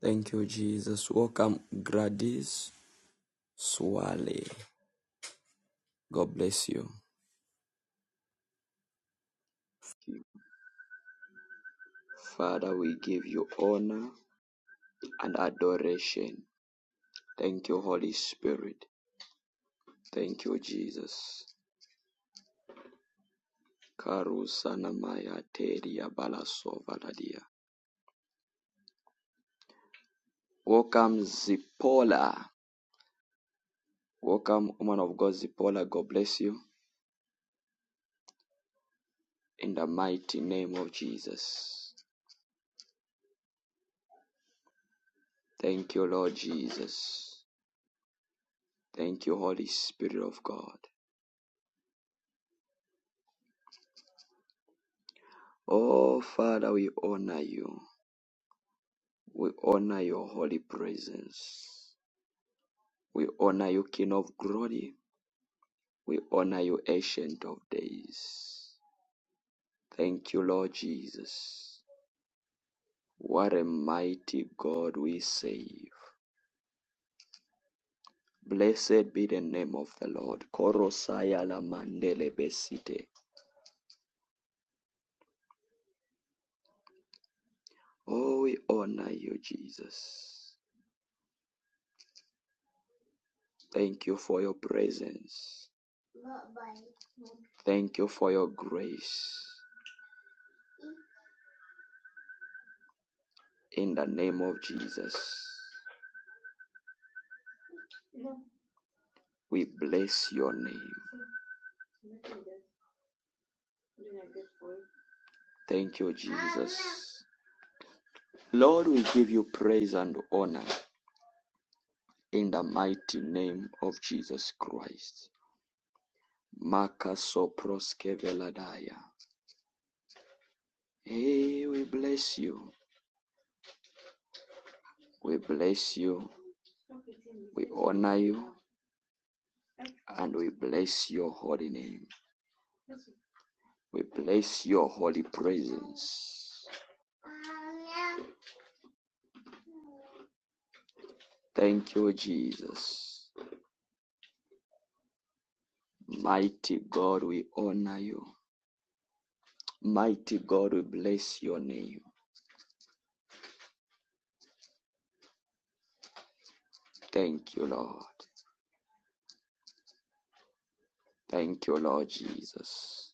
Thank you, Jesus. Welcome, Gladys Swale. God bless you. Father, we give you honor and adoration. Thank you, Holy Spirit. Thank you, Jesus. Karusana Maya Teria Balasova Ladia. Welcome, Zipola. Welcome, woman of God, Zipola. God bless you. In the mighty name of Jesus. Thank you, Lord Jesus. Thank you, Holy Spirit of God. Oh, Father, we honor you. We honor your holy presence. We honor you, King of glory. We honor you, Ancient of days. Thank you, Lord Jesus. What a mighty God we save. Blessed be the name of the Lord. Korosaya la mandele besite. Oh, we honor you, Jesus. Thank you for your presence. Thank you for your grace. In the name of Jesus, we bless your name. Thank you, Jesus. Lord, we give you praise and honor in the mighty name of Jesus Christ. Makasoproske veladaya. Hey, we bless you. We bless you. We honor you and we bless your holy name. We bless your holy presence. Thank you, Jesus. Mighty God, we honor you. Mighty God, we bless your name. Thank you, Lord. Thank you, Lord Jesus.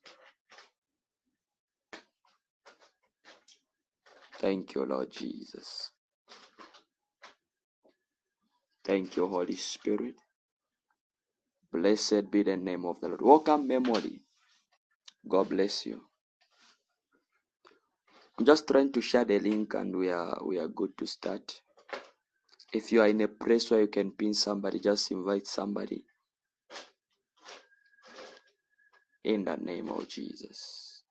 Thank you, Lord Jesus. Thank you, Holy Spirit. Blessed be the name of the Lord. Welcome, memory. God bless you. I'm just trying to share the link and we are we are good to start. If you are in a place where you can pin somebody, just invite somebody in the name of Jesus.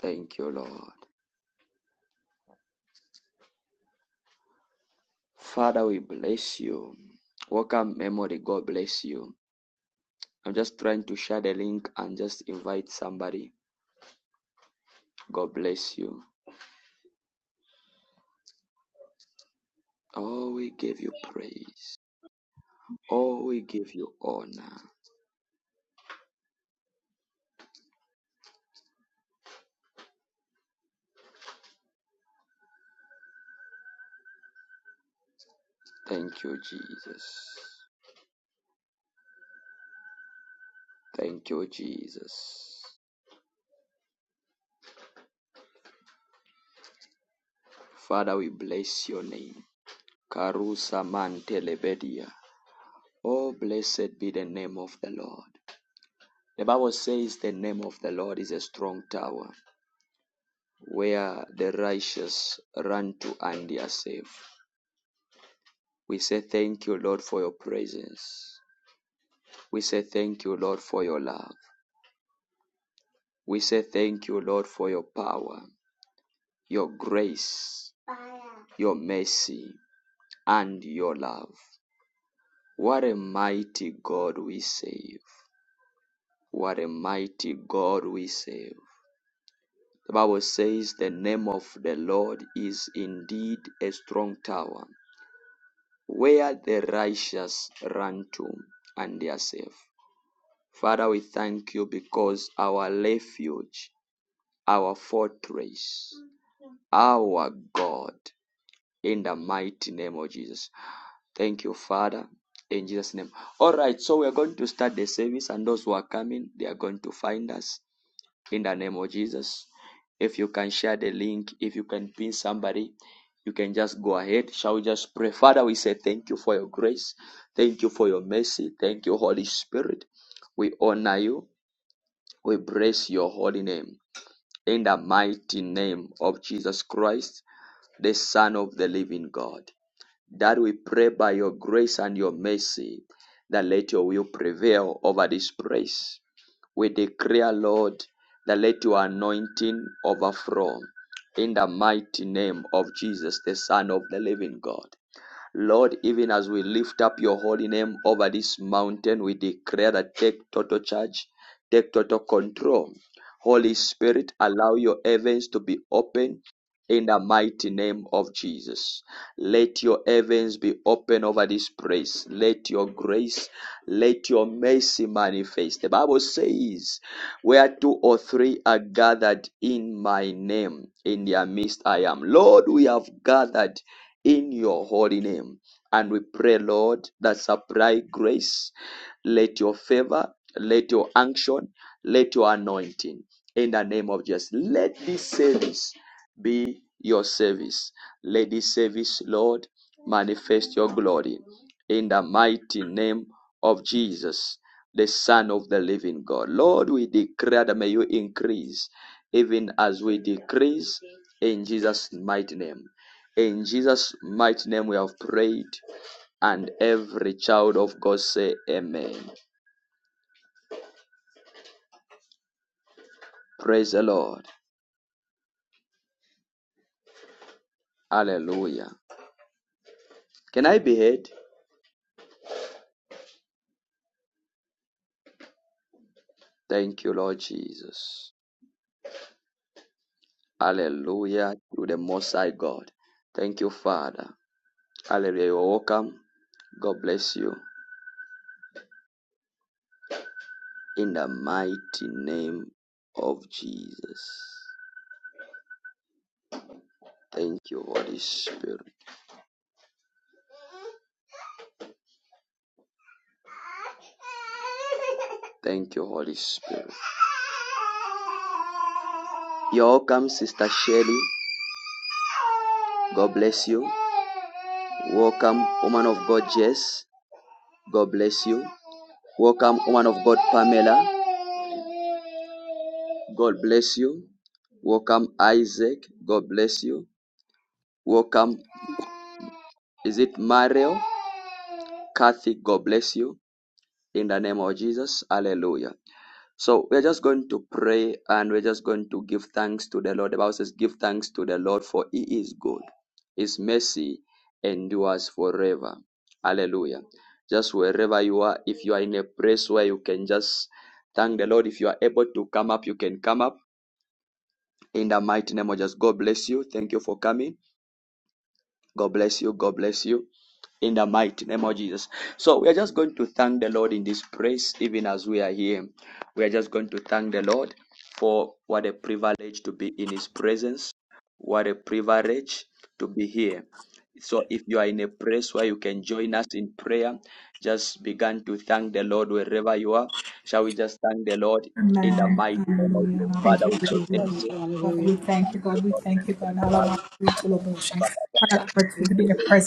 Thank you, Lord. Father, we bless you. Welcome, Memory. God bless you. I'm just trying to share the link and just invite somebody. God bless you. Oh, we give you praise. Oh, we give you honor. Thank you, Jesus. Thank you, Jesus. Father, we bless your name. Karusa mantelebedia. Oh, blessed be the name of the Lord. The Bible says the name of the Lord is a strong tower. where the righteous run to and they are safe. We say thank you, Lord, for your presence. We say thank you, Lord, for your love. We say thank you, Lord, for your power, your grace, your mercy, and your love. What a mighty God we save. What a mighty God we save. The Bible says the name of the Lord is indeed a strong tower. where the righteous run to and they are safe. Father, we thank you because our refuge, our fortress, our God, in the mighty name of Jesus. Thank you, Father, in Jesus' name. All right, so we're going to start the service, and those who are coming, they are going to find us in the name of Jesus. If you can share the link, if you can pin somebody, you can just go ahead. Shall we just pray? Father, we say thank you for your grace. Thank you for your mercy. Thank you, Holy Spirit. We honor you. We bless your holy name. In the mighty name of Jesus Christ, the Son of the living God. That we pray by your grace and your mercy that let your will prevail over this place. We declare, Lord, that let your anointing overflow in the mighty name of Jesus, the Son of the living God. Lord, even as we lift up your holy name over this mountain, we declare that take total charge, take total control. Holy Spirit, allow your heavens to be open in the mighty name of Jesus. Let your heavens be open over this place. Let your grace, let your mercy manifest. The Bible says, Where two or three are gathered in my name, in their midst I am. Lord, we have gathered in your holy name. And we pray, Lord, that supply grace. Let your favor, let your unction, let your anointing in the name of Jesus. Let this service be your service. Let this service, Lord, manifest your glory in the mighty name of Jesus, the Son of the living God. Lord, we declare that may you increase even as we decrease in Jesus' mighty name. In Jesus' mighty name, we have prayed, and every child of God say, Amen. Praise the Lord. Hallelujah. Can I be heard? Thank you, Lord Jesus. Hallelujah to the Most High God. Thank you, Father. Hallelujah. You're welcome. God bless you in the mighty name of Jesus. Thank you, Holy Spirit. Thank you, Holy Spirit. You're welcome, Sister Shelley. God bless you. Welcome, woman of God, Jess. God bless you. Welcome, woman of God, Pamela. God bless you. Welcome, Isaac. God bless you. Welcome, Is it Mario? Kathy, God bless you. In the name of Jesus. Hallelujah. So we're just going to pray and we're just going to give thanks to the Lord. The Bible says, Give thanks to the Lord for he is good. His mercy endures forever. Hallelujah. Just wherever you are, if you are in a place where you can just thank the Lord. If you are able to come up, you can come up. In the mighty name of just God bless you. Thank you for coming. God bless you. God bless you. In the mighty name of Jesus. So we are just going to thank the Lord in this praise, even as we are here. We are just going to thank the Lord for what a privilege to be in His presence. What a privilege to be here. So if you are in a place where you can join us in prayer, just begin to thank the Lord wherever you are. Shall we just thank the Lord in the mighty name of Jesus? Thank Father, you, we say thank Jesus. you. Hallelujah. Thank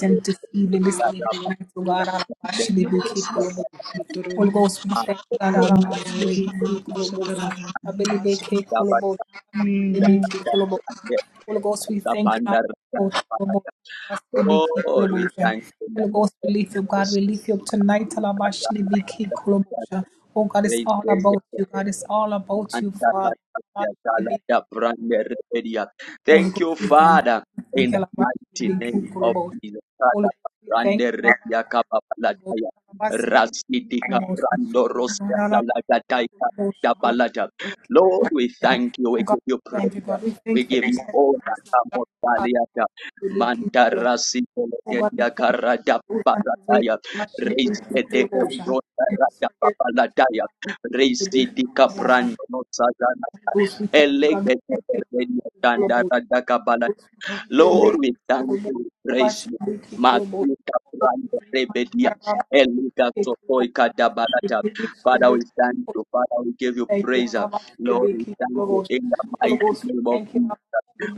you, Lord God. Lord, we thank you in the name of Jesus. Thank you, Father, in the mighty name of Jesus. Lord, we thank you. We give you praise. We give you all that comes Valiata. Mandarasi Legedia Karada Parataya. Raise the day of Rada Reisidi kaprando no sajana. Eleke teberenia dandara Lord, we thank you, praise you. Matuka pranda rebedia, elika sokoika dabarata. Father, we thank you. Father, we give you praise. Lord, we thank you in the mighty name of Jesus.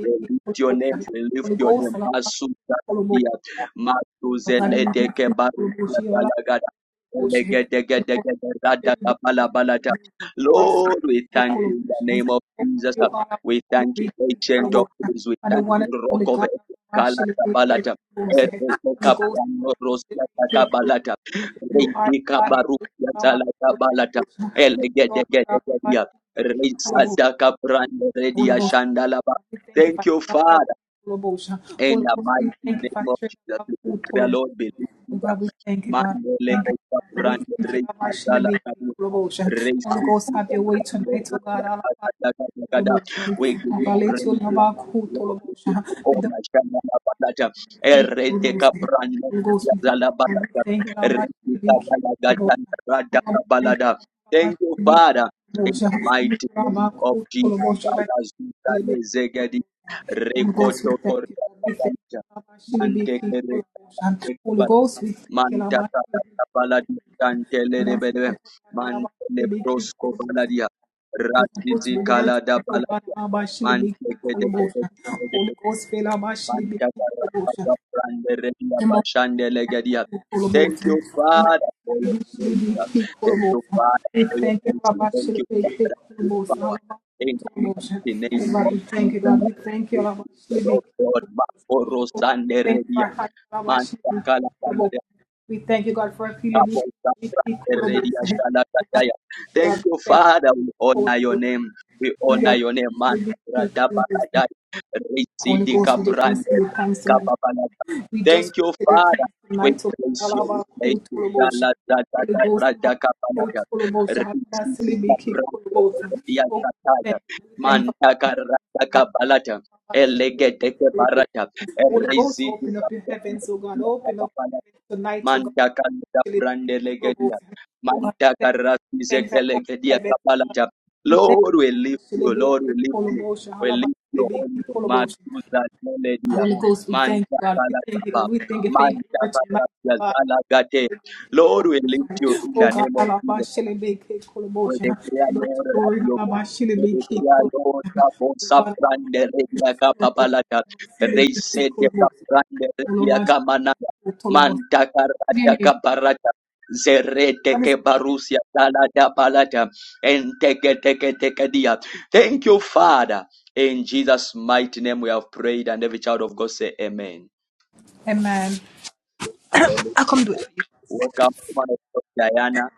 We lift your name, we lift your name. Masuka dia, matuzelete kebarusia galagada. Elegedegedegede, radakabalata. Lord, we thank you in the name of Jesus. We thank you, ancient of days. We thank you, rock of ages. Kala kabalata. Erete kapano rosia kabalata. Reiti kabarukia zala kabalata. Elegede gede gedia. Reisa daka brande redia shandalaba. Thank you, Father. In the mighty name of Jesus, we declare, Lord, believe in the Mandele Brand Dala Kadu, Raise the people of Brand, Raise the Kata, Kata, Kata. We give you praise. we give you glory, we give you honor, Shana La Balata, Erete Kapran, Yazala Balata, Erete Kabala Gata, Rada Kabalada. Thank you, Father, in the mighty name of Jesus. Rekoto koria kabanja. Mante kere kebala. Manta kata kabala di kantele de bedwe. Mantele prosko baladia. Ratizi kala da baladia. Mante kede Thank you, Father, for your grace. Thank you, Father, for your mercy. Thank you, Father, for your power. In the mighty name of Jesus, I pray, Lord God, Makoro Sanderedia, Manta Kalakala Thank you, Father. We honor your name. We honor your name, man. Thank you, Father. We praise you. We praise you. Mandaka radaka balata elegete barata erezi Manta kanda brande legedia. Manta karasi zeke legedia kapalaja. Lord, we lift you. Lord, we lift you. We lift you on the matuza legedia. Manta kalajaba. Manta karasi zala gate. Lord, we lift you in the name of Jesus. We declare, Lord, that you we declare, Lord, that you sabrande redia kapapalata, reisete kaprande redia kamanada, manta karata kaparata, zerete kebarusia talada palata, enteke teke teke dia. Thank you, Father. In Jesus' mighty name we have prayed, and every child of God say amen. Hallelujah. Welcome, woman of God, Diana.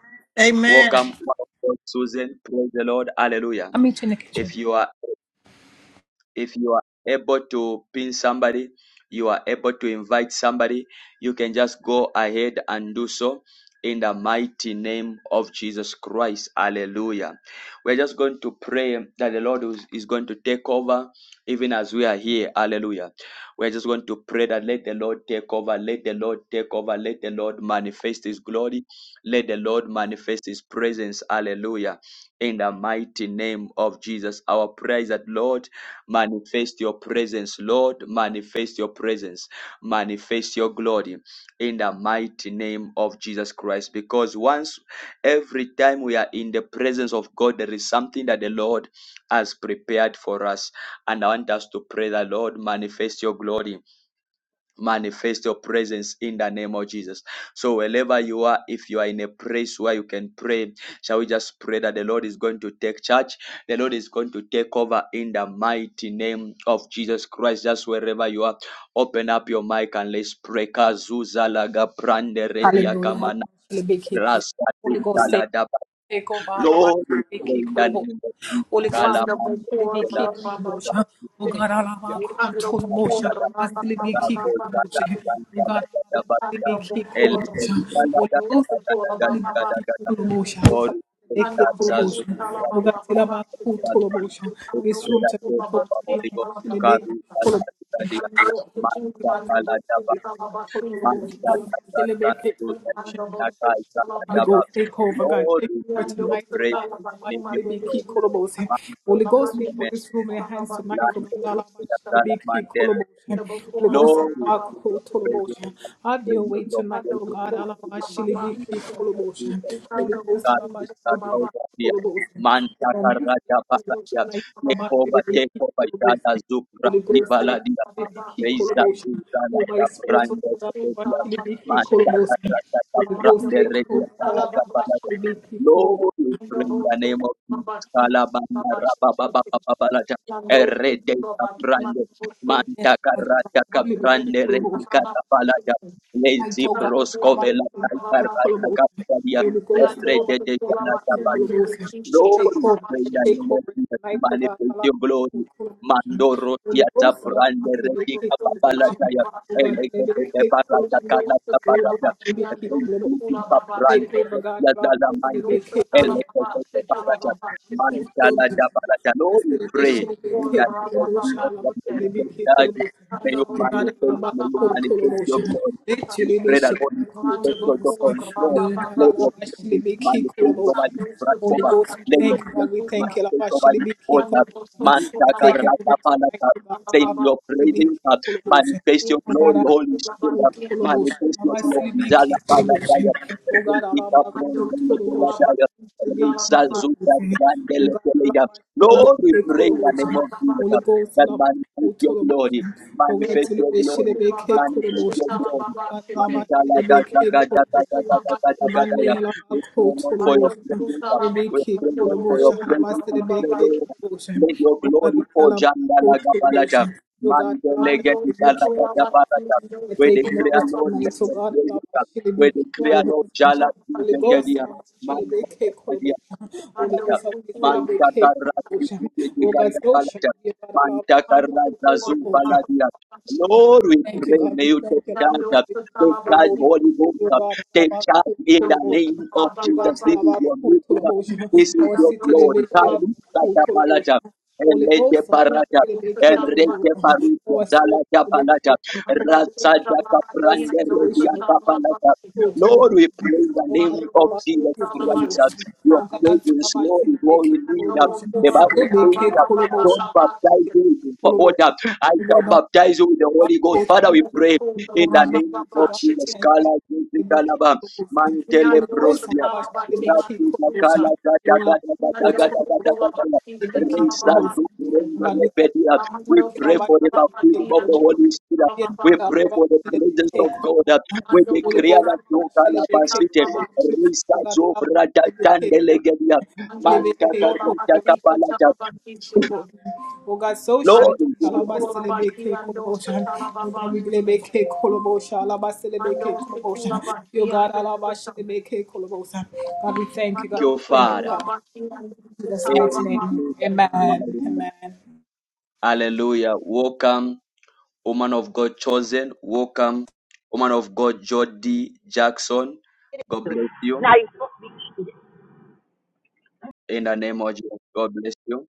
Welcome, Amen. woman of God, Susan. Praise the Lord. Hallelujah. If you are if you are able to pin somebody you are able to invite somebody you can just go ahead and do so in the mighty name of jesus christ hallelujah we're just going to pray that the lord is is going to take over even as we are here hallelujah we're just going to pray that let the lord take over let the lord take over let the lord manifest his glory let the lord manifest his presence hallelujah in the mighty name of jesus our prayer is that lord Manifest your presence, Lord. Manifest your presence. Manifest your glory in the mighty name of Jesus Christ. Because once every time we are in the presence of God, there is something that the Lord has prepared for us. And I want us to pray that, Lord, manifest your glory manifest your presence in the name of Jesus. So wherever you are, if you are in a place where you can pray, shall we just pray that the Lord is going to take charge? The Lord is going to take over in the mighty name of Jesus Christ. Just wherever you are, open up your mic and let's pray. Kazuza laga prande redia kamana rasa tunta daba. Lord, we pray in the name of Jesus. Manda Kalamande, bokor raba ba ba se. Mi ando bokor raba ba Lord, we thank you. Lord, we give ba ba ba ba se. Mi ando bokor mi ando bokor raba ba ba se. Mi ando bokor sala ba ba ba ba se. Mi ando bokor ba ba se sala ba se. Mi ando bokor manda bokor you sala ba se mo le. I do not trust Allah. But I believe that I do not trust praise, Allah. But we give I you believe glory. that I do not trust Allah. But I believe that I do not trust Allah. But I believe Lord, we that give you praise, the need of I do not relationship trust with the Allah. But I person and believe that the truth of I do not trust Allah. But I believe that I do not trust Allah. But I believe that I do not bringing trust God to that Allah. house of fear. Man, Shaka, Raja, But I believe Baba, that Ya. Take over, take Yada, Zuk, Reza Kuzana Kaprande Kapedia Manta Katrata Kaprande Redia I Kala do not Kapalaja. trust Allah. Lord, we Thank bring the name of Jesus. Kalabanda Rabababababalaja. Erede Kaprande Manta Karata Kaprande Redia Kapalaja. Lezi Proskovela Karata Kapadia. Erede Kanata Glory to the name of Jesus. Manifest your glory. Mandoro tiata brande retika babala kaya. Elekete barata kana barata. Elekete brande retia dala mante. Elekete barata. Mantala da barata. Lord, we pray in the name of Jesus. that May you you. take charge. Thank May you manifest, may you manifest your glory. We pray that Holy Spirit, take your control. Lord, your presence manifest over this platform then your praises, my faith over your altar. Mantaka rata palata. Send your praises, God. Manifest your glory, Holy Spirit. Manifest your glory. Jala pala jaya. Rebekika bronde lekela jaya. Rebekisa zuta grande lekele ya. Lord, we pray in the name of Jesus that manifest your glory, manifest your glory, manifest your glory. Manjala gada gada gada gada gada gada you. ya. We pray, Lord, for your Mando presence. Kutala We pray, Mando Lord, for your Bokura presence. We Baba pray, Baba, Lord, let your glory fall. Jandala Gabalata. Mandele Mando Kutula Getikalata Balata. Mando We Kutula declare, Baba Lord, let the presence of we declare, Mando Lord, Jala Kutula Baba Mando Gadia. Mandala Gadia. Kutula Mantakarati Mando Mantakaraza Bokura Baba Zumbaladia. Pacho, Lord, we pray, may you take Mando charge. Take Kutala Baba charge, Holy Ghost. Take charge in the name of Baba Jesus. This Mando is your meeting. This is Kutula Mando your Kutala glory. Karu Sata Mando Kutala Palata. And Rete Parata. And Rete Parita. Zalata Palata. Rasada Kaprande Mando Redia Kutala Kapalata. Baba Lord, we pray in the name of Wonderful, Jesus sweet, Christ. Your Alabasta. presence, Lord, is all we need. Wonderful, The poor, Bible ba, ba, says that ba, ba, ba, don't ba, ba, baptize chicken. you with water. I shall baptize you with the Holy Ghost. Father, we Wonderful, pray poor, in the ba, ba, ba, name of ba, Jesus. chicken. Kala, Jesus, Kalaba, Mantele, Yando, Protia. We Shakalabaki, Manduka. Yando, Sukulabaki, Shakalababa. Amando, pray for the baptism Sukalabaki, of the Holy Spirit. We pray for the presence of God. We Ando, Sukalabaki, declare that no calabasite. Shakalababa. Risa zobra da tandelegedia. Ando, Manta karata Sukalabaki, kapalata. Shakalabaki, Lord, we Mando give you thank Sotola Baki and Dosa Talababa Mando Sutula Baki and the Susan. Mando you, Father. Sutula Baki and the In Salababa. Jesus' mighty name. Hallelujah. Welcome. O man of God chosen, welcome. O man of God Jody Jackson, God bless you. Now In the name of Jesus, God bless you.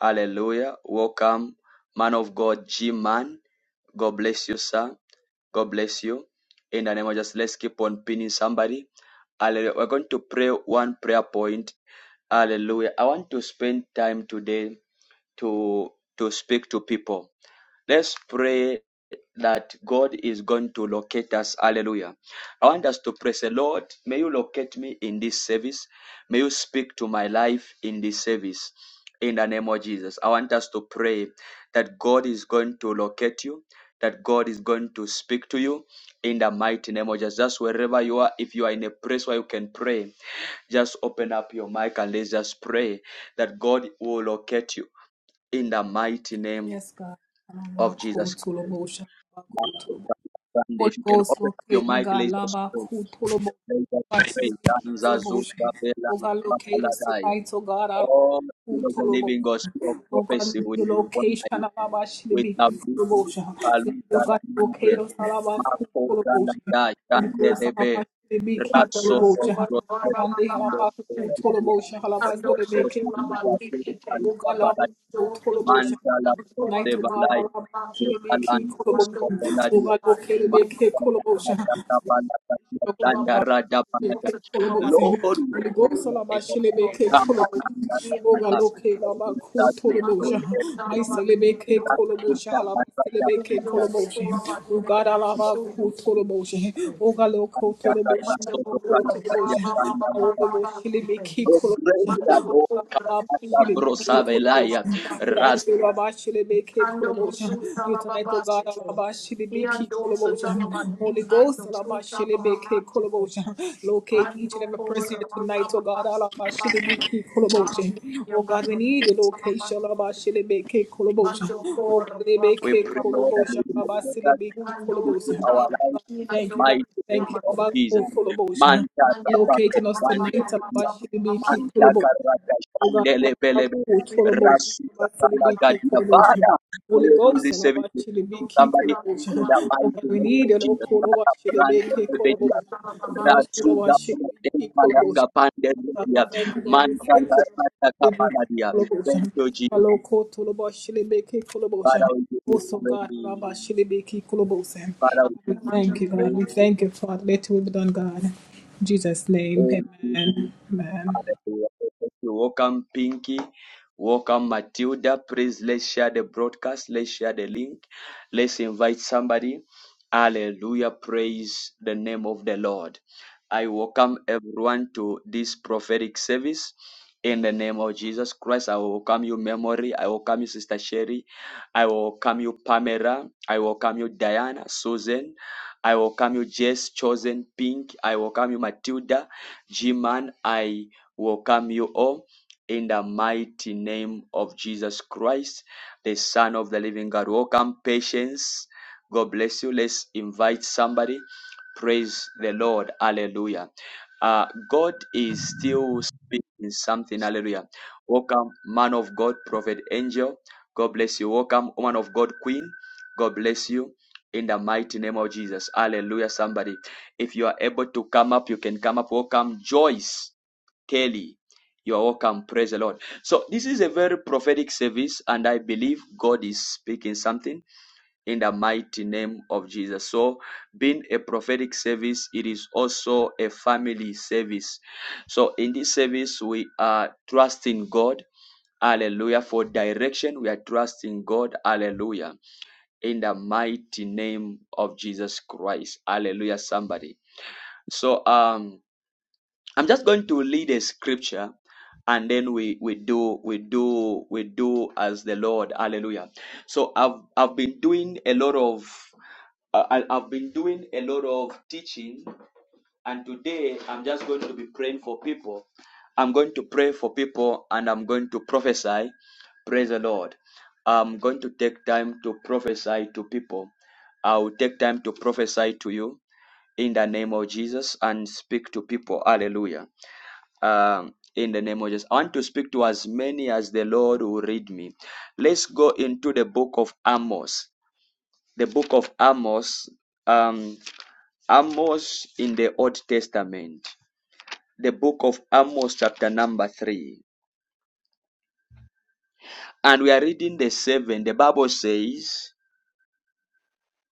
Hallelujah. Welcome, man of God G Man. God bless you, sir. God bless you. In the name of Jesus, let's keep on pinning somebody. Hallelujah. We're going to pray one prayer point. Hallelujah. I want to spend time today to to speak to people. Let's pray that God is going to locate us. Hallelujah. I want us to praise the Lord. May you locate me in this service. May you speak to my life in this service. In the name of Jesus. I want us to pray that God is going to locate you, that God is going to speak to you in the mighty name of Jesus. Just wherever you are, if you are in a place where you can pray, just open up your mic and let's just pray that God will locate you in the mighty name of Jesus Christ. Sunday. If you can open up your mic, let us pray. Let us pray. Kanza Zuka Bela Papaladai. Oh, Spirit of the living God, Spirit of prophecy, we honor you. We love you. Kaluta Lamante. Mako Kalada Kandelebe. Raso Mando Tokyo. Sutula Baba Kindo Baba Kite. Kaladia. Mando Tokyo Sutula Kalida Baki Kite. Kalida Balai. Mando Sutula Baki Mantala Kote Kite. Balai. Yokalandos Mando Sutula Baki and the Susan. Sutula Baki and Lord, the we thank you. That Susan. you Mando Sutula Baki don't and the Susan. Mando Sutula Baki and the Susan. Mando let the por we pray, Lord, and we will Yando to our Sita, lives, Yando mighty name of Namando, Jesus. Manta Yando rabato Abba, pande Yando kia. Sita, Abba, Manta karaka shandele belebe. Rasu kakala gadia. Father, may your music service be to somebody in the Yando mighty name of Jesus. Father, grant your revenue. Rasu gapana dekma yaka pande kia. Manta karaka kapala dia. Thank you, Jesus. Father, we give you praise. Father, we give you praise. Abba, Oh, Hallelujah. Thank you. Welcome, Pinky. Welcome, Matilda. Please let's share the broadcast. Let's share the link. Let's invite somebody. Hallelujah. Praise the name of the Lord. I welcome everyone to this prophetic service. In the name of Jesus Christ, I welcome you, Memory. I welcome you, Sister Sherry. I welcome you, Pamela. I welcome you, Diana, Susan. I welcome you, Jess, Chosen, Pink. I welcome you, Matilda, G-Man. I welcome you all in the mighty name of Jesus Christ, the Son of the living God. Welcome, Patience. God bless you. Let's invite somebody Praise the Lord. Hallelujah. Uh, God is still speaking something. Hallelujah. Welcome, man of God, prophet angel. God bless you. Welcome, woman of God, queen. God bless you. In the mighty name of Jesus. Hallelujah. Somebody, if you are able to come up, you can come up. Welcome, Joyce. Kelly. You are welcome. Praise the Lord. So, this is a very prophetic service, and I believe God is speaking something in the mighty name of Jesus. So, being a prophetic service, it is also a family service. So, in this service, we are trusting God. Hallelujah. For direction, we are trusting God. Hallelujah. In the mighty name of Jesus Christ. Hallelujah, somebody. So, um, I'm just going to lead a scripture and then we we do we do we do as the lord hallelujah so i've i've been doing a lot of uh, I, I've been doing a lot of teaching, and today I'm just going to be praying for people. I'm going to pray for people and I'm going to prophesy. Praise the Lord. I'm going to take time to prophesy to people. I will take time to prophesy to you in the name of Jesus and speak to people. Hallelujah. Um, in the name of Jesus. I want to speak to as many as the Lord will read me. Let's go into the book of Amos. The book of Amos. Um, Amos in the Old Testament, the book of Amos, chapter number 3. And we are reading the 7. The Bible says,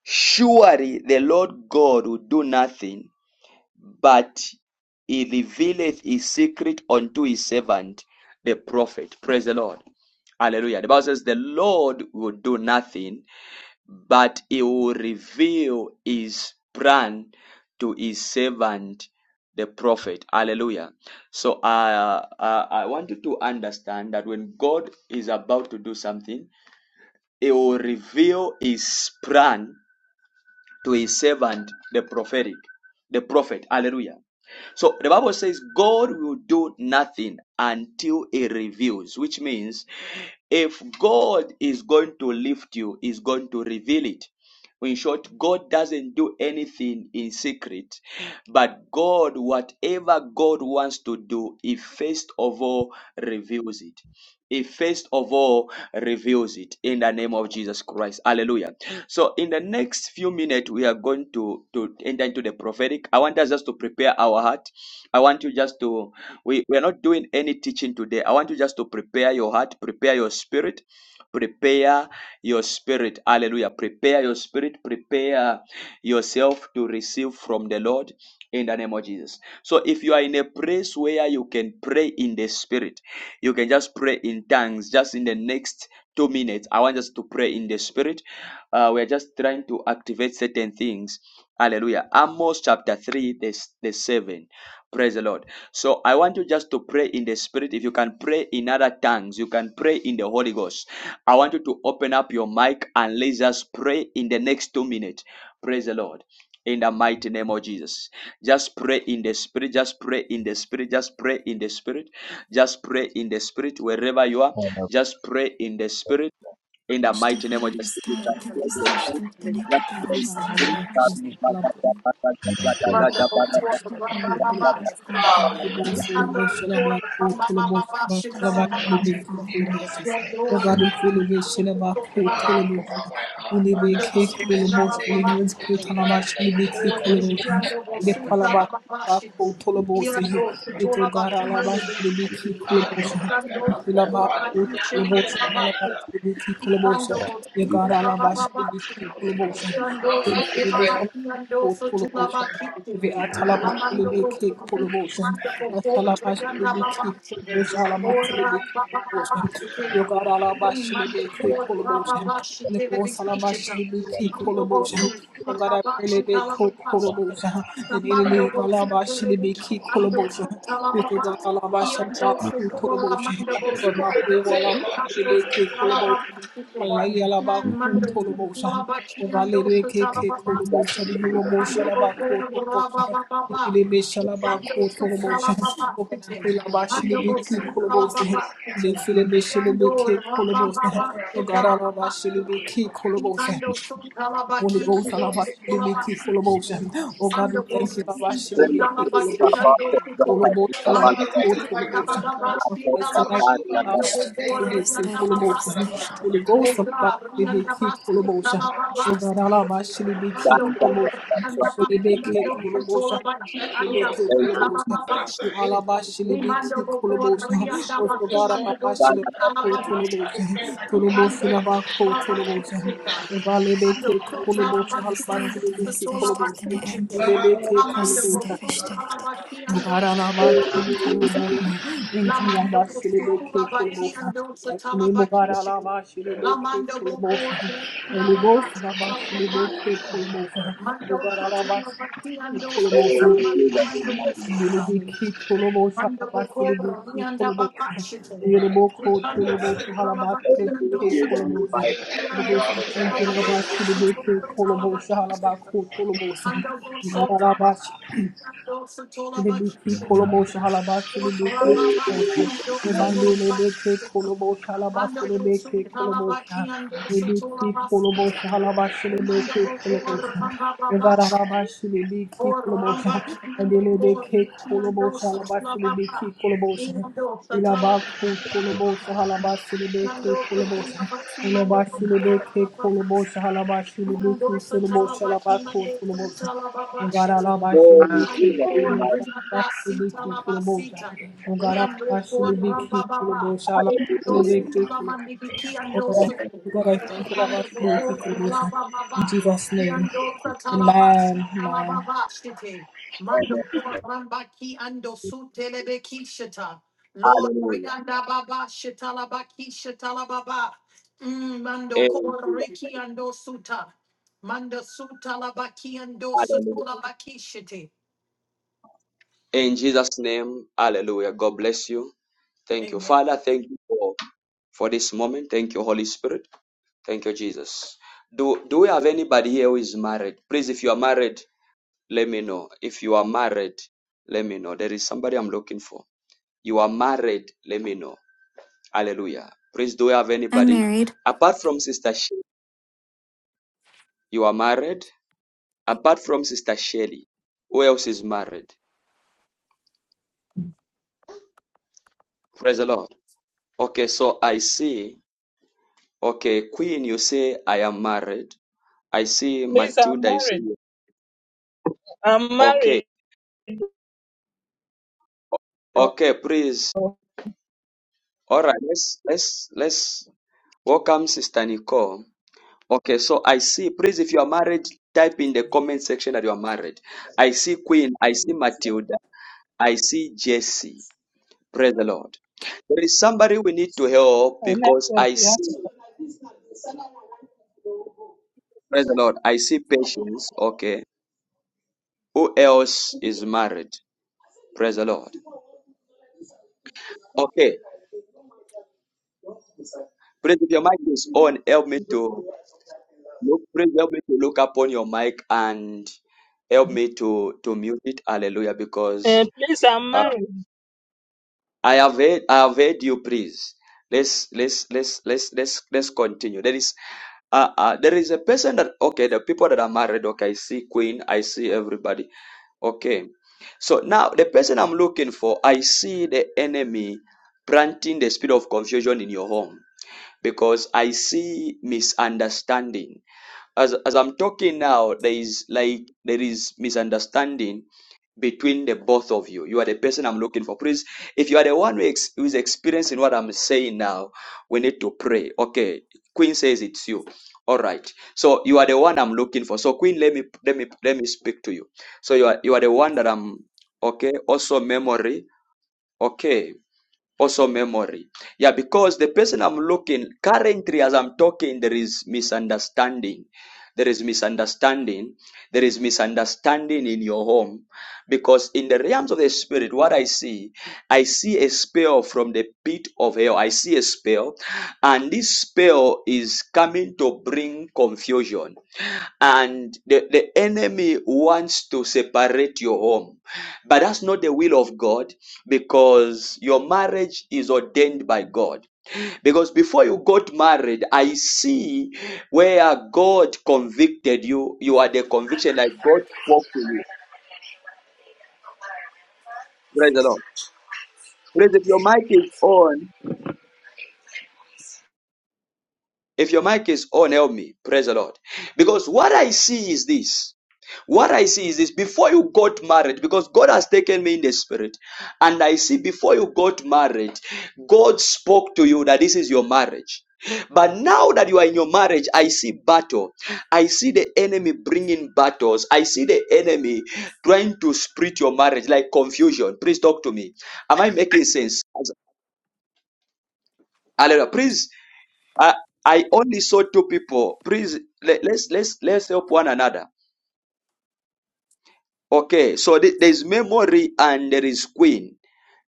Surely the Lord God will do nothing, but he revealeth his secret unto his servant, the prophet. Praise the Lord. Hallelujah. The Bible says, The Lord will do nothing, but he will reveal his plan to his servant the prophet hallelujah so uh, uh, i want you to understand that when god is about to do something he will reveal his plan to his servant the prophetic the prophet hallelujah so the bible says god will do nothing until he reveals which means if god is going to lift you he's going to reveal it in short, God doesn't do anything in secret, but God, whatever God wants to do, He first of all reveals it. He first of all reveals it in the name of Jesus Christ. Hallelujah. So, in the next few minutes, we are going to, to enter into the prophetic. I want us just to prepare our heart. I want you just to, we, we are not doing any teaching today. I want you just to prepare your heart, prepare your spirit prepare your spirit hallelujah prepare your spirit prepare yourself to receive from the lord in the name of jesus so if you are in a place where you can pray in the spirit you can just pray in tongues just in the next two minutes i want us to pray in the spirit uh, we're just trying to activate certain things hallelujah amos chapter 3 the, the 7 praise the lord so i want you just to pray in the spirit if you can pray in other tongues you can pray in the holy ghost I want you to open up your mic and let's just pray in the next two minutes. Praise the Lord. In the mighty name of Jesus. Just pray in the spirit. Just pray in the spirit. Just pray in the spirit. Just pray in the spirit. Wherever you are, just pray in the spirit. In the mighty name of Aştefeleri Jesus. starı tefesleştir, deneki tefasta tefeştir. Manda before the Baba Aştefeleri Baba, testar tanrı et. Manda before the Baba Baba, Shita Aştefeleri Baba, kasar tefesleştir. Yando, Yando Um, Baba, I went, I Manda that, oh, you before the mentioned İşteftene Baba et. she Baba. had, they just said that she had Yando kept program. Bosuta Babashiki, Yando Futola Uh, so when I got out to that party. Yeah, I wanna get in that day. I'm not ready, Mando Bosu, Kula Babachi, Talababachi, right, Kamando Bosu, Berevichi, Ando Talababachi, um, Iando yeah. Sekora Mando She can be Bosu, part of the team, long as she Nikando can make the Talababachi, club. Nan Mando Talabachi, Ando Talababachi, Mando Bokora Rabababa, Ikando Talababachi, Mando Bosu Talababachi, Yando Rabababa, Talababachi, Ikando tun talabaki ando Aştefeleri starı tukolabaki tuko. tefesleştir, deneki Mando starıta bosu inchi tesbihleri talabaki tefesleştir. ando tuko. Mando bisu talababashi talabaki ando boko Aştefeleri rianda starı babaki tuko. tefesleştir. Oga rianda basi talababashi İşteftene tuko. et. Aştefeleri Ando por anda baki ando tukolabaki anda sin talababashi Limando boko rianda bakumando bosu alababasite. Limando aştefeleri alababasite. Limando tuta İtalara stare alabakiando tuta tefesleştir, dene et. alabakinte. Lamando Plus, boku alabakiando tuta alabakinte. Lamando bosu tuta alabakiando tuta alabakinte. Right. Lamando boko rianda babasite alababasite. Mando tuta alabakiando tuta alabakinte. Mando bosu Manda bokora vianda babashite. Mando sutala bakiando sutala. everybody Viando always have their sutala kids. bakiando sutala bakishite. Mando do sutala bakiando sutala bakishite. Ora babakiando sutala bakishite. Mando do sutala bakiando sutala basita. Mando bokora bamba Oramba kiando kiando sutula baba. Indo tatala kiando kiando sutula basi mando oramba basi. Kiando sutala baki mando sutala baba shite. Ando por rinanda sita la basita. Riando por ramba baba. Indo sutula mandibiki ando sutu. Ando por ramba baba. Riando satala basita la baba shite. Mando por ramba ki ando sutelebe ki shita. Lord, Hallelujah. Brianda Baba, Shitala Baki, Shitala Baba, Mm, Mando Kor Riki dosuta, Suta, Manda Suta Labaki Ando Hallelujah. Sutura Baki Shite. In Jesus' name, hallelujah. God bless you. Thank you. Amen. Father, thank you for, for this moment. Thank you, Holy Spirit. Thank you, Jesus. Do do we have anybody here who is married? Please, if you are married, let me know. If you are married, let me know. There is somebody I'm looking for. You are married, let me know. Hallelujah. Please, do you have I'm anybody married. apart from Sister Shelly? You are married. Apart from Sister Shelly, who else is married? Praise the Lord. Okay, so I see. Okay, Queen, you say I am married. I see Please, I'm Matilda. You say married. "Yeah." I'm okay. married. Okay, please. oh, All right, let's let's let's welcome Sister Nicole. Okay, so I see. Please, if you are married, type in the comment section that you are married. I see Queen. I see Matilda. I see Jesse. Praise the Lord. There is somebody we need to help I because never I have to- see. Praise the Lord. I see patience. Okay. Who else is married? Praise the Lord. Okay. Please, if your mic is on, help me to look. Please help me to look upon your mic and help me to to mute it. Hallelujah. Because uh, please, I'm married. I have heard, I have heard you please. Let's let's let's let's let's let's continue. There is uh, uh there is a person that okay, the people that are married, okay, I see Queen, I see everybody. Okay. So now the person I'm looking for, I see the enemy planting the spirit of confusion in your home because I see misunderstanding as as I'm talking now, there is like there is misunderstanding between the both of you. You are the person I'm looking for. Please, if you are the one who, ex- who is experiencing what I'm saying now, we need to pray. Okay, Queen says it's you. All right. So you are the one I'm looking for. So Queen, let me let me let me speak to you. So you are you are the one that I'm okay. Also memory. Okay also memory yeah because the person i'm looking currently as i'm talking there is misunderstanding there is misunderstanding there is misunderstanding in your home because in the realms of the spirit what i see i see a spell from the pit of hell i see a spell and this spell is coming to bring confusion and the, the enemy wants to separate your home. But that's not the will of God because your marriage is ordained by God. Because before you got married, I see where God convicted you. You are the conviction that God spoke to you. Praise the Lord. Praise the Lord. if your mic is on. If your mic is on, help me. Praise the Lord. Because what I see is this. What I see is this before you got married, because God has taken me in the spirit, and I see before you got married, God spoke to you that this is your marriage. But now that you are in your marriage, I see battle. I see the enemy bringing battles. I see the enemy trying to split your marriage like confusion. Please talk to me. Am I making sense? Hallelujah. Please, I, I only saw two people. Please, let, let's let's let's help one another. Okay, so th- there is memory and there is queen.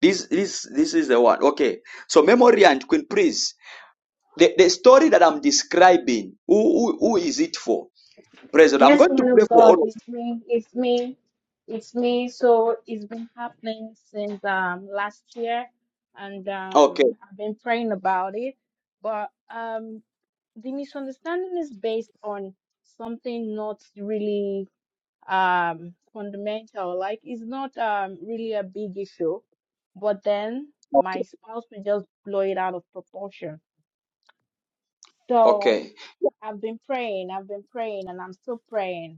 This this this is the one. Okay, so memory and queen, please. The, the story that I'm describing, who, who who is it for? President, I'm Yes, going to man pray of for God, all. Of you. it's me, it's me, it's me. So it's been happening since um last year, and Okay, um I've been praying about it. But um the misunderstanding is based on something not really um fundamental. Like it's not um really a big issue, but then okay, my spouse will just blow it out of proportion. So okay, I've been praying, I've been praying, and I'm still praying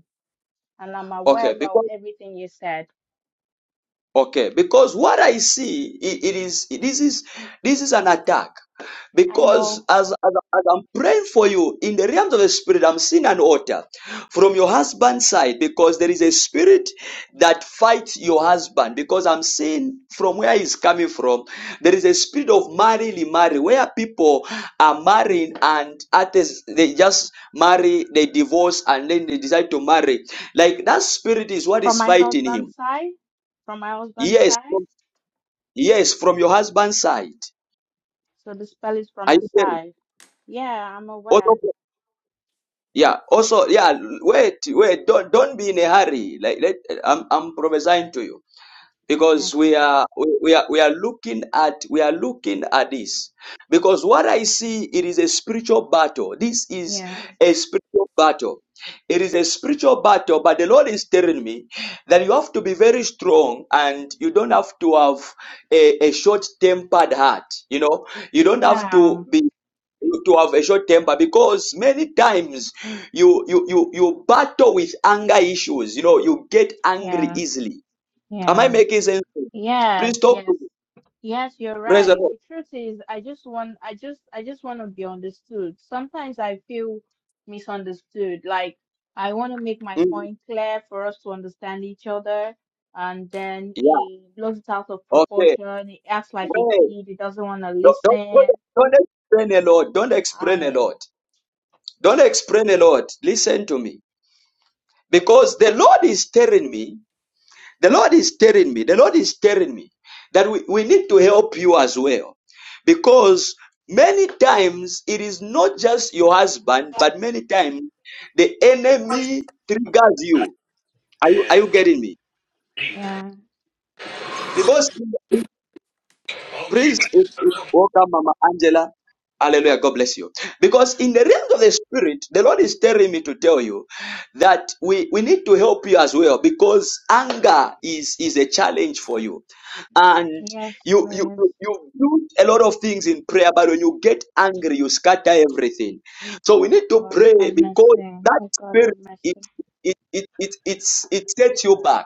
and I'm aware okay. because. about everything you said. Okay, because what I see i- it is this is this is an attack. I Because know as, as as I'm praying for you in the realms of the spirit, I'm seeing an altar from your husband's side because there is a spirit that fights your husband. Because I'm seeing from where he's coming from, there is a spirit of marrying, marry where people are marrying and at this, they just marry, they divorce, and then they decide to marry. Like that spirit is what from is my fighting him. husband's side, from my husband's Yes. side, Yes, from your husband's side. so the spell is Are from a you getting? side. Yeah, I'm Also, aware. yeah. Also, yeah. Wait, wait. Don't don't be in a hurry. Like let, I'm I'm prophesying to you Okay. because we are we, we are we are looking at we are looking at this because what I see it is a spiritual battle. This is Yeah. a spiritual battle. It is a spiritual battle, but the Lord is telling me that you have to be very strong and you don't have to have a, a short tempered heart. You know, you don't have Yeah, to be to have a short temper because many times you you you you battle with anger issues you know you get angry yeah, easily am i yeah. making sense to you? please Yes, talk to yes. me Yes, you're praise the right. lord The truth is, I just want, I just, I just want to be understood. Sometimes I feel misunderstood. Like I want to make my Mhm. point clear for us to understand each other, and then yeah he blows it out of okay proportion. He acts like a Wait. kid. He doesn't want to don't, don't, don't listen. don't explain a lot don't explain a Uh, lot don't explain a lot listen to me because the lord is telling me The Lord is telling me, the Lord is telling me that we, we need to help you as well. Because many times it is not just your husband, but many times the enemy triggers you. Are you, are you getting me? yeah. Because Praise it. it- Welcome, Mama Angela. Hallelujah. God bless you. Because in the realms of the spirit, the Lord is telling me to tell you that we, we need to help you as well because anger is, is a challenge for you. And Yes, you, you, please. you you do a lot of things in prayer, but when you get angry, you scatter everything. So we need Oh to God, pray have because mercy. that Oh God, spirit, have it, mercy. it, it, it, it's, it sets you back.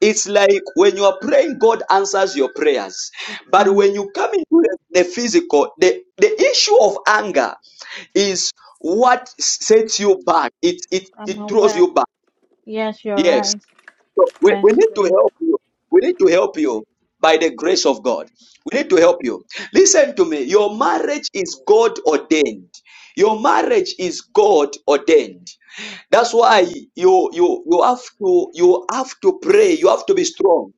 It's like when you are praying, God answers your prayers. But when Mm, you come into the, the physical, the, the issue of anger is what sets you back. It it I'm it throws aware. you back. Yes, you're Yes. right. So we, we Yes, need to please. help you. We need to help you by the grace of God. We need to help you. Listen to me. Your marriage is God ordained. Your marriage is God ordained. That's why you you you have to you have to pray. You have to be strong.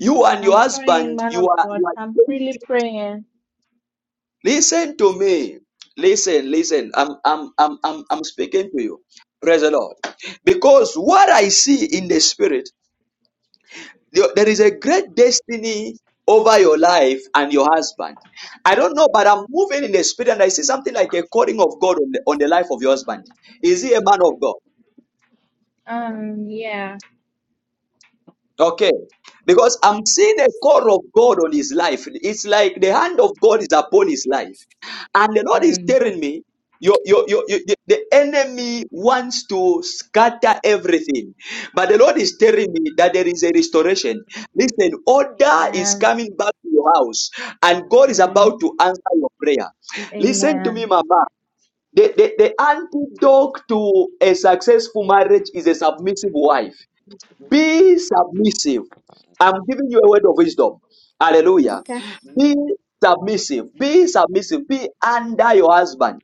You and your I'm praying, husband, man you of are God. you are. I'm really praying. Listen to me. Listen, listen. I'm I'm I'm I'm I'm speaking to you. Praise the Lord. Because what I see in the spirit, there there is a great destiny over your life and your husband. I don't know, but I'm moving in the spirit and I see something like a calling of God on the, on the life of your husband. Is he a man of God? Um, yeah. Okay. Because I'm seeing the call of God on his life. It's like the hand of God is upon his life. And the Lord is Mm. telling me, your, your, your, your- the the enemy wants to scatter everything. But the Lord is telling me that there is a restoration. Listen, order is Amen. coming back to your house. And God is Amen. about to answer your prayer. Listen to me, Amen. Mama. The, the, the antidote to a successful marriage is a submissive wife. Be submissive. I'm giving you a word of wisdom. Hallelujah. Okay. Be submissive. Be submissive. Be under your husband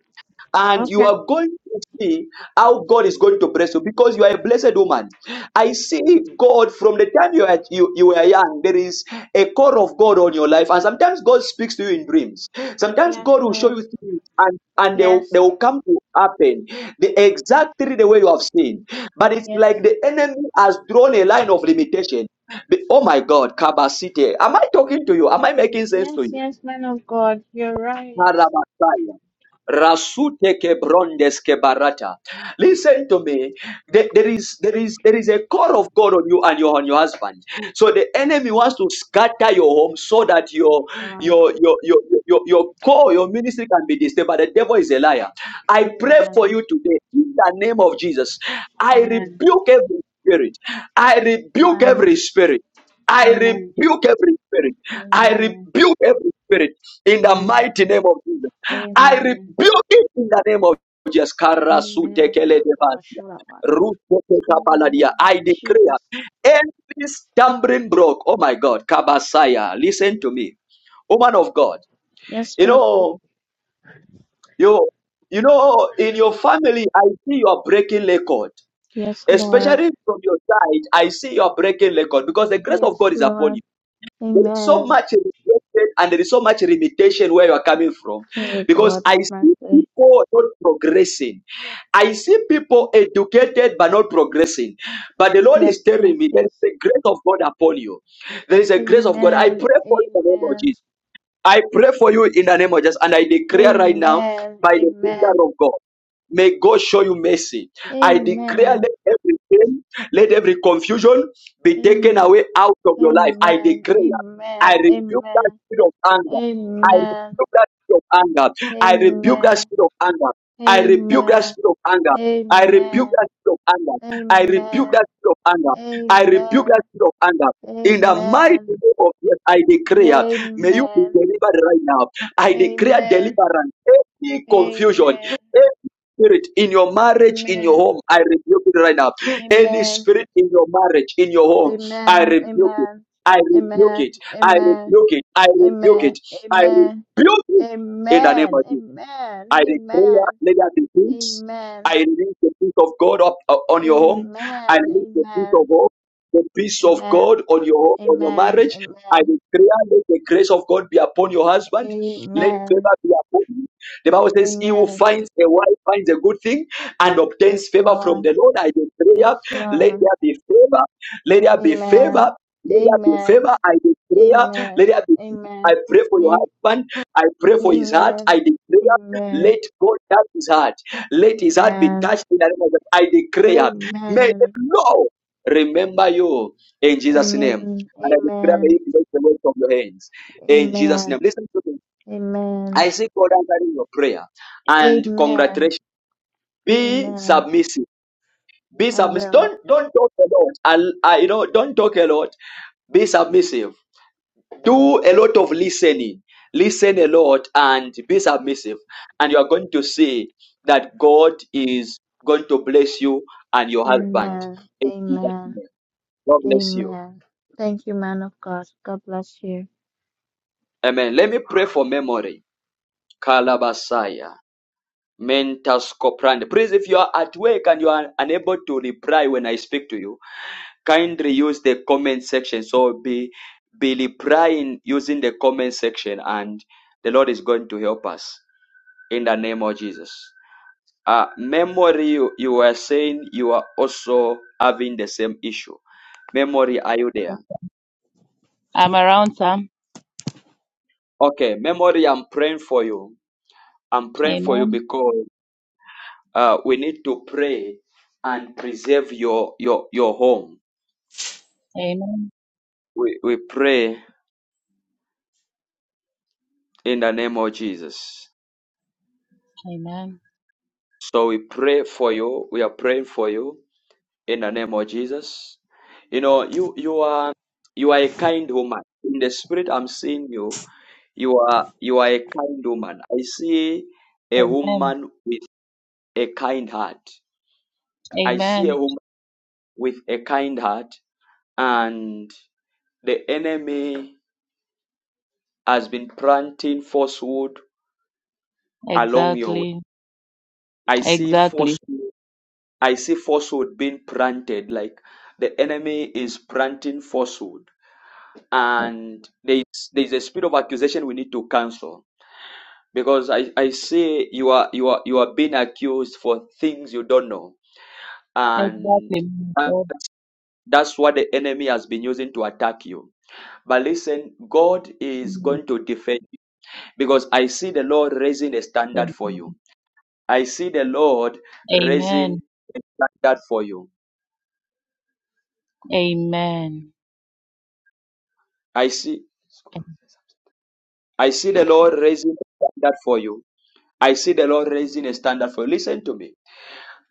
and you Okay. are going to see how God is going to bless you because you are a blessed woman. I see God from the time you are you, you were young. There is a call of God on your life, and sometimes God speaks to you in dreams. Sometimes Yes, God will show Miss. you things, and and they will, they Yes. will come to happen the exactly the way you have seen. But it's Yes. like the enemy has drawn a line of limitation. The- Oh my God, Kabasite, am I talking to you? Am I making sense to Yes, you? yes, man of God. You're right. Karabasaya. Rasute ke brondes ke barata. Listen to me. There, there is there is there is a call of God on you and your on your husband. So the enemy wants to scatter your home so that Of your God. your your your your, your call, your ministry can be disturbed. But the devil is a liar. I pray for Amen. you today in the name of Jesus. I Amen. rebuke every spirit. I rebuke Amen. every spirit. I Amen. rebuke every spirit. I Amen. rebuke every spirit in the Amen. mighty name of Jesus. I Amen. rebuke it in the name of Jesus. Amen. Karasutekeledevasia. Nakabashirabara. In the name Rutekekapaladia. of I declare Jesus. every stumbling block. Oh my God, Kabasaya, listen to me, woman of God. Yes, You Pastor. know, you you know, in your family, I see you are breaking record, Yes, Lord. especially from your side. I see you are breaking record because the grace of Yes, God is upon you. Lord. There is so Amen. much rejection and there is so much limitation where you are coming from. May Because God I have see mercy. people not progressing. I see people educated but not progressing. But the Lord Yes, is yes, telling me there yes. is a grace of God upon you. There is a grace of God. I Amen. pray for you in the name of Jesus. Amen. I pray for you in the name of Jesus, and I declare right now Amen. by the Amen. finger of God. May God show you mercy. I declare Amen. let every pain, let every confusion be taken Amen. away out of your life. I Amen. declare, I rebuke that Amen. spirit of anger. I Amen. rebuke that spirit of anger. I rebuke that Amen. spirit of anger. I rebuke that Amen. spirit of anger. I Amen. rebuke that spirit of anger. I rebuke that Amen. spirit of anger. I Amen. rebuke that spirit of anger. In the mighty Amen. name of Jesus, I declare. May you be Amen. delivered right now. I declare Amen. deliverance. Any Amen. confusion, Amen. any spirit in your marriage, in your Amen. home, I rebuke it right now. Any Amen. spirit in your marriage, in your home, I Amen. rebuke it. Amen. I rebuke Amen. it. I Amen. rebuke it. I rebuke Amen. it. I rebuke Amen. it in the name of Amen. Jesus. Amen. I declare, let there be peace. I Amen. release the peace of God up uh, Amen. on your home. I release the peace of Amen. hope, the peace of Amen. God on your home, on your Amen. marriage. Amen. I Amen. declare, let the grace of God be upon your husband. Let Amen. favor be upon you. The Bible says, "He who Amen. finds a wife finds a good thing and Yes, obtains favor from Lord. the Lord." I Yes, declare, let Lord. there be favor. Let there be favor. Amen. Let there be Amen. favor. I declare, let Amen. there be. peace. I Amen. pray for your Am- husband. I pray for his heart. I Amen. declare. Amen. Let God touch his heart. Let his heart be Amen. touched in the name of God. I declare, may the Amen. Lord remember you in Jesus' name. Amen. And I declare, may you Amen. take the work from your hands in Jesus' Amen. name. Listen to me. Amen. I see God answering your prayer and Amen. congratulations. Be Amen. submissive. Be I submissive. will. Don't don't talk a lot. I'll- I, you know, don't talk a lot. Be submissive do a lot of listening listen a lot and be submissive and you are going to see that god is going to bless you and your husband Amen. In Jesus' Amen. name. god bless you Amen. Thank you, man of God. God bless you. amen let me pray for memory kalabasaya mentas coprand please if you are at work and you are unable to reply when i speak to you kindly use the comment section so be be replying using the comment section and the lord is going to help us in the name of Jesus. Uh, memory, you, you were saying you are also having the same issue. Memory, are you there? I'm around, Sam. Okay, memory, I'm praying for you. I'm praying for you Amen. because uh, we need to pray and preserve your your your home. Amen. We we pray in the name of Jesus. Amen. So we pray for you. We are praying for you in the name of Jesus. You know, you you are you are a kind woman. In the spirit, I'm seeing you You are you are a kind woman. I see a Amen. woman with a kind heart. I see a Amen. woman with a kind heart, and the enemy has been planting falsehood along your way. Exactly. I see Exactly. falsehood. I see falsehood being planted. Like the enemy is planting falsehood, and there is there is a spirit of accusation we need to cancel because I I see you are you are you are being accused for things you don't know Exactly. and man of that, God. that's what the enemy has been using to attack you. But listen, God is Mm. going to defend you because I see the Lord raising a standard for you. I see the Lord Amen. raising a standard for you. Amen. I see I see the Lord raising a standard for you. I see the Lord raising a standard for you. Listen to me.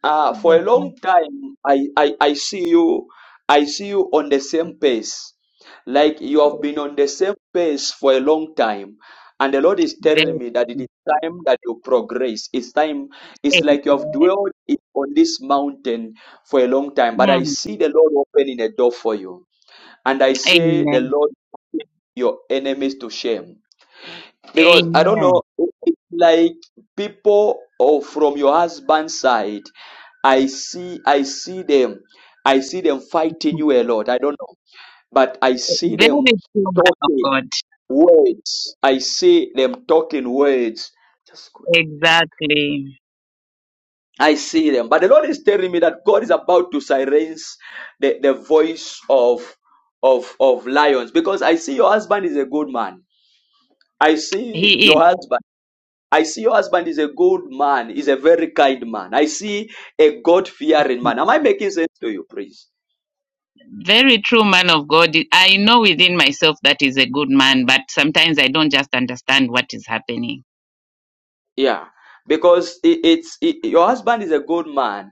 Uh, for Yes, a sir. long time, I, I, I see you, I see you on the same pace. Like you have been on the same pace for a long time. And the Lord is Very telling me that it true. is time that you progress. It's time, it's like you have Amen. dwelled in- on this mountain for a long time. But I Mm. see the Lord opening a door for you. And I say, the Amen. Lord put your enemies to shame because I don't Amen. know, it's like people or from your husband's side, I see, I see them, I see them fighting you a lot. I don't know, but I see them Very true, man of talking God. words. I see them talking words. Just go. Exactly. I see them, but the Lord is telling me that God is about to silence the, the voice of of of lions because I see your husband is a good man. I see He is. your husband. I see your husband is a good man, he's a very kind man. I see a God fearing man. Am I making sense to you, please? Very true, man of God. I know within myself that is a good man, but sometimes I don't just understand what is happening. Yeah, because it, it's it, your husband is a good man,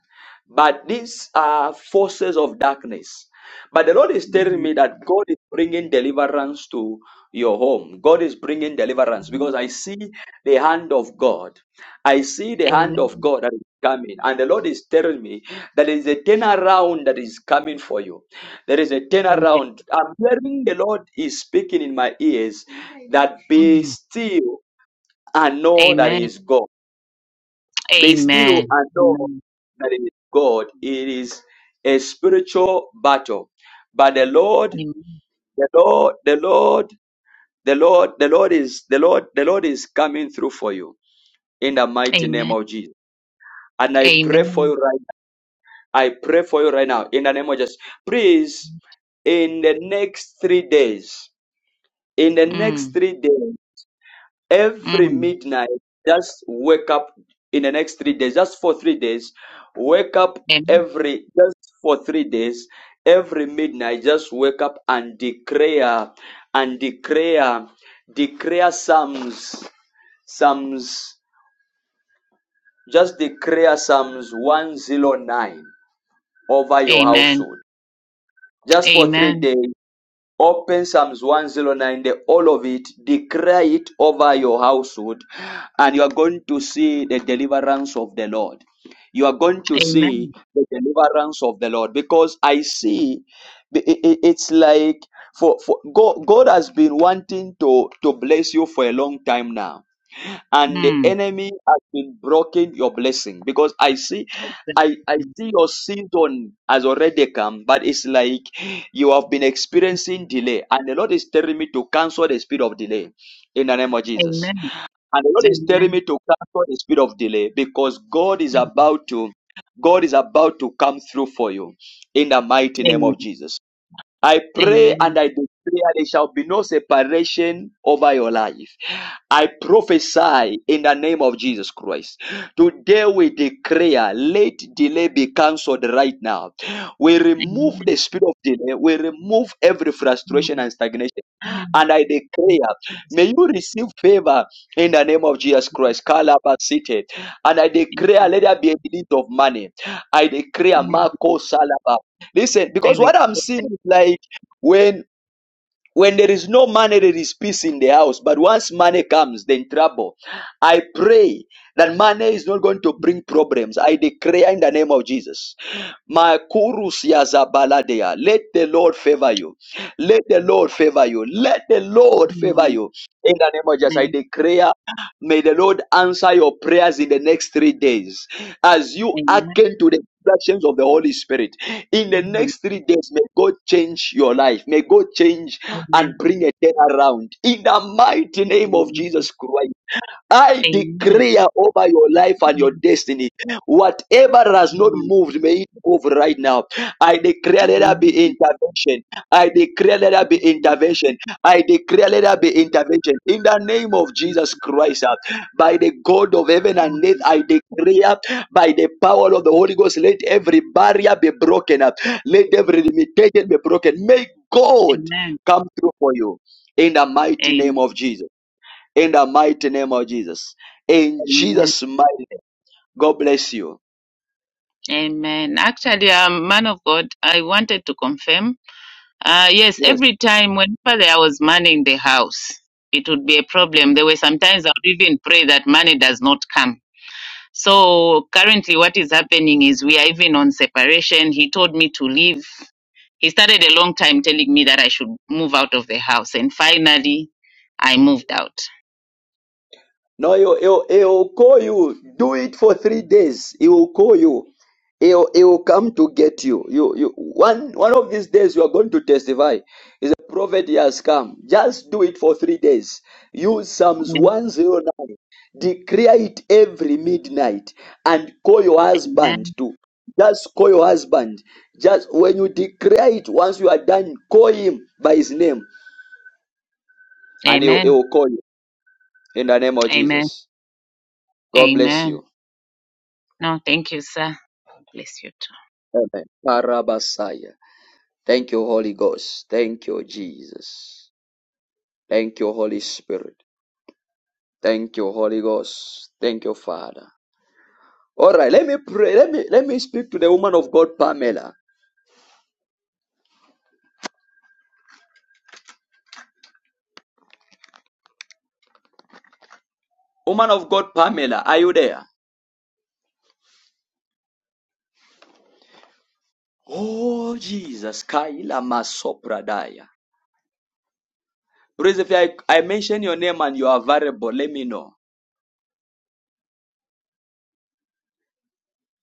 but these are forces of darkness. But the Lord is telling Mm. me that God is bringing deliverance to your home. God is bringing deliverance because I see the hand of God. I see the hand of God that is coming. And the Lord is telling me that there is a turnaround that is coming for you. There is a Amen. turnaround. I'm hearing the Lord is speaking in my ears that be still and know that He Amen. is God. Be still and know Amen. that it is God. It is a spiritual battle. But the Lord, the Lord, the Lord, the Lord, the Lord is the Lord, the Lord is coming through for you in the mighty name Amen. of Jesus. And I Amen. pray for you right now. I pray for you right now in the name of Jesus. Please, in the next three days, in the next three days. every midnight just wake up in the next three days just for three days wake up Amen. every just for three days every midnight just wake up and declare and declare declare psalms psalms just declare psalms 109 over your Amen. household just for three Mm. Amen. Amen. Amen. days Open Psalms 109, the all of it, declare it over your household, and you are going to see the deliverance of the Lord. You are going to see Amen. the deliverance of the Lord because I see i- i- it's like for, for God, God has been wanting to, to bless you for a long time now and the Mm. enemy has been broken your blessing because i see i i see your season has already come but it's like you have been experiencing delay and the lord is telling me to cancel the spirit of delay in the name of jesus Amen. and the lord is telling me Amen. to cancel the spirit of delay because god is about to god is about to come through for you in the mighty name of jesus I Amen. pray and Amen. Amen. I declare there shall be no separation over your life. I prophesy in the name of Jesus Christ. Today we declare let delay be cancelled right now. We remove the spirit of delay. We remove every Mm. frustration and stagnation and I declare, may you receive favor in the name of Jesus Christ. Kalaba City. And I Mm. declare, let there be a release of money. I declare, Mm. Marco Salaba. Listen, because Very what I'm seeing is like, when. When there is no money, there is peace in the house. But once money comes, then trouble. I pray that money is not going to bring problems. I declare in the name of Jesus. Makurus yazabaladea. Let the Lord favor you. Let the Lord favor you. Let the Lord good. favor you. In the name of Jesus, I Amen. declare May the Lord answer your prayers in the next three days as you Amen. hearken to the instructions of the Holy Spirit. In the Amen. next three days, may God change your life. May God change Amen. and bring a turnaround. In the mighty name of Jesus Christ. I Amen. declare over your life and your destiny, whatever has not Amen. moved, may it move right now. I declare let there be intervention. I declare let there be intervention. I declare let there be intervention. In the name of Jesus Christ, uh, by the God of heaven and earth, I declare by the power of the Holy Ghost, let every barrier be broken up. Let every limitation be broken. May God come through for you. In the mighty Amen. Amen. name of Jesus in the mighty name of Jesus. In Jesus' mighty name. God bless you. Amen. Actually, um, man of God, I wanted to confirm. Uh, yes, Yes. every time whenever I was manning the house, it would be a problem. There were sometimes I would even pray that money does not come. So currently, what is happening is we are even on separation. He told me to leave. He started a long time telling me that I should move out of the house. And finally, I moved out. No, he'll, he'll, he'll call you. Do it for three days. He will call you. He'll, he'll come to get you. You, you. One, one of these days, you are going to testify. Is a prophet he has come. Just do it for three days. Use Psalms 109. Declare it every midnight and call your husband Amen. to. Just call your husband. Just when you declare it, once you are done, call him by his name and he'll, Amen. he'll call you in the name of Amen. Jesus. God bless Amen. you. No, thank you, sir. Bless you. Amen. Parabasaya. Thank you, Holy Ghost. Thank you, Jesus. Thank you, Holy Spirit. Thank you, Holy Ghost. Thank you, Father. All right, let me pray. Let me let me speak to the woman of God, Pamela. Woman of God, Pamela, are you there? Oh, Jesus. Kaila masopradaya. Praise if I, I mention your name and you are variable, let me know.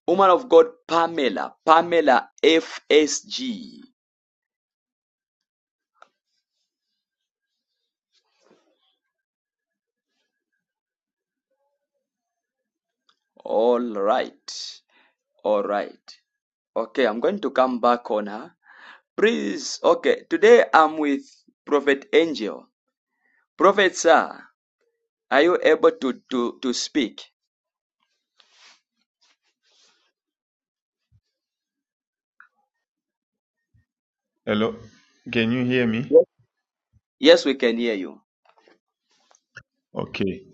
Woman of God, Pamela. Pamela FSG. All right. All right. Okay, I'm going to come back on her. Please, okay, today I'm with Prophet Angel. Prophet, sir, are you able to, to, to speak? Hello, can you hear me? Yes. Yes, we can hear you. Okay,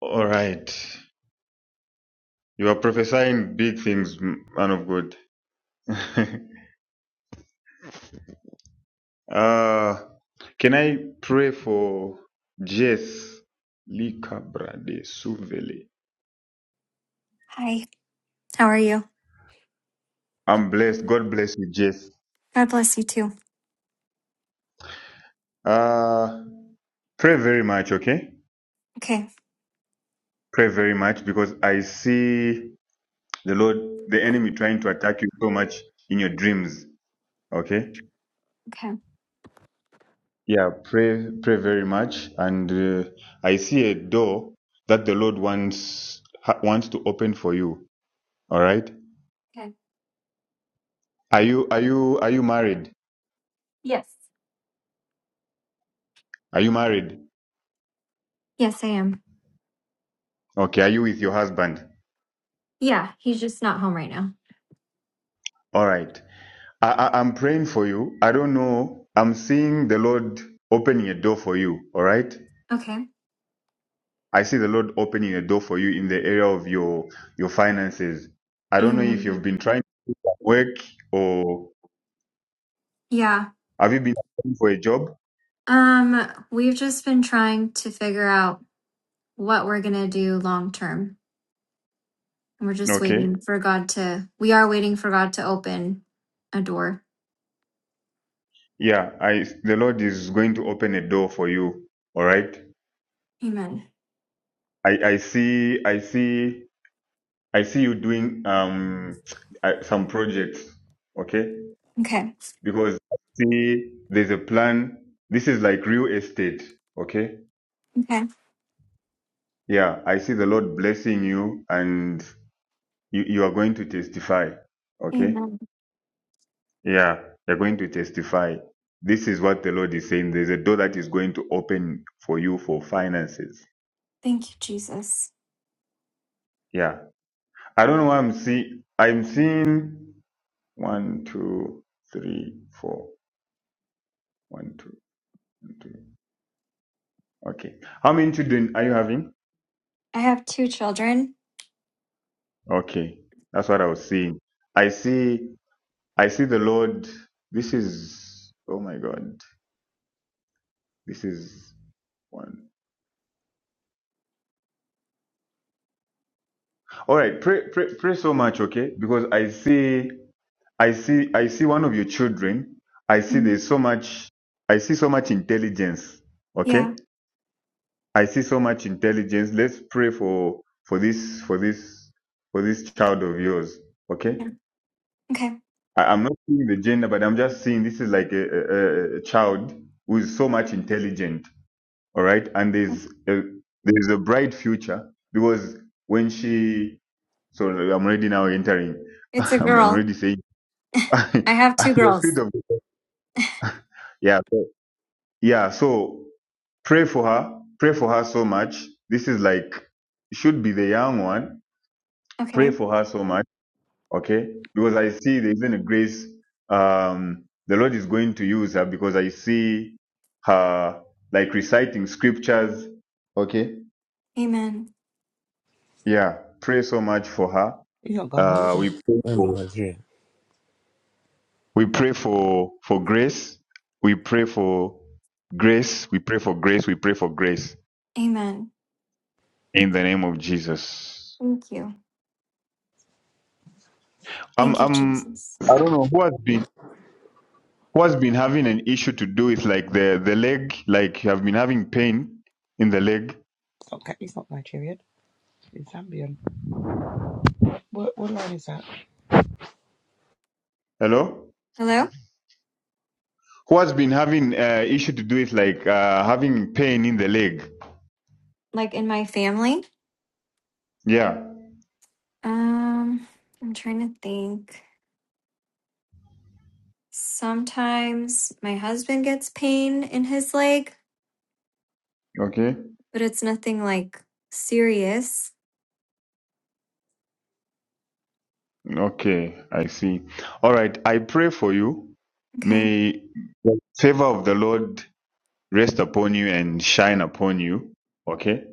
all right. You are prophesying big things, m- man of God. uh, can I pray for Jess Likabrade Suvele? Hi. How are you? I'm blessed. God bless you, Jess. God bless you too. Uh, pray very much, okay? Okay. Pray very much because I see the Lord, the enemy trying to attack you so much in your dreams, okay? Okay. Yeah, pray, pray very much. And uh, I see a door that the Lord wants ha- wants to open for you. All right. Okay. Are you are you are you married? Yes. Are you married? Yes, I am. Okay. Are you with your husband? Yeah, he's just not home right now. All right. I, I I'm praying for you. I don't know. I'm seeing the Lord opening a door for you. All right. Okay. I see the Lord opening a door for you in the area of your your finances. I don't know if Amen. you've been trying to work or Yeah. have you been looking for a job? Um, we've just been trying to figure out what we're gonna do long term. And we're just Okay. waiting for God to we are waiting for God to open a door. Yeah, I the Lord is going to open a door for you. All right. Amen. I I see I see I see you doing um uh, some projects. Okay, Okay. because I see there's a plan. This is like real estate. Okay. Okay. Yeah, I see the Lord blessing you, and you you are going to testify. Okay. Amen. Yeah, you're going to testify. This is what the Lord is saying. There's a door that is going to open for you for finances. Thank you, Jesus. Yeah I don't know why I'm see. I'm seeing one, two, three, four. One, two, one, two. Okay. How many children are you having? I have two children. Okay. That's what I was seeing. I see, I see the Lord. This is, oh my God. This is one. All right. Pray, pray, pray so much. Okay. Because I see, I see, I see one of your children. I see Mm. there's so much, I see so much intelligence. Okay. Yeah. I see so much intelligence. Let's pray for for this for this for this child of yours. Okay, Okay. I, I'm not seeing the gender, but I'm just seeing this is like a, a, a child who is so much intelligent. All right, and there's a, there's a bright future because when she so I'm already now entering. It's a I'm, I'm girl. already saying I I'm have two afraid girls. of yeah so, yeah. So pray for her. Pray for her so much. This is like should be the young one pray Okay. for her so much, okay? Because I see there isn't a grace um, the Lord is going to use her because I see her like reciting scriptures, okay? Amen. Yeah, pray so much for her. He's not Ghanaian, is Uh, we he? pray No, am for Nigerian. we pray for for grace. We pray for grace. We pray for grace. We pray for grace Amen. in the name of Jesus. Thank you. I'm Thank you, I'm Jesus. I don't know who has been. who's been having an issue to do with like the the leg, like you have been having pain in the leg. Okay, he's not Nigerian. He's Zambian. What, what line is that? Hello, Hello? who has been having uh, issue to do with like uh, having pain in the leg? Like in my family? Yeah. Um, I'm trying to think. Sometimes my husband gets pain in his leg, Okay. but it's nothing like serious. Okay. I see. All right. I pray for you. Okay. May the favor of the Lord rest upon you and shine upon you. Okay.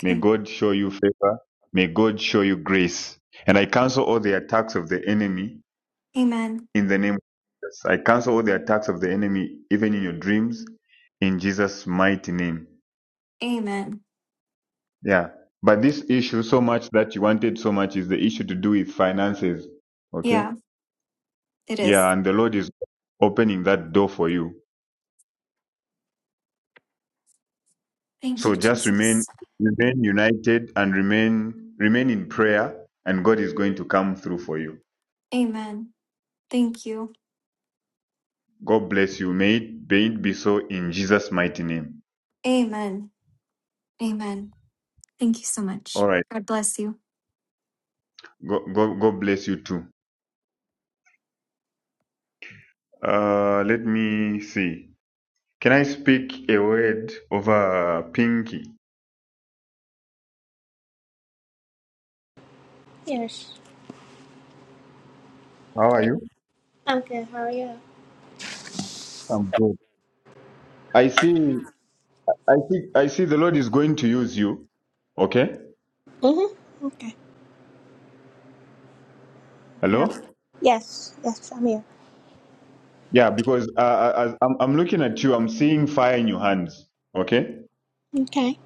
May Okay. God show you favor. May God show you grace. And I cancel all the attacks of the enemy Amen. In the name of Jesus, I cancel all the attacks of the enemy, even in your dreams, in Jesus' mighty name. Amen. Yeah. But this issue, so much that you wanted so much, is the issue to do with finances. Okay. Yeah, it Yeah. is. And the Lord is opening that door for you. Thank So you, just remain, Jesus. remain united and remain, remain in prayer and God is going to come through for you. Amen. Thank you. God bless you. May it, may it be so in Jesus' mighty name. Amen. Amen. Thank you so much. All right. God bless you. God, God, God bless you too. Uh, let me see. Can I speak a word over Pinky? Yes. How are you? I'm good. How are you? I'm good. I see I see I see the Lord is going to use you. Okay? Mm-hmm. No. Hello? Yes, yes, I'm here. Yeah, because uh, uh, as I'm I'm looking at you, I'm seeing fire in your hands. Okay? Okay.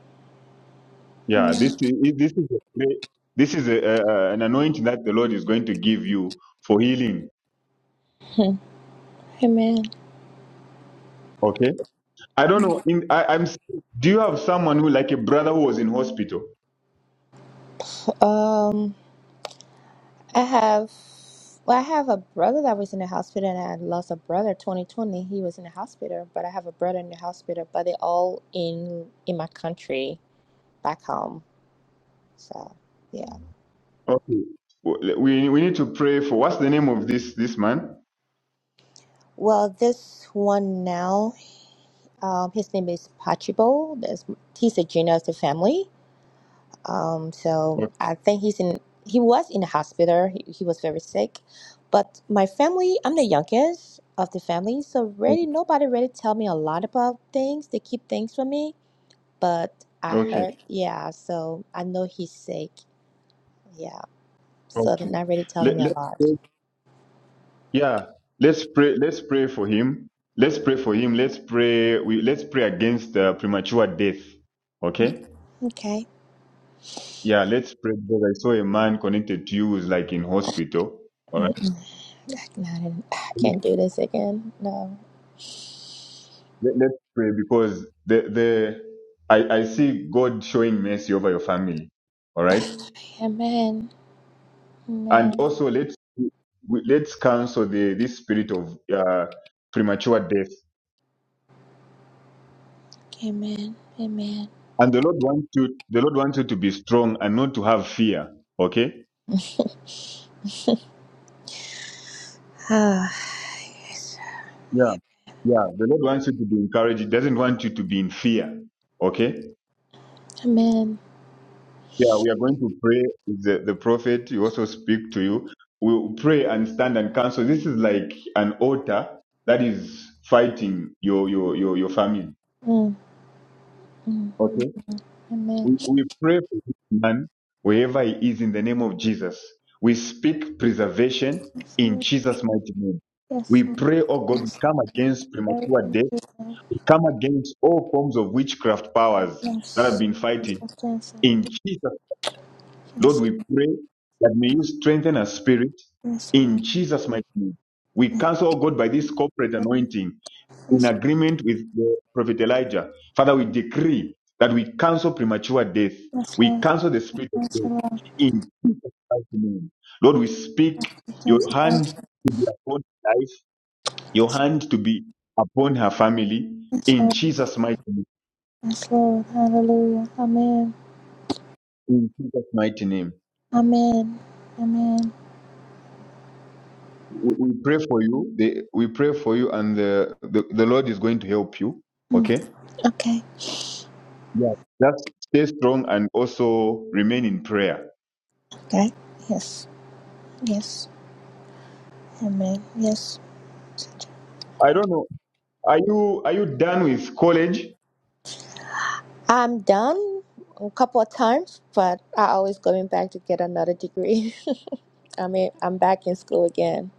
Yeah, Amen. this is this is a, great- this is a, a, an anointing that the Lord is going to give you for healing. Amen. Okay? I don't know in I, I'm do you have someone who like a brother who was in hospital? Um, I have, well, I have a brother that was in the hospital, and I lost a brother 2020. He was in the hospital, but I have a brother in the hospital, but they're all in in my country, back home. So, yeah. Okay. Well, We we need to pray for what's the name of this this man? Well, this one now, um, his name is Pachibo. That's he's a junior of the family. Um, so I think he's in. He was in the hospital. He, he was very sick. But my family, I'm the youngest of the family, so really Okay. nobody really tell me a lot about things. They keep things from me. But I Okay. heard, yeah. So I know he's sick. Yeah. So they're okay. not really telling Let, me a let's lot. pray. yeah. Let's pray. Let's pray for him. Let's pray for him. Let's pray. We let's pray against uh, premature death. Okay. Okay. Yeah. Let's pray because I saw a man connected to you who's like in hospital. All right. No, I didn't- I can't do this again. No. Let, let's pray because the the I I see God showing mercy over your family. All right. Amen. Amen. and also let's we- let's cancel the this spirit of uh, premature death. Amen. Amen. And the Lord wants you. The Lord wants you to be strong and not to have fear. Okay. Ah, yes. Yeah, yeah. The Lord wants you to be encouraged. He doesn't want you to be in fear. Okay. Amen. Yeah, we are going to pray with the, the prophet. He also speak to you. We'll pray and stand and counsel. This is like an altar that is fighting your your your, your family. Mm, Okay. amen. We, we pray for this man wherever he is in the name of Jesus. We speak preservation in Jesus' mighty name. We Yes, pray, oh God, we yes, come against very premature death, confusing. we come against all forms of witchcraft powers that have Yes, been yes, fighting. yes, yes, In Jesus, Lord, yes, we pray that may you strengthen our spirit yes, in Lord. Jesus' mighty name. We Yes, cancel, oh God, by this corporate anointing in Lord. agreement with the prophet Elijah. Father, we decree that we cancel premature death. Yes, We Lord. cancel the spirit of Yes, death Lord. in Jesus' mighty name. Lord, we speak Yes, Lord. Yes, your Lord. hand to be upon life, your hand to be upon her family Yes, in Lord. Jesus' mighty name. Yes, Lord. Hallelujah. Amen. In Jesus' mighty name. Amen. Amen. We we pray for you. The, we pray for you, and the, the, the Lord is going to help you. Mm. Okay? Okay. Yeah. Just stay strong and also remain in prayer. Okay. Yes. Yes. Amen. Yes. I don't know Are you are you done with college? I'm done a couple of times, but I always going back to get another degree. I mean, I'm back in school again.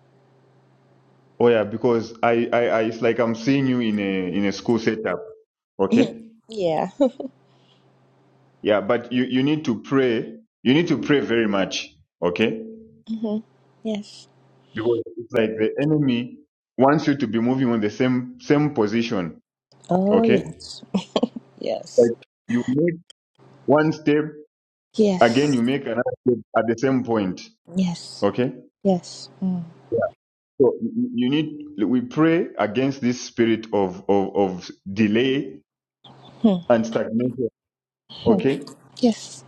Oh yeah, because I, I, I it's like I'm seeing you in a in a school setup. Okay. Yeah. Yeah, but you, you need to pray. You need to pray very much. Okay? hmm Yes. Because it's like the enemy wants you to be moving on the same same position. Oh, Okay? yes. Like Yes. you make one step, again you Yes. make another step at the same point. Yes. Okay? Yes. Mm. So you you need we pray against this spirit of of, of delay Hmm. and stagnation. Okay? Yes.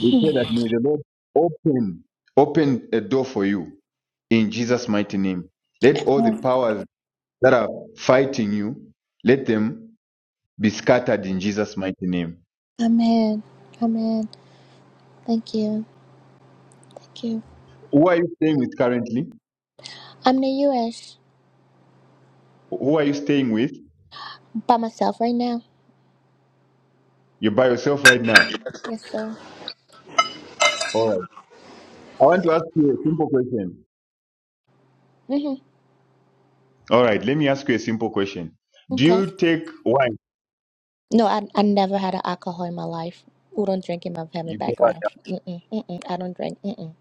We pray that may the Lord open, open a door for you in Jesus' mighty name. Let all the powers that are fighting you, let them be scattered in Jesus' mighty name. Amen. Amen. Thank you. Thank you. Who are you staying with currently? I'm in the U.S. Who are you staying with? by myself right now. You're by yourself right now. Yes, sir. All right. I want to ask you a simple question. Mm-hmm. All right. Let me ask you a simple question. Do Okay. you take wine? No, I, I never had an alcohol in my life. We don't drink in my family You go back. background. Mm-mm, mm-mm, I don't drink. Mm-mm,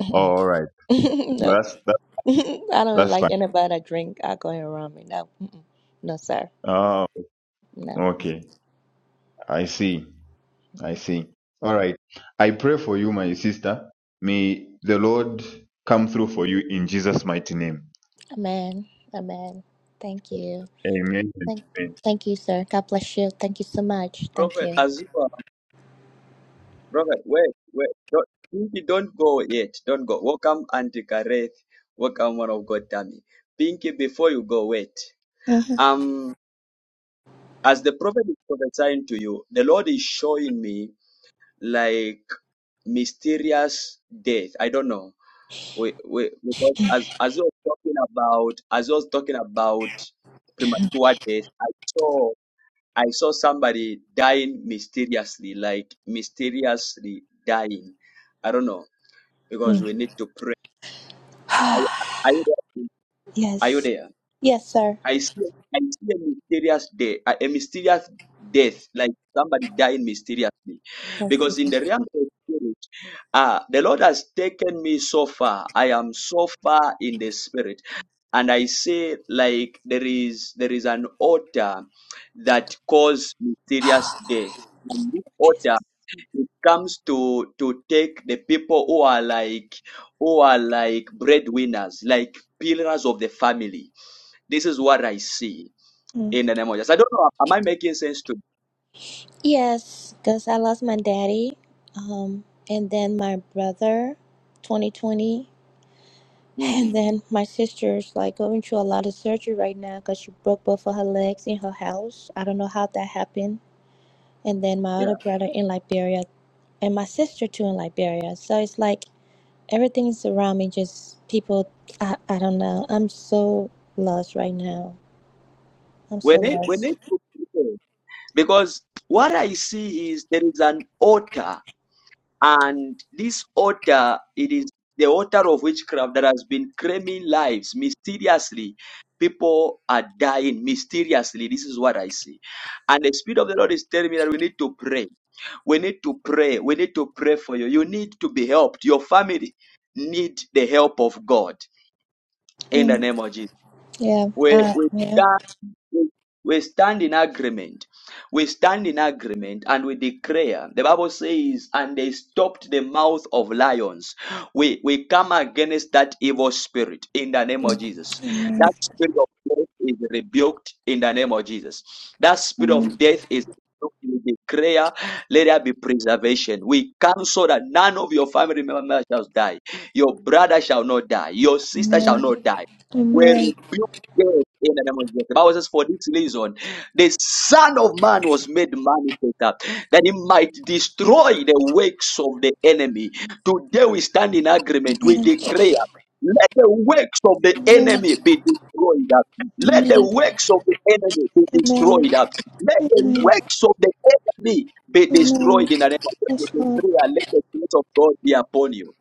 mm-mm. all right. No, nope. that's that, I don't even that's fine. like anybody that drink alcohol around me. No. Mm-mm. No, sir. Oh, No. okay. I see. I see. All right. I pray for you, my sister. May the Lord come through for you in Jesus' mighty name. Amen. Amen. Thank you. Amen. Thank, Amen. thank you, sir. God bless you. Thank you so much. Thank Prophet, you. as you are, Prophet, wait, wait, don't, Pinky, don't go yet, don't go. Welcome, Auntie Kareth. Welcome, one of God, Tammy. Pinky, before you go, wait. Um, as the prophet is prophesying to you, the Lord is showing me like mysterious death. I don't know We we because as as you were talking about as you was talking about premature death, I saw I saw somebody dying mysteriously, like mysteriously dying. I don't know hmm because we need to pray. Are, you- are you there? Are you Yes. there? Yes, sir. I see I see a mysterious death, a, a mysterious death, like somebody dying mysteriously, Thank you, because in sir. the realm of spirit. Ah, the Lord has taken me so far. I am so far in the spirit. And I say, like there is there is an altar that caused mysterious death. And this altar it comes to to take the people who are like who are like breadwinners, like pillars of the family. This is what I see Mm. in the name of Jesus. I don't know. Am I making sense to you? Yes, because I lost my daddy, um, and then my brother, 2020, Mhm. and then my sister's like going through a lot of surgery right now because she broke both of her legs in her house. I don't know how that happened. And then my Yeah. other brother in Liberia, and my sister too in Liberia. So it's like Everything is around me, just people. I, I don't know. I'm so lost right now. I'm so When it when lost. it Because what I see is there is an altar, and this altar, it is the altar of witchcraft that has been claiming lives mysteriously. People are dying mysteriously. This is what I see. And the Spirit of the Lord is telling me that we need to pray. We need to pray. We need to pray for you. You need to be helped. Your family need the help of God in the Mm, name of Jesus. yeah. We, Uh, we yeah. stand we stand in agreement. We stand in agreement and we declare. The Bible says, and they stopped the mouth of lions. We we come against that evil spirit in the name of Mm. Jesus. That spirit of death is rebuked in the name of Jesus. That spirit of Amen. death is rebuked. we declare let there be preservation. We cancel that none of your family members shall die. Your brother shall not die. Your sister shall Amen. not die. We're Amen. Yes, in the name of Jesus. The Bible says, for this reason, the Son of Man was made manifest uh, that he might destroy the works of the enemy. Today we stand in agreement. We declare, let the works of the Amen. enemy be destroyed. uh. Let the Amen. works of the enemy be destroyed. uh. Amen. Let Amen. the Amen. works of the enemy be Amen. destroyed in the name of Jesus. Yes, We Lord. declare, Let the grace of God be upon you.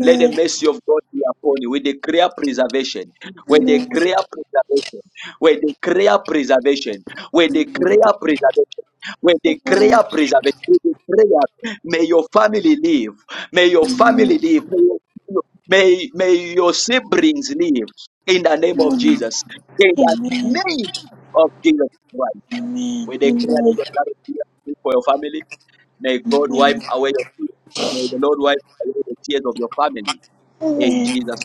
Let the mercy of God be upon you. We declare preservation. We Amen. declare preservation. We declare preservation. We declare preservation. We Amen. declare preservation. We declare, may your family live. May Amen. your family Amen. live. May your, may, may your siblings live. In the name of Amen. Jesus. In the Amen. name of Jesus Christ. Amen. We declare the blood of Jesus for your family. May God wipe Amen. away your tears. May the Lord wipe away the tears of your family. In Amen. Jesus'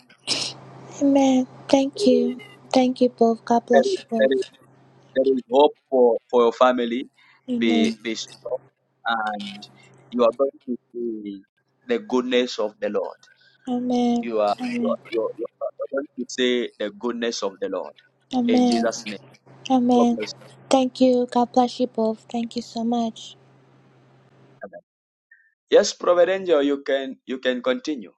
Amen. Thank name. you. Thank you both. God bless you Very, both. there is hope for, for your family. Amen. Be, be strong and you are going to see the goodness of the Lord. Amen. You are, you are, Amen. you are, you are going to see the goodness of the Lord in Amen. Jesus' name. God Amen. bless Thank you. God bless you both. Thank you so much. you. Amen. Yes, Prophet Angel, you can you can continue.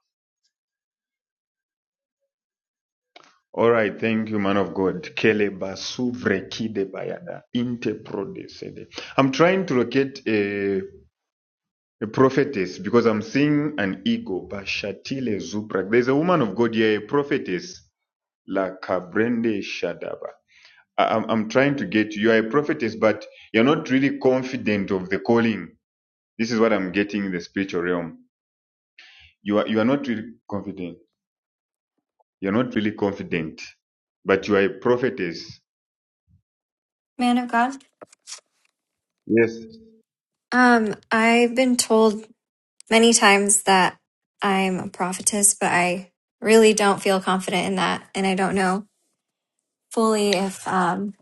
All right. Thank you, man of God. Kele basu vrekide bayada, inte prode sede. I'm trying to locate a, a prophetess because I'm seeing an ego. Bashatile zupra. There's a woman of God here, a prophetess. La kabrende shadaba. I- I'm, I'm trying to get you. You are a prophetess, but you're not really confident of the calling. This is what I'm getting in the spiritual realm. You are you are not really confident. You're not really confident, but you are a prophetess. Man of God. Yes. Um, I've been told many times that I'm a prophetess, but I really don't feel confident in that. And I don't know fully if, um,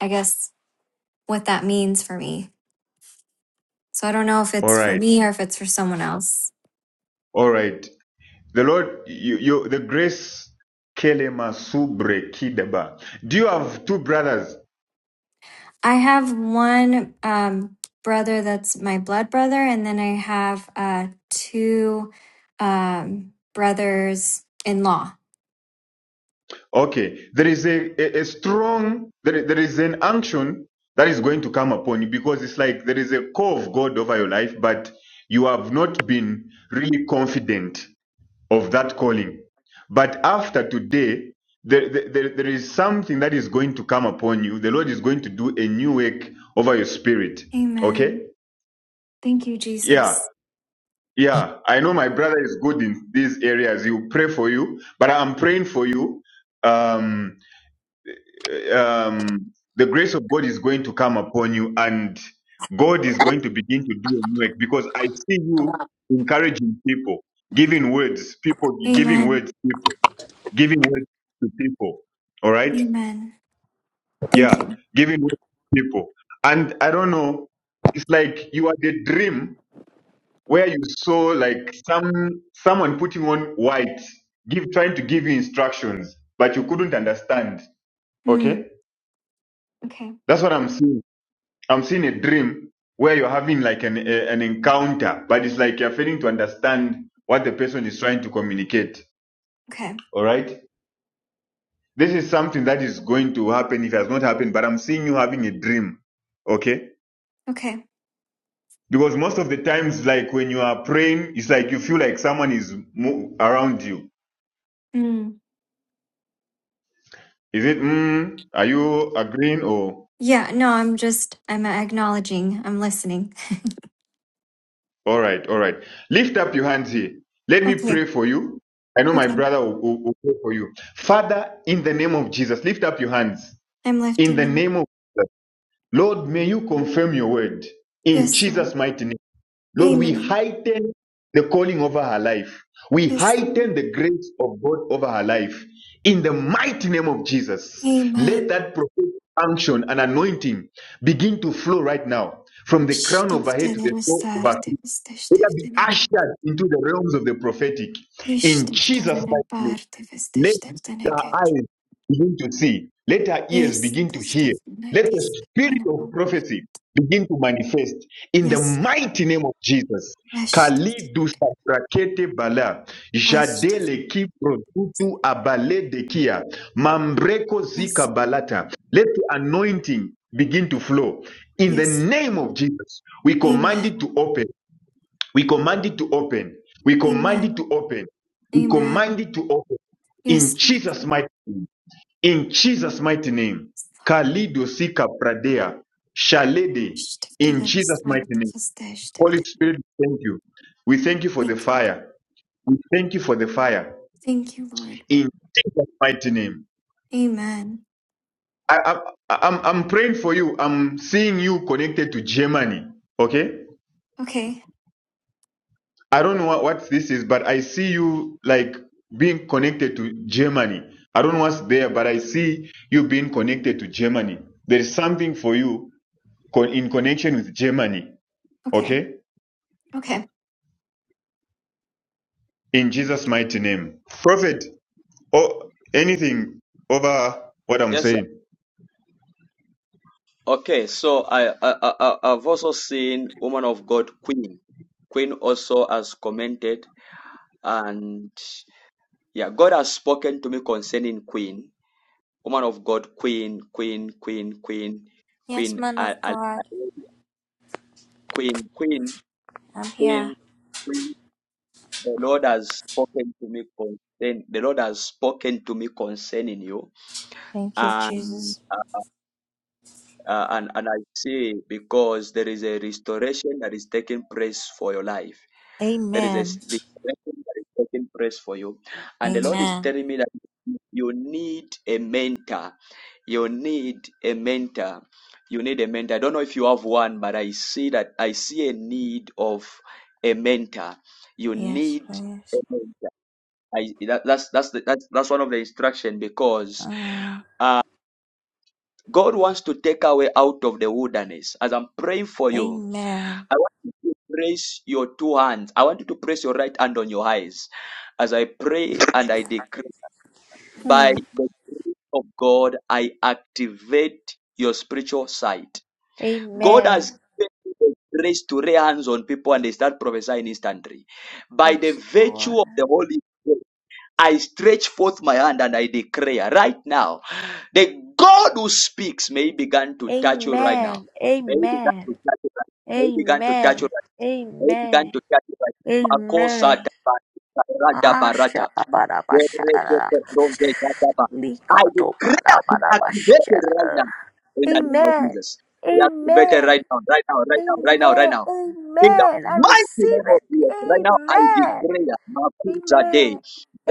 I guess, what that means for me. So I don't know if All it's for right. me or if it's for someone else. All right. The Lord, you, you the grace. Kelema subre kidaba. Do you have two brothers? I have one um, brother that's my blood brother, and then I have uh, two um, brothers in law. Okay. There is a, a, a strong, there, there is an unction that is going to come upon you because it's like there is a call of God over your life, but you have not been really confident of that calling. But after today, there, there, there is something that is going to come upon you. The Lord is going to do a new work over your spirit. Okay? Amen. Thank you, Yeah. Jesus. Yeah. I know my brother is good in these areas. He will pray for you, but I'm praying for you. Um, um, the grace of God is going to come upon you and God is going to begin to do a new work because I see you encouraging people, giving words, people giving Amen. words, people. giving way to people. All right? Amen. Thank Yeah, you. giving way to people. And I don't know, it's like you had a dream where you saw like some someone putting on white, give trying to give you instructions, but you couldn't understand. Okay? Mm, okay. That's what I'm seeing. I'm seeing a dream where you're having like an a, an encounter, but it's like you're failing to understand what the person is trying to communicate. Okay. All right? This is something that is going to happen if it has not happened, but I'm seeing you having a dream. Okay? Okay. Because most of the times, like when you are praying, it's like you feel like someone is mo- around you. Mm. Is it, mm, are you agreeing or? Yeah. No, I'm just, I'm acknowledging, I'm listening. All right, all right. Lift up your hands here. Let me Okay. pray for you. I know my Okay. brother will, will, will pray for you. Father, in the name of Jesus, lift up your hands. I'm In lifting the them. name of Jesus, Lord, may you confirm your word. In Yes, Lord. Jesus' mighty name. Lord, we Amen. heighten the calling over her life. We Yes, heighten Lord. the grace of God over her life. In the mighty name of Jesus, let Amen. that prophetic unction and anointing begin to flow right now from the crown of her head to the Штофтелере sole of her старте feet. Let her be вестештефтенека. ushered into the realms of the prophetic. In Jesus' Иштофтелере mighty name. парте Let вестештефтенека. her eyes begin to see. Let her ears begin to hear. Let the Естештефтенетис spirit of тенемопена. prophecy begin to manifest in the Yes, Lord. mighty name of Jesus. Esht- Kalidu saprakete bala, Ashtef- jadele ki protutu abale de kia, mambreko Yes, zika Lord. balata. Let the anointing begin to flow. In the Yes. name of Jesus, we command Amen. it to open. We command it to open. We command it Amen. to open. We Amen. command it to open. Yes, In Jesus' mighty name. In Jesus' mighty name. Lord. Kalido Sika Pradea. Oh, Shalede. In Jesus' mighty name. Holy Spirit, we thank you. We thank you for the Thank you. fire. We thank you for the fire. Thank you, Lord. In Jesus' mighty name. Amen. I, I, I'm, I'm praying for you. I'm seeing you connected to Germany. Okay? Okay. I don't know what, what this is, but I see you like being connected to Germany. I don't know what's there, but I see you being connected to Germany. There is something for you con- in connection with Germany. Okay. Okay? Okay. In Jesus' mighty name. Prophet, or anything over what I'm Yes. sir. saying? Okay. So I, I I I- I've also seen woman of God Queen. Queen also has commented, and Yeah, God has spoken to me concerning Queen, woman of God, Queen, Queen, Queen, Queen, Yes, Queen, man Al- of Al- God, Queen, Queen, I'm here. Queen, Queen. The Lord has spoken to me concerning. The Lord has spoken to me concerning you, Thank you, and Jesus. uh, uh, and, and I see because there is a restoration that is taking place for your life. There is a s- Amen. restoration that is taking place for you. And the Lord is Amen. telling me that you need a mentor. You need a mentor. You need a mentor. I don't know if you have one, but I see that I see a need of a mentor. You Yes, need a please. mentor. I, that, that's that's the, that's that's one of the instruction because Uh. God wants to take away out of the wilderness. As I'm praying for you, Amen. I want you to praise your two hands. I want you to press your right hand on your eyes. As I pray and I decree, by Hmm. the grace of God, I activate your spiritual sight. God has Amen. given you the grace to lay hands on people and they start prophesying instantly. By the Yes, virtue Lord. of the Holy Spirit, I stretch forth my hand and I declare right now, the God who speaks may he begin to touch you right now. Amen. May he begin Amen. to touch you right now. May he begin to touch you Amen. right now. May he begin Amen. to touch you right now. Makosa Amen. dabarata Ah, barata. shabba-dabba-shabba-dabba. I declare be activated right now Likato-ba-dabba-dabba-shabba-dabba. in the name of Amen. Jesus. Be activated right Amen. now, right now, right now, right now, right Amen. now. In the Amen. I mighty receive name of it. Jesus, right now I Amen. declare Makuza Day, Amen.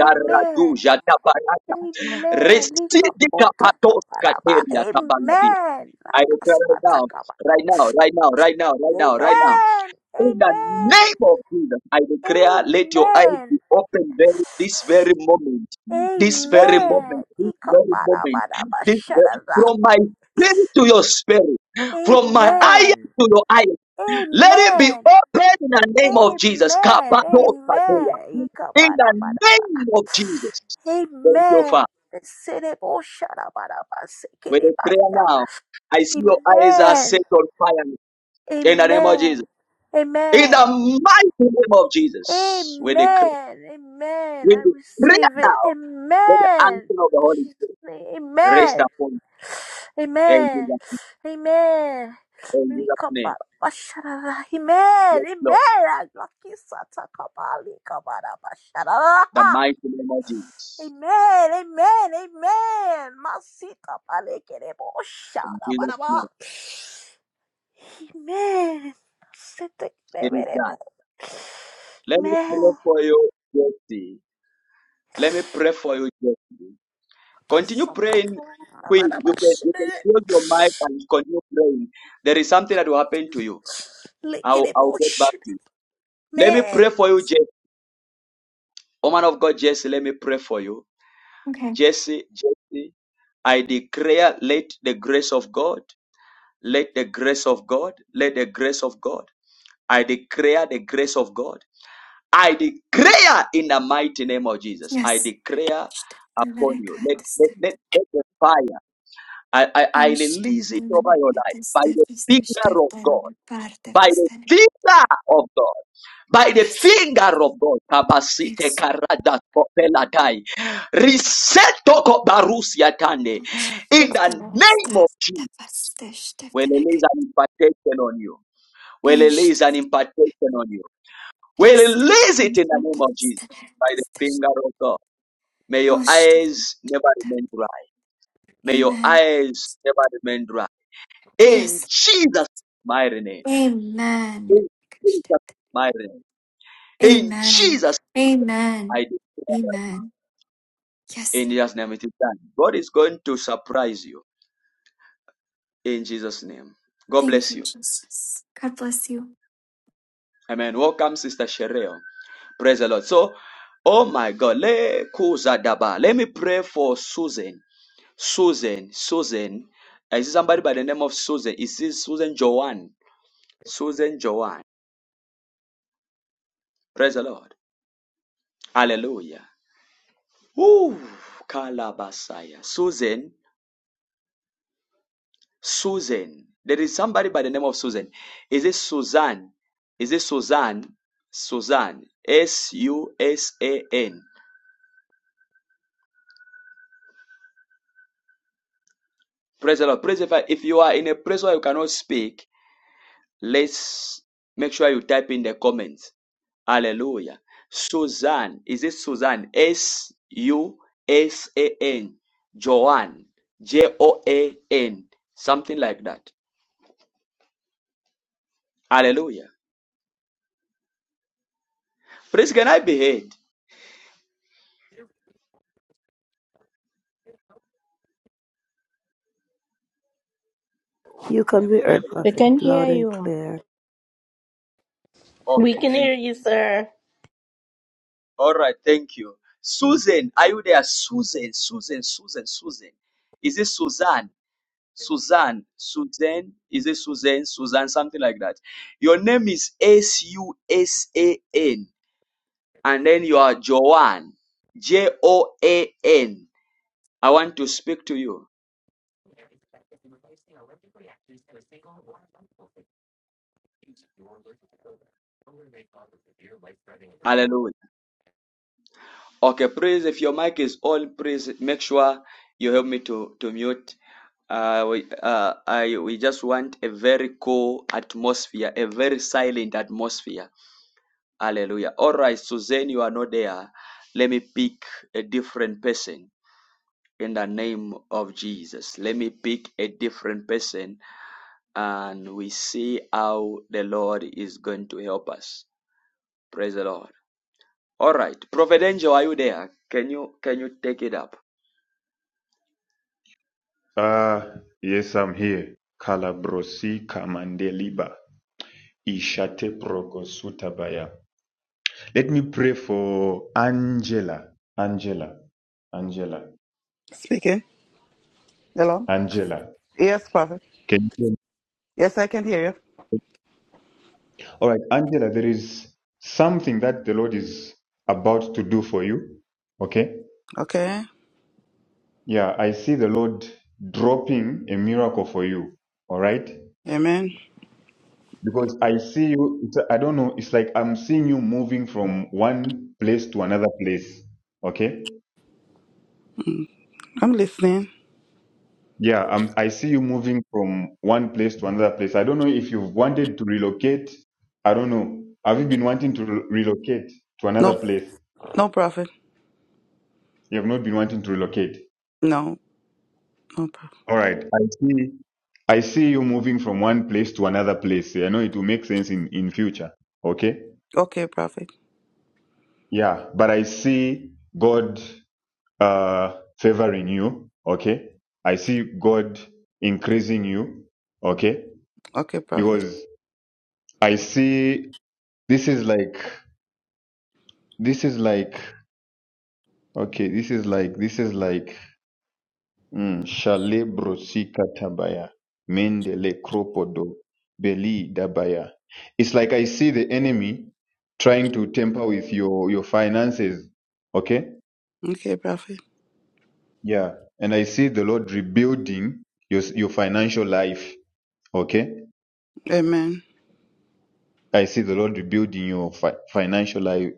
Amen. Tabarata, Amen. Residi Kapatos Likapo-taka-ba-dabba. Kateria Tabaladi. Amen. I declare Lakasa-taka-ba. right now, right now, right now, right now, right now, right now. Amen. In the Amen. name of Jesus, I declare, let your eyes Amen. be open very, this very moment, this very Amen. moment, this very moment, this very, Ikobarabashadada. from my spirit to your spirit, from my eye Amen. to your eye. Let it be Amen. open in the name of Jesus. Amen. Kabadokadeya. Amen. In the Ikobarabadaba. name of Jesus. Thank you, Amen. Father. With the prayer Sereboshadabadabasekerebada. now, I see your eyes are Amen. set on fire. In the name of Jesus. Amen. In Amen. the mighty name of Jesus. With the, Amen. Amen. with I the prayer receive it. now, with the Amen. answer of the Holy Jesus' name. Spirit rest Amen. upon you. In Amen. Jesus' Amen. name. In Jesus' name. Likabarabashara. Amen. Yes, Lord. Amen. Lucky Santa kabali, Kabara bashara. The mighty name of Jesus. Amen. Amen. Amen. In Jesus' name. Masikabalekerebosharabaraba. Amen. sete It is done. Setekeberebere. Let me pray Amen. for you. Yes, Let me pray for you. Jesse. Continue praying, Queen. You can, you can Pasakabarabarabashara. close your mic and continue praying. There is something that will happen to you. I'll, I'll get back Lekereboshara. to you. Let me Amen. pray for you, Jesse. Woman of God, Jesse, let me pray for you. Okay. Jesse, Jesse, I declare, let the grace of God, let the grace of God, let the grace of God. I declare the grace of God. I declare in the mighty name of Jesus. I Yes. declare upon you. Let, let, let, let the fire. I, I, I Um, release it over your life by the finger of God. By the finger of God. By the Yes. finger of God. Kabasite Yes. karada kopelatai. Riseto kobarusia tande. Oh, In the name of Jesus. We'll release an impartation on you. We'll Eh, release an impartation on you. We'll release it in the name of Jesus. By the finger of God. May your Oh, eyes never remain dry. May your Amen. eyes never remain dry. In Yes. Jesus' mighty name. Amen. In Jesus' mighty name. In Amen. Jesus' Amen. mighty name. Amen. Yes, In Lord. Jesus' name it is done. God is going to surprise you. In Jesus' name. God Thank bless you, you. Jesus. God bless you. Amen. Welcome, Sister Shereo. Praise the Lord. So, oh my God, le kuzadaba. Let me pray for Susan. Susan, Susan. Is see somebody by the name of Susan. Is this Susan Joanne? Susan Joanne. Praise the Lord. Hallelujah. Ooh, Kalabasaya. Susan, Susan. There is somebody by the name of Susan. Is it Susan? Is it Susan? Susan. S U S A N. Praise the Lord. Praise the if, if you are in a place where you cannot speak, let's make sure you type in the comments. Hallelujah. Susan. Is it Susan? S U S A N. Joanne. J O A N. Something like that. Hallelujah. Please, can I be heard? You can I'm be hearing heard, We Prophet, can hear loud and you. clear. We Okay, can thank hear you. you, sir. All right, thank you. Susan, are you there? Susan, Susan, Susan, Susan. Is it Suzanne? Suzanne, Susan, is it Susan? Suzanne, something like that. Your name is S U S A N, and then you are Joanne, J O A N. I want to speak to you. There is practice in replacing electric reactors in a single or multiple fusion your with over. Over may cause a severe life-threatening burn. Hallelujah. Okay, please, if your mic is on, please make sure you help me to, to mute. Uh, we, uh, I, we just want a very cool atmosphere, a very silent atmosphere. Hallelujah. All right, Suzanne, you are not there. Let me pick a different person in the name of Jesus. Let me pick a different person and we see how the Lord is going to help us. Praise the Lord. All right, Prophet Angel, are you there? Can you can you take it up? Ah, yes, I'm here. Kalabrosi kamandeliba. Ishate prokosutabaya. Let me pray for Angela. Angela. Angela. Speaking. Hello. Angela. Yes, prophet. Can you? Yes, I can hear you. All right, Angela, there is something that the Lord is about to do for you. Okay? Okay. Yeah, I see the Lord dropping a miracle for you. All right? Amen. Because I see you, it's, I don't know, it's like I'm seeing you moving from one place to another place. Okay? I'm listening. Yeah, I'm, I see you moving from one place to another place. I don't know if you've wanted to relocate. I don't know. Have you been wanting to re- relocate to another No, place? no prophet. You have not been wanting to relocate. No, no prophet. All right. I see. I see you moving from one place to another place. I know it will make sense in in future. Okay. Okay, prophet. Yeah, but I see God uh, favoring you, okay? I see God increasing you, okay? Okay, prophet. Because I see this is like, this is like, okay, this is like, this is like, mm, Shale brosika tabaya, mendele kropodo, beli dabaya. It's like I see the enemy trying to tamper with your, your finances, okay? Okay, prophet. Yeah, and I see the Lord rebuilding your your financial life. Okay, Amen. I see the Lord rebuilding your fi- financial life.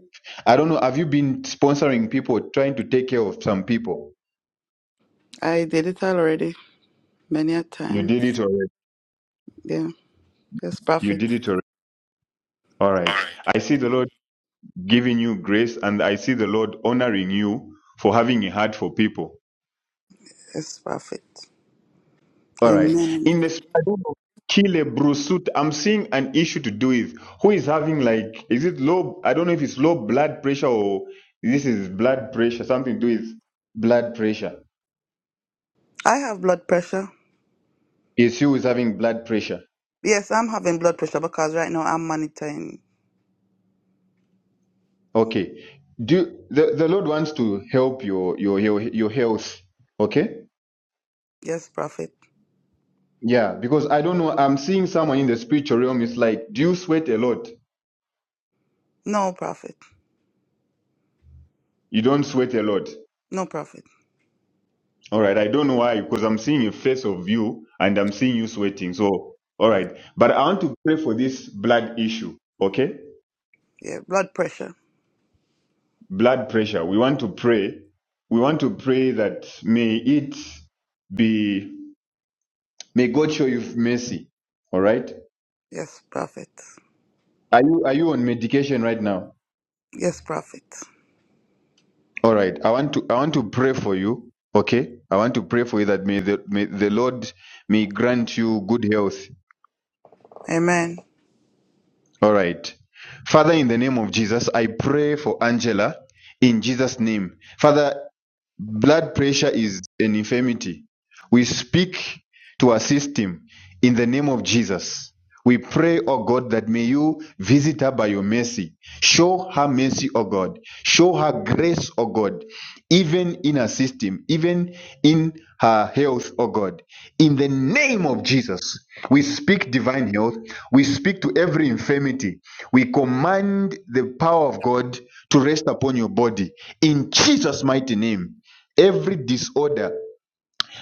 I don't know. Have you been sponsoring people, trying to take care of some people? I did it already many a You time. did it already. Yeah. Yes, You prophet. did it already. All All right. right. I see the Lord giving you grace, and I see the Lord honoring you for having a heart for people. Yes, prophet. All right. Amen. In the shadow of Kile Brusut, I'm seeing an issue to do with who is having like, is it low? I don't know if it's low blood pressure or this is blood pressure, something to do with blood pressure. I have blood pressure. Is who is having blood pressure? Yes, I'm having blood pressure because right now I'm monitoring. Okay. Do the, the Lord wants to help your your your your health. Okay. Yes, prophet. Yeah, because I don't know. I'm seeing someone in the spiritual realm. It's like, do you sweat a lot? No, prophet. You don't sweat a lot. No, prophet. All right, I don't know why, because I'm seeing a face of you and I'm seeing you sweating. So, all right. But I want to pray for this blood issue, okay? Yeah, blood pressure. Blood pressure. We want to pray. We want to pray that may it be, may God show you mercy. All right? Yes, prophet. Are you, are you on medication right now? Yes, prophet. All right. I want to, I want to pray for you, okay? I want to pray for you that may the, may the Lord may grant you good health Amen. All right. Father, in the name of Jesus, I pray for Angela in Jesus' name. Father, Blood pressure is an infirmity. We speak to our system in the name of Jesus. We pray, oh God, that may you visit her by your mercy. Show her mercy, oh God. Show her grace, oh God, even in her system, even in her health, oh God. In the name of Jesus, we speak divine health. We speak to every infirmity. We command the power of God to rest upon your body. In Jesus' mighty name every disorder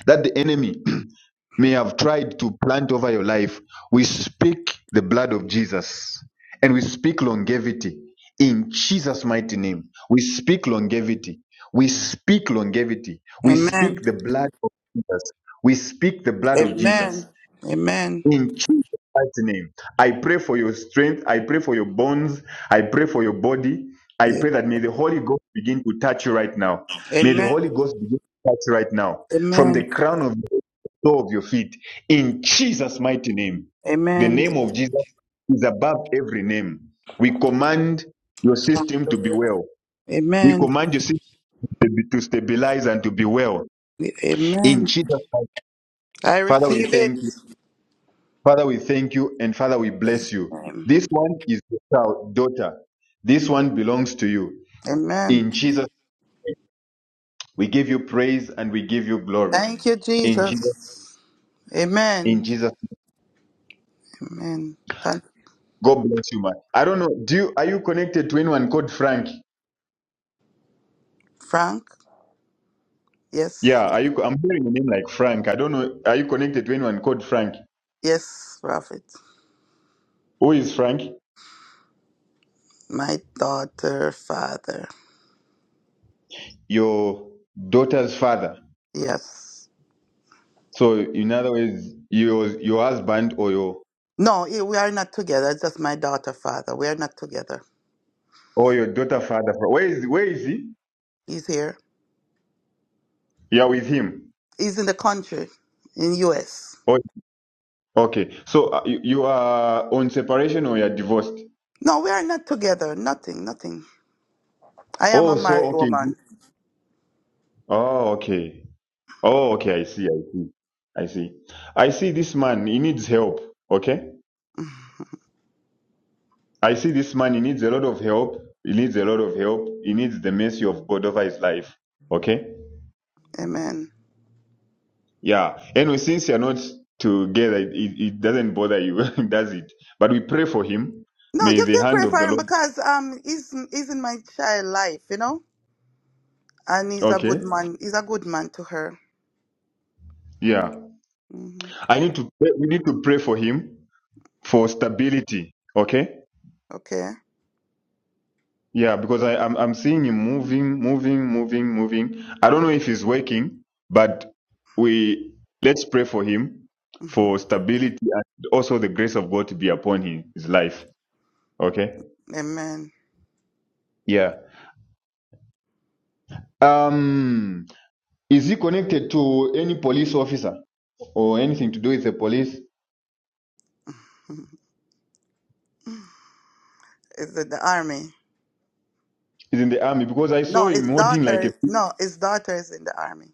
that the enemy may have tried to plant over your life, we speak the blood of Jesus and we speak longevity in Jesus' mighty name. We speak longevity. We speak longevity. We Amen. speak the blood of Jesus. We speak the blood of Jesus. Amen. Amen. In Jesus' mighty name, I pray for your strength. I pray for your bones. I pray for your body. I Yes. pray that may the Holy Ghost begin to touch you right now. May the Amen. Holy Ghost begin to touch you right now. From Amen. the crown of the toe of your feet. In Jesus' mighty name. The Amen. name of Jesus is above every name. We command your system to be well. We Amen. command your system to be- to stabilize and to be well. In Amen. Jesus' mighty I Father, we receive thank it. you. Father, we thank you and Father, we bless you. Am- This one is your child, daughter. This one belongs to you. Amen. In Jesus, we give you praise and we give you glory. Thank you, In Jesus, Jesus. in Amen. Jesus, Amen. Thank God bless you, man. I don't know. Do you are you connected to anyone called Frank? Frank. Yes. Yeah, are you? I'm hearing a name like Frank. I don't know. Are you connected to anyone called Frank? Yes, prophet. Who is Frank? My daughter, father. Your daughter's father. Yes. So, in other words, your your husband or your No, eh, we are not together. It's just my daughter father. We are not together. or your daughter father. Where is where is he? He's here. You are with him. He's in the country, in US. Okay, so uh, you, you are on separation or you're divorced? No, we are not together. Nothing, nothing. I am Oh, a so married okay. woman. Oh, okay. Oh, okay. I see. I see. I see. I see this man. He needs help. Okay. I see this man. He needs a lot of help. He needs a lot of help. He needs the mercy of God over his life. Okay. Amen. Yeah. Anyway, since you're not together, it, it it doesn't bother you, does it? But we pray for him. No, May you the can hand pray of for the him Lord. because um he's he's in my child life, you know? And he's a Okay. good man. He's a good man to her. Yeah. hmm I need to. Pray, we need to pray for him for stability. Okay. Okay. Yeah, because I, I'm I'm seeing him moving, moving, moving, moving. I don't know if he's working, but we let's pray for him for Mhm. stability and also the grace of God to be upon him, his life. Okay. Amen. Yeah. Um is he connected to any police officer or anything to do with the police? Mhm. Is it the army? Is in the army because I saw No, his him holding like a daughter. No, his daughter is in the army.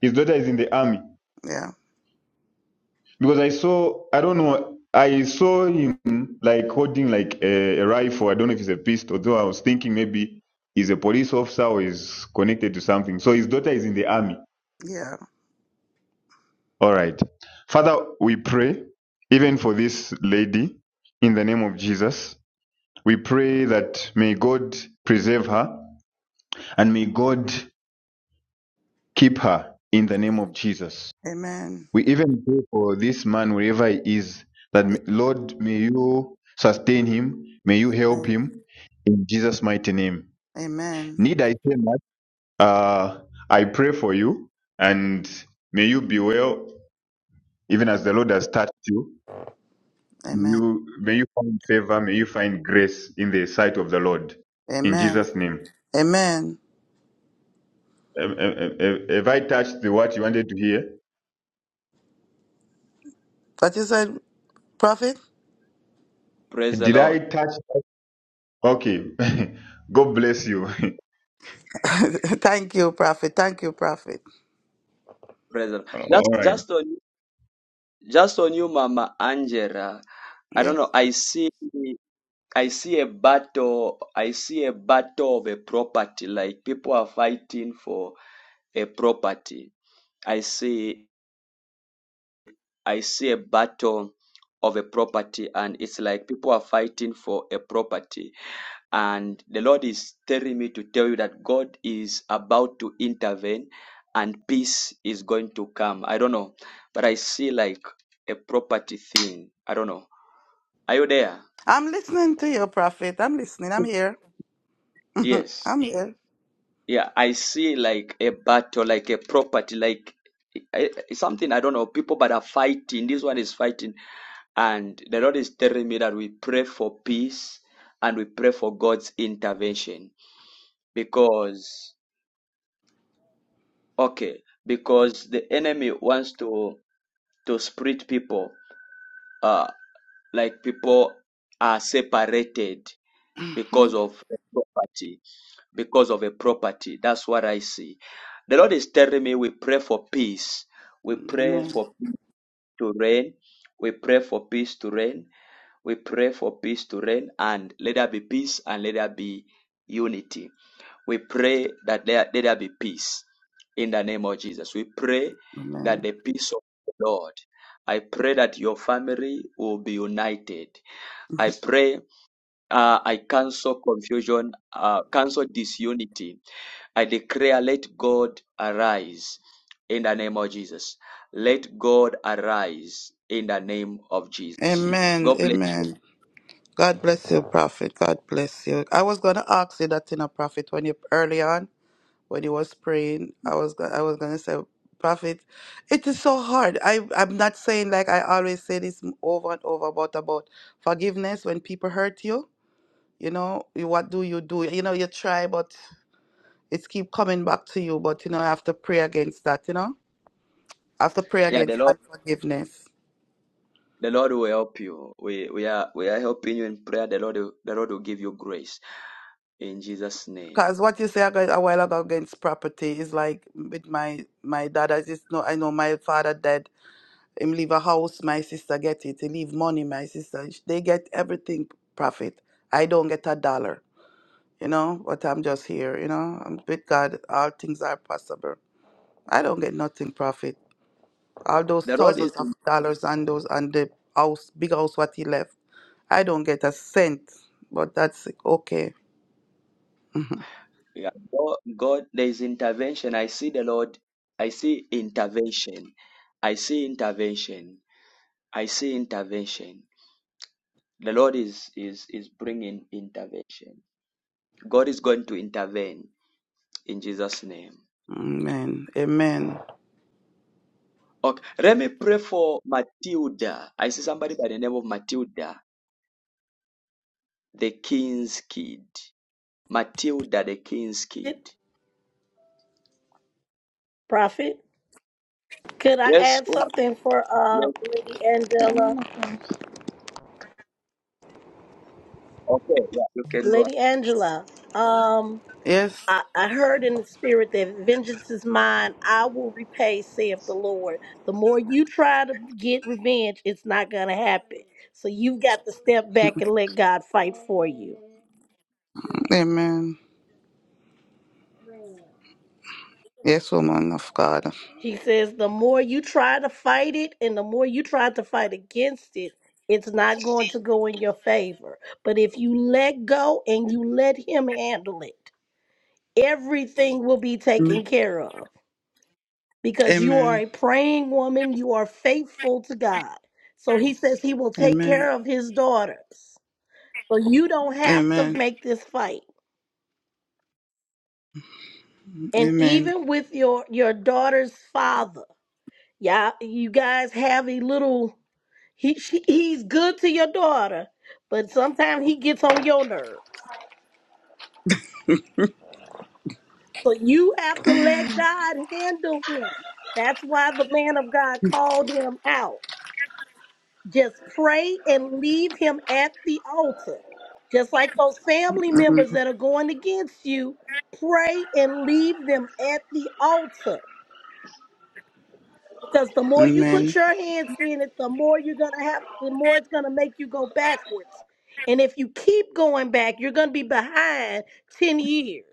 his daughter is in the army. Yeah. Because I saw, I don't know, I saw him like holding like a, a rifle. I don't know if it's a pistol, though I was thinking maybe he's a police officer or is connected to something. So his daughter is in the army. Yeah. All right. Father, we pray even for this lady in the name of Jesus. We pray that may God preserve her and may God keep her in the name of Jesus. Amen. We even pray for this man wherever he is, that m- Lord, may you sustain him, may you help him in Jesus' mighty name. Amen. Need I say much? Uh, I pray for you, and may you be well, even as the Lord has touched you. May Amen. you may you find favor, may you find grace in the sight of the Lord, in Amen. Jesus' name. Amen. Have have- have- have I touched the what you wanted to hear? What you said, Prophet? Praise the Did I Lord. touch? Okay, God bless you. Thank you, Prophet. Thank you, Prophet. Praise the Lord. Just, All right. just on, just on you, Mama Angela. I don't Yes. know. I see, I see a battle. I see a battle of a property. Like people are fighting for a property. I see. I see a battle of a property and it's like people are fighting for a property. And the Lord is telling me to tell you that God is about to intervene and peace is going to come. I don't know, but I see like a property thing. I don't know. Are you there? I'm listening to you, Prophet. I'm listening. I'm here. Yes. I'm here. Yeah, I see like a battle, like a property, like eh, eh, something I don't know. People but are fighting. This one is fighting, and the Lord is telling me that we pray for peace and we pray for God's intervention because okay, because the enemy wants to to split people. Uh, like people are separated Mhm. because of a property. Because of a property. That's what I see. The Lord is telling me we pray for peace. We pray Amen. for peace to reign. We pray for peace to reign. We pray for peace to reign and let there be peace and let there be unity. We pray that there, let there be peace in the name of Jesus. We pray that Amen. the peace of the Lord. I pray that your family will be united. I pray uh, I cancel confusion, uh, cancel disunity. I declare, let God arise in the name of Jesus. Let God arise in the name of Jesus. Amen. God bless. Amen. God bless you, Prophet. God bless you. I was gonna ask you that in a prophet when you early on. when he was praying. I was go- I was gonna say, Prophet, it is so hard. I I'm not saying like I always say this m- over and over about about forgiveness when people hurt you. You know, you- what do you do? You know, you try, but it's keep coming back to you. But you know, I have to pray against that. You know, I have to pray Yeah, the against Lord, unforgiveness. the Lord will help you. We, we are we are helping you in prayer. The Lord, will- the Lord will give you grace in Jesus' name. Because what you say aga- a while ago against property is like with my my dad. I just know I know my father died Him leave a house, my sister get it. He leave money, my sister. They get everything profit. I don't get a dollar, you know. But I'm just here, you know. I'm with God. All things are possible. I don't get nothing profit. All those The Lord is thousands of dollars and those and the house, big house, what he left. I don't get a cent, but that's okay. yeah, God, God. There is intervention. I see the Lord. I see intervention. I see intervention. I see intervention. The Lord is is is bringing intervention. God is going to intervene in Jesus' name. Amen. Amen. Okay, let me pray for Matilda. I see somebody by the name of Matilda, the King's Kid. Matilda, the King's Kid. Prophet, could I Yes, add woman. something for uh Yes. Lady Yeah, Angela? Okay. Yeah, you can go. Lady Angela, um, Yes. I, I heard in the spirit that vengeance is mine. I will repay, saith the Lord. The more you try to get revenge, it's not gonna happen. So you've got to step back and let God fight for you. Amen. Yes, woman of God. He says the more you try to fight it and the more you try to fight against it, it's not going to go in your favor. But if you let go and you let him handle it, everything will be taken Amen. care of because you are Amen. a praying woman, you are faithful to God. So he says he will take Amen. care of his daughters. So you don't have to Amen. make this fight. And Amen. even with your your daughter's father, yeah, you guys have a little He she, he's good to your daughter, but sometimes he gets on your nerves. So you have to let God handle him. That's why the man of God Mm, called him out. Just pray and leave him at the altar. Just like those family members that are going against you, pray and leave them at the altar Because the more you put Amen. your hands in it, the more you're gonna have, the more it's gonna make you go backwards. And if you keep going back, you're gonna be behind 10 years.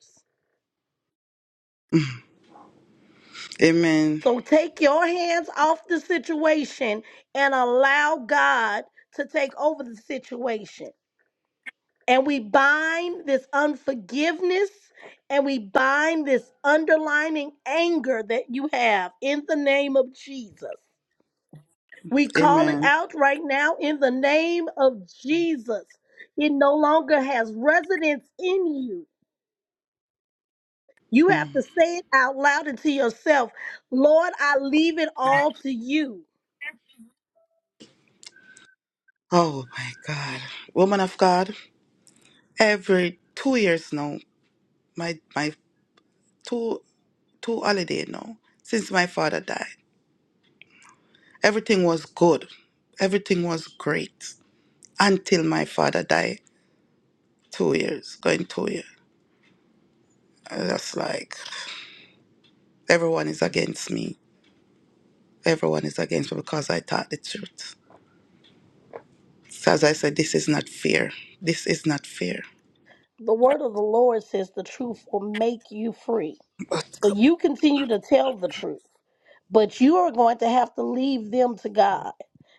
Amen. So take your hands off the situation and allow God to take over the situation. And we bind this unforgiveness and we bind this underlining anger that you have in the name of Jesus. We call it Amen. out right now in the name of Jesus. It no longer has residence in you. You have Mm. to say it out loud and to yourself Lord, I leave it all to you. Oh my God. Woman of God, every two years now, my my two two holiday now, since my father died. Everything was good. Everything was great. Until my father died. Two years. Going two years. And That's like everyone is against me. Everyone is against me because I taught the truth. So as I said, this is not fair. This is not fair. The word of the Lord says the truth will make you free. So you continue to tell the truth. But you are going to have to leave them to God.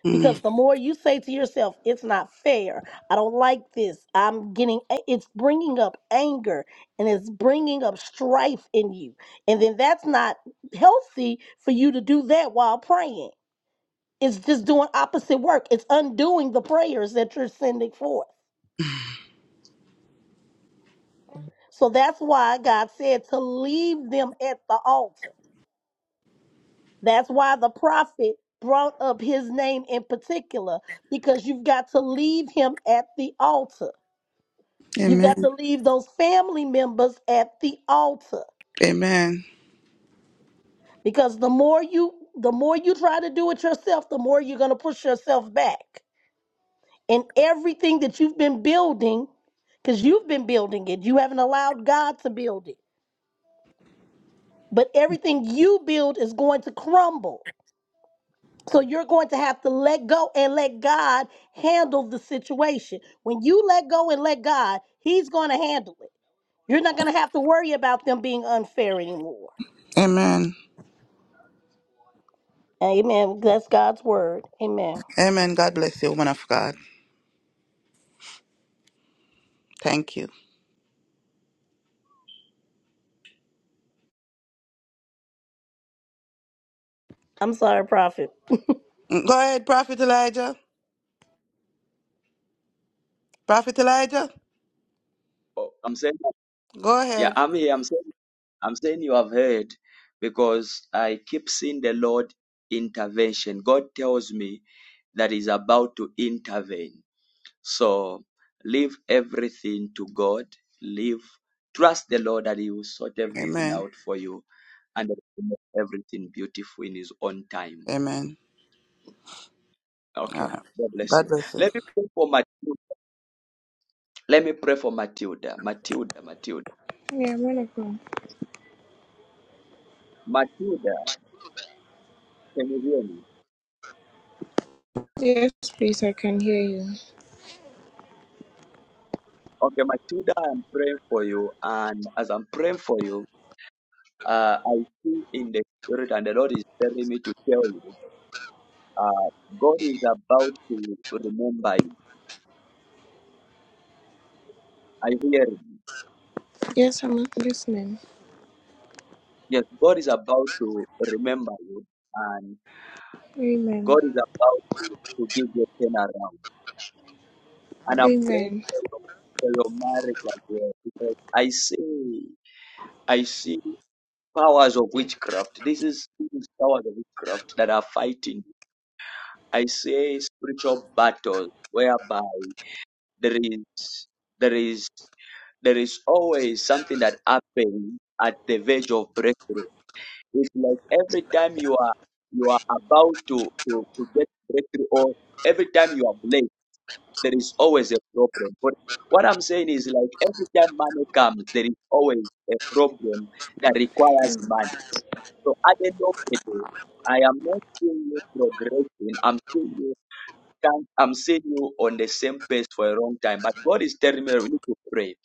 Mm. Because the more you say to yourself, it's not fair. I don't like this. I'm getting, it's bringing up anger and it's bringing up strife in you. And then that's not healthy for you to do that while praying. It's just doing opposite work, it's undoing the prayers that you're sending forth. So that's why God said to leave them at the altar That's why the prophet brought up his name in particular, because you've got to leave him at the altar. You've got Amen. to leave those family members at the altar. Amen. Because the more you the more you try to do it yourself, the more you're gonna push yourself back. And everything that you've been building, because you've been building it, you haven't allowed God to build it. But everything you build is going to crumble So you're going to have to let go and let God handle the situation. When you let go and let God, He's going to handle it. You're not going to have to worry about them being unfair anymore. Amen. Amen. That's God's word. Amen. Amen. God bless you, woman of God. Thank you. I'm sorry, prophet. Mm, Go ahead, Prophet Elijah. Prophet Elijah, Oh, I'm saying. go Yeah, ahead. I'm here. I'm saying. I'm saying you have heard because I keep seeing the Lord intervention. God tells me that He's about to intervene. So leave everything to God. Leave, trust the Lord that He will sort everything Amen. out for you and that He will make everything beautiful in His own time. Amen. All right. Okay. God bless God you. bless you. Let me pray for Matilda. Let me pray for Matilda. Matilda, Matilda. man of God. Matilda, can you hear me? Yes, please, I can hear you. Okay, Matilda, I'm praying for you. And as I'm praying for you, uh, I see in the spirit, and the Lord is telling me to tell you, uh, God is about to remember you. I hear. it. Yes, I'm listening. Yes, God is about to remember you and Amen. God is about to, to give you a turnaround. And I'm praying Amen. for your, for your marriage as well because I see I see powers of witchcraft. This is, this is powers of witchcraft that are fighting. I see spiritual battles whereby there is there is there is always something that happens at the verge of breakthrough. It's like every time you are you are about to, to, to get breakthrough or every time you are blessed, there is always a problem. But what I'm saying is like every time money comes, there is always a problem that requires Yes, money. So at the end of the day, I am not seeing you progressing. I'm seeing you can't, I'm seeing you on the same pace for a long time. But God is telling me that we need to pray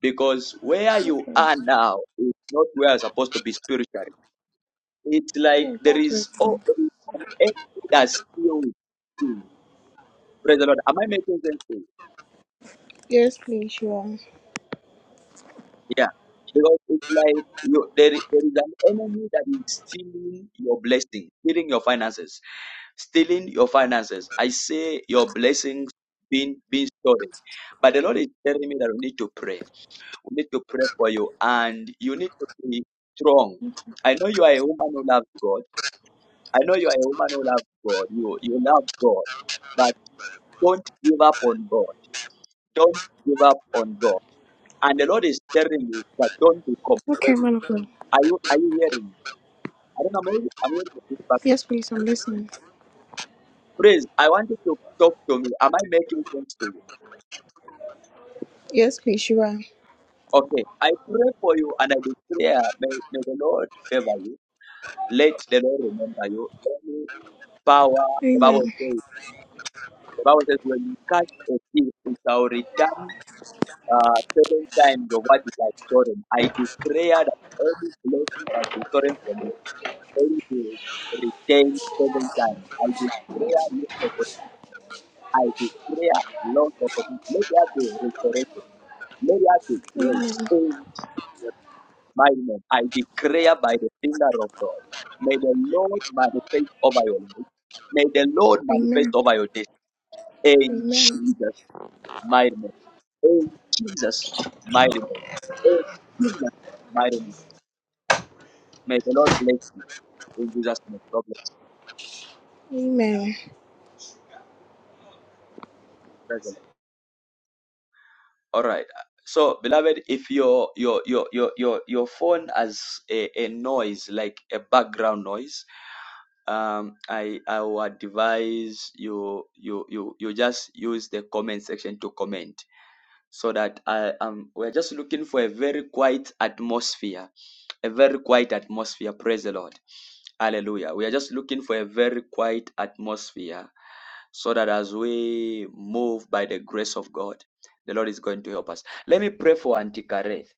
because where you okay. are now is not where you're supposed to be spiritually. It's like Yeah, there that's is oh okay. there is an entity that's still in. Praise the Lord. Am I making sense? to you? Yes, please, you are. Yeah. Because it's like you, there, is- there is an enemy that is stealing your blessing, stealing your finances, stealing your finances. I say your blessings being being stolen. But the Lord is telling me that we need to pray. We need to pray for you, and you need to be strong. I know you are a woman who loves God. I know you are a woman who loves God. You you love God Don't give up on God. Don't give up on God. And the Lord is telling you that don't be com. Okay, man of God. Are you are you hearing me? I don't know, maybe I'm hearing this, but Yes, please, I'm listening. praise. I want you to talk to me. Am I making sense to you? Yes, please, you are. Okay. I pray for you and I declare, may, may the Lord favor you. Let the Lord remember you. Any power, the Bible Amen. says, the Bible says when you cast a thief, it shall return uh, seven times of what it has stolen. I declare that any blessing that has been stolen from you thank you. Retain seven times. I declare new opposition. I declare no opposition. Let there be restoration. Let there be Amen. grace. In my name, I declare by the finger of God. May the Lord manifest over your life. May the Lord manifest Amen. over your days. In Amen. Jesus' mighty name. In Jesus' mighty name. In Jesus' mighty name. May the Lord bless you in Jesus' name. God bless Amen. you. All right. So, beloved, if your your your your your your phone has a, a noise like a background noise, um, I I would advise you you you you just use the comment section to comment so that I um we're just looking for a very quiet atmosphere, a very quiet atmosphere. Praise the Lord. Hallelujah. We are just looking for a very quiet atmosphere so that as we move by the grace of God, the Lord is going to help us. Let me pray for Auntie Kareth.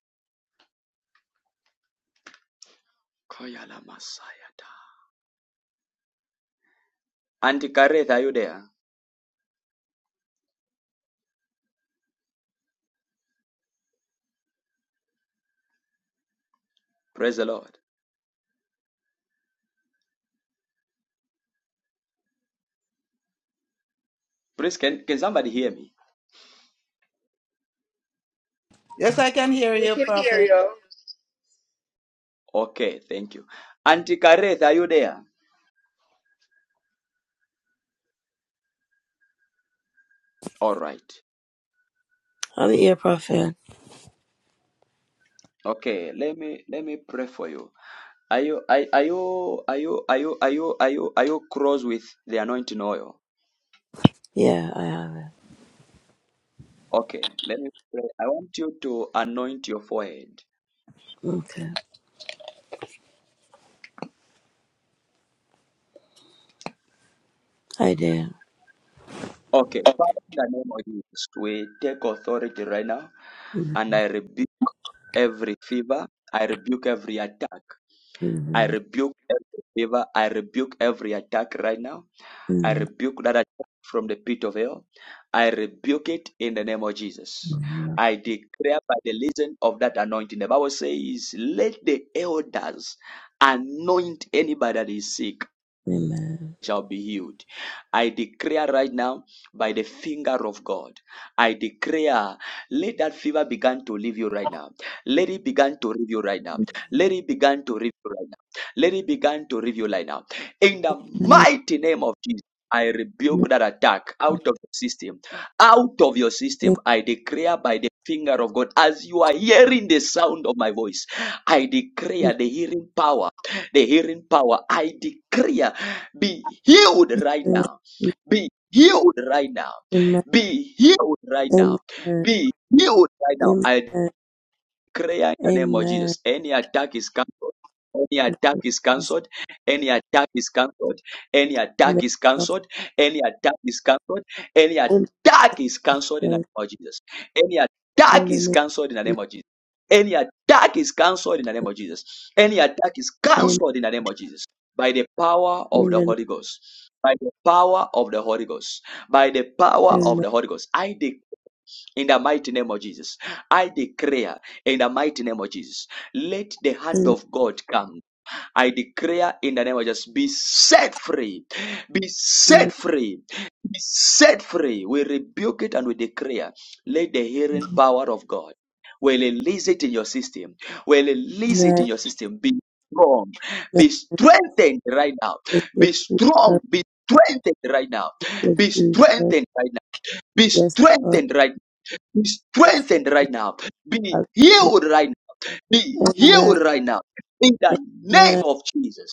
Koyala Masayata. Auntie Kareth, are you there? Praise the Lord. Please, can, can somebody hear me? Yes, I can hear We you, can hear Prophet. you. Okay, thank you. Auntie Kareth, are you there? All right. I'm here, Prophet. Okay, let me let me pray for you. Are you are, are you are you are you are you are you are you cross with the anointing oil? Yeah, I have it. Okay, let me pray. I want you to anoint your forehead. Okay. I did. Okay, Father, in the name of Jesus, we take authority right now Mhm. and I rebuke every fever, I rebuke every attack, I Mhm. rebuke every fever, I rebuke every attack right now, I rebuke that attack from the pit of hell, I rebuke it in the name of Jesus. Mhm. I declare by the reason of that anointing, the Bible says, let the elders anoint anybody that is sick Amen. shall be healed. I declare right now by the finger of God. I declare, let that fever begin to leave you right now. Let it begin to leave you right now. Let it begin to leave you right now. Let it begin to leave you right now. In the Mhm. mighty name of Jesus. I rebuke that attack out of your system. Out of your system, I declare by the finger of God, as you are hearing the sound of my voice, I declare the hearing power, the hearing power. I declare be healed right Amen. now. Be healed right now. Be healed right Amen. now. Be healed right now. Amen. I. Prayer in the name of Amen. Jesus. Any attack is cancelled. Any Thank attack you, is Jesus. cancelled. Any attack is cancelled. Any In the attack is name of cancelled. Any attack is cancelled. Any the Lord, attack is cancelled in the name of Jesus. Any in attack the is name of cancelled in the name Jesus, of Jesus. Any attack is cancelled in the name of Jesus. Any attack is amen. cancelled in the name of Jesus. By the power of In the the name Holy Ghost. By the power of the Holy Ghost. By the power of of the Holy Ghost. I in the mighty name of Jesus, I declare in the mighty name of Jesus, let the hand Amen. Lord, of God come. I declare in the name of Jesus, be set free, be amen. Amen. set free, be set free. We rebuke it and we declare, let the healing power of God, we release it in your system, we release it in your system. Be strong, be Thank strengthened right now, you, be strong, Jesus. be strengthened right now, Thank be you, Jesus. strengthened right now, be Yes, Lord. strengthened right now. Be Yes, strengthened right now. Be Lord. healed right now. Be Amen. healed right now. In the name Amen. of Jesus.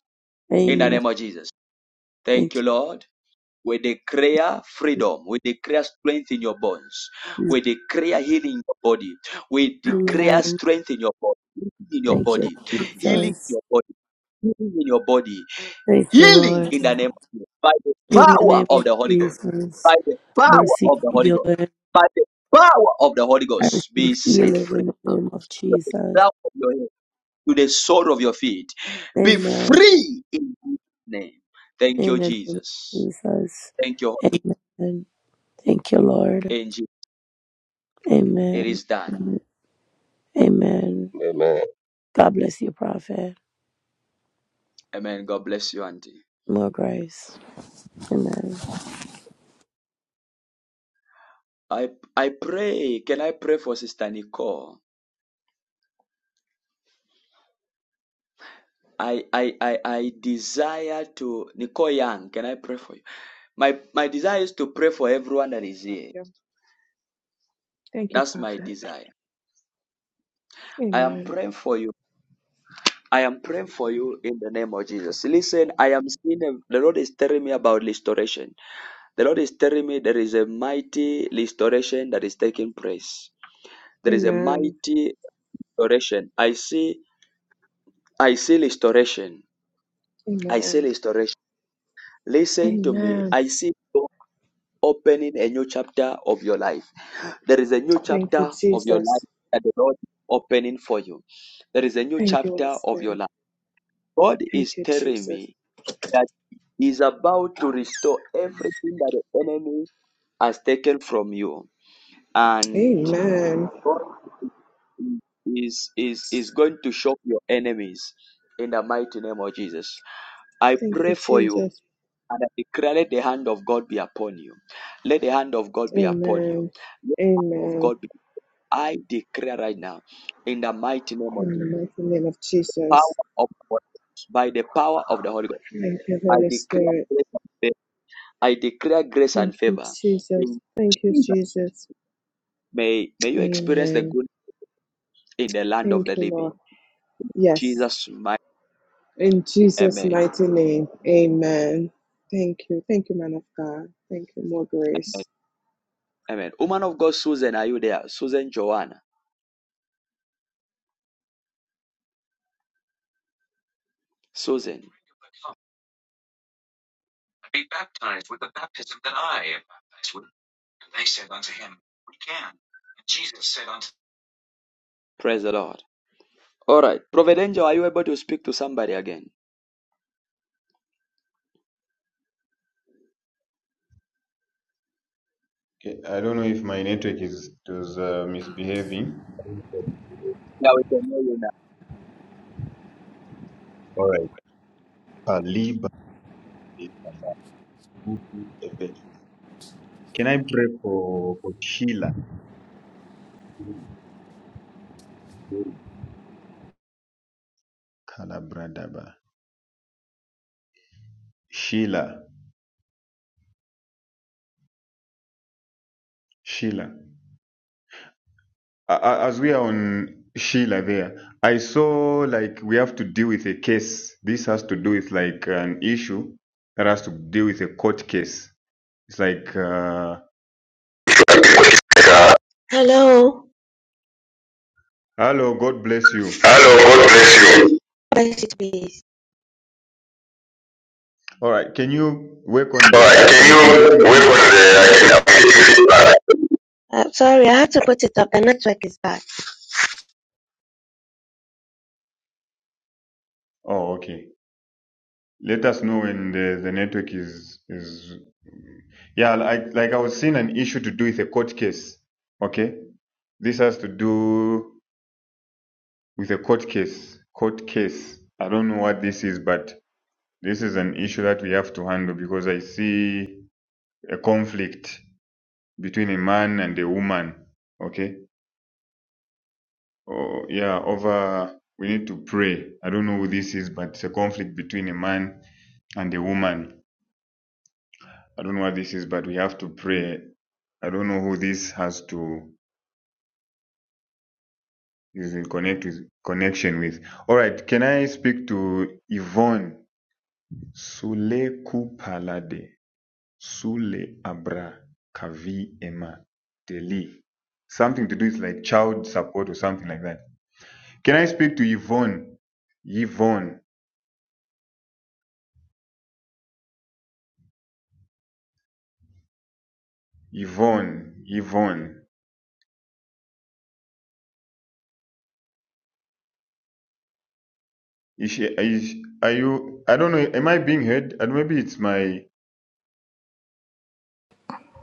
In the Amen. name of Jesus. Thank Thank you, Lord. We declare freedom. We declare strength in your bones. you. We declare healing in your body. We declare Amen. strength in your body. Healing in your Thank you, body. Healing in Jesus. your body. Healing in your body. Thank you, Healing Lord. in the name of Jesus. By the In the power name of of the Holy Ghost. Jesus, By the I power receive of the Holy Ghost. healing. By the power of the Holy I Ghost. Be receive set healing free in the name of to the Jesus. ground of your head, to the sole of your feet. Be Amen. free in His name. Thank In you, the name of Jesus. Jesus. Thank you, Amen. Thank you, Lord. angel. It Amen. is done. Amen. Amen. God bless you, Prophet. Amen. God bless you, Auntie. More grace. Amen. I I pray. Can I pray for Sister Nicole? I I I, I desire to Nicole Young. Can I pray for you? My my desire is to pray for everyone that is here. Thank you, That's my Prophet. desire. I am Amen. praying for you. I am praying for you in the name of Jesus. Listen, I am seeing a- the Lord is telling me about restoration. The Lord is telling me there is a mighty restoration that is taking place. There is a Amen. mighty restoration. I see, I see restoration. I see Amen. restoration. Listen to me. Amen. I see God opening a new chapter of your life. There is a new Thank you, chapter of your life Jesus. that the Lord is opening for you. There is a new Thank you, Holy chapter of your Spirit. life. God Thank is you, telling Jesus. me that He's about to restore everything that the enemy has taken from you. And Amen. God is is is going to shock your enemies in the mighty name of Jesus. I Thank you, pray for you Jesus. and I declare let the hand of God be upon you. Let the hand of God be upon you. Amen. Let the hand of Amen. God be I declare right now in the mighty name of In the Jesus. mighty name of Power Jesus. of the Holy Ghost. By the power of the Holy Ghost. Thank you, I Holy declare Spirit. grace and favor. I declare grace Thank and you, favor. Jesus. In Thank you, Jesus' name. Jesus. May may you experience the Amen. good in the land of Thank the you, Lord. living. Yes. Jesus my In Jesus' Amen. mighty name, amen. Thank you. Thank you, man of God. Thank you. More grace. Amen. Woman of God, Susan, are you there? Susan Joanna. Susan, praise the Lord. All right. Prophet Angel, are you able to speak to somebody again? Okay, I don't know if my network is it was uh, misbehaving. Yeah, we can hear you now. All right. Kaliba. Can I pray for for Sheila? Kalabradaba. Sheila. Sheila. A- a- As we are on Sheila there, I saw like we have to deal with a case. This has to do with like an issue that has to deal with a court case. It's like, uh, Hello. hello, God bless you. Hello, God bless you. Bless you, please. All right, can you work on the? Alright, I can can. I'm you getting wait for feedback. the I can update you feedback? Uh, sorry, I had to put it up. The network is bad. Oh, okay. Let us know when the, the network is is yeah, like like I was seeing an issue to do with a court case. Okay? This has to do with a court case. Court case. I don't know what this is, but this is an issue that we have to handle because I see a conflict between a man and a woman. Okay? Oh yeah, over we need to pray. I don't know who this is, but it's a conflict between a man and a woman I don't know what this is, but we have to pray. I don't know who this has to is in connect with connection with. All right, can I speak to Yvonne Sule Kupalade Sule Abra Kavi ema Deli? Something to do with like child support or something like that. Can I speak to Yvonne? Yvonne, Yvonne, Yvonne. Is she, is, are you? I don't know. Am I being heard? And maybe it's my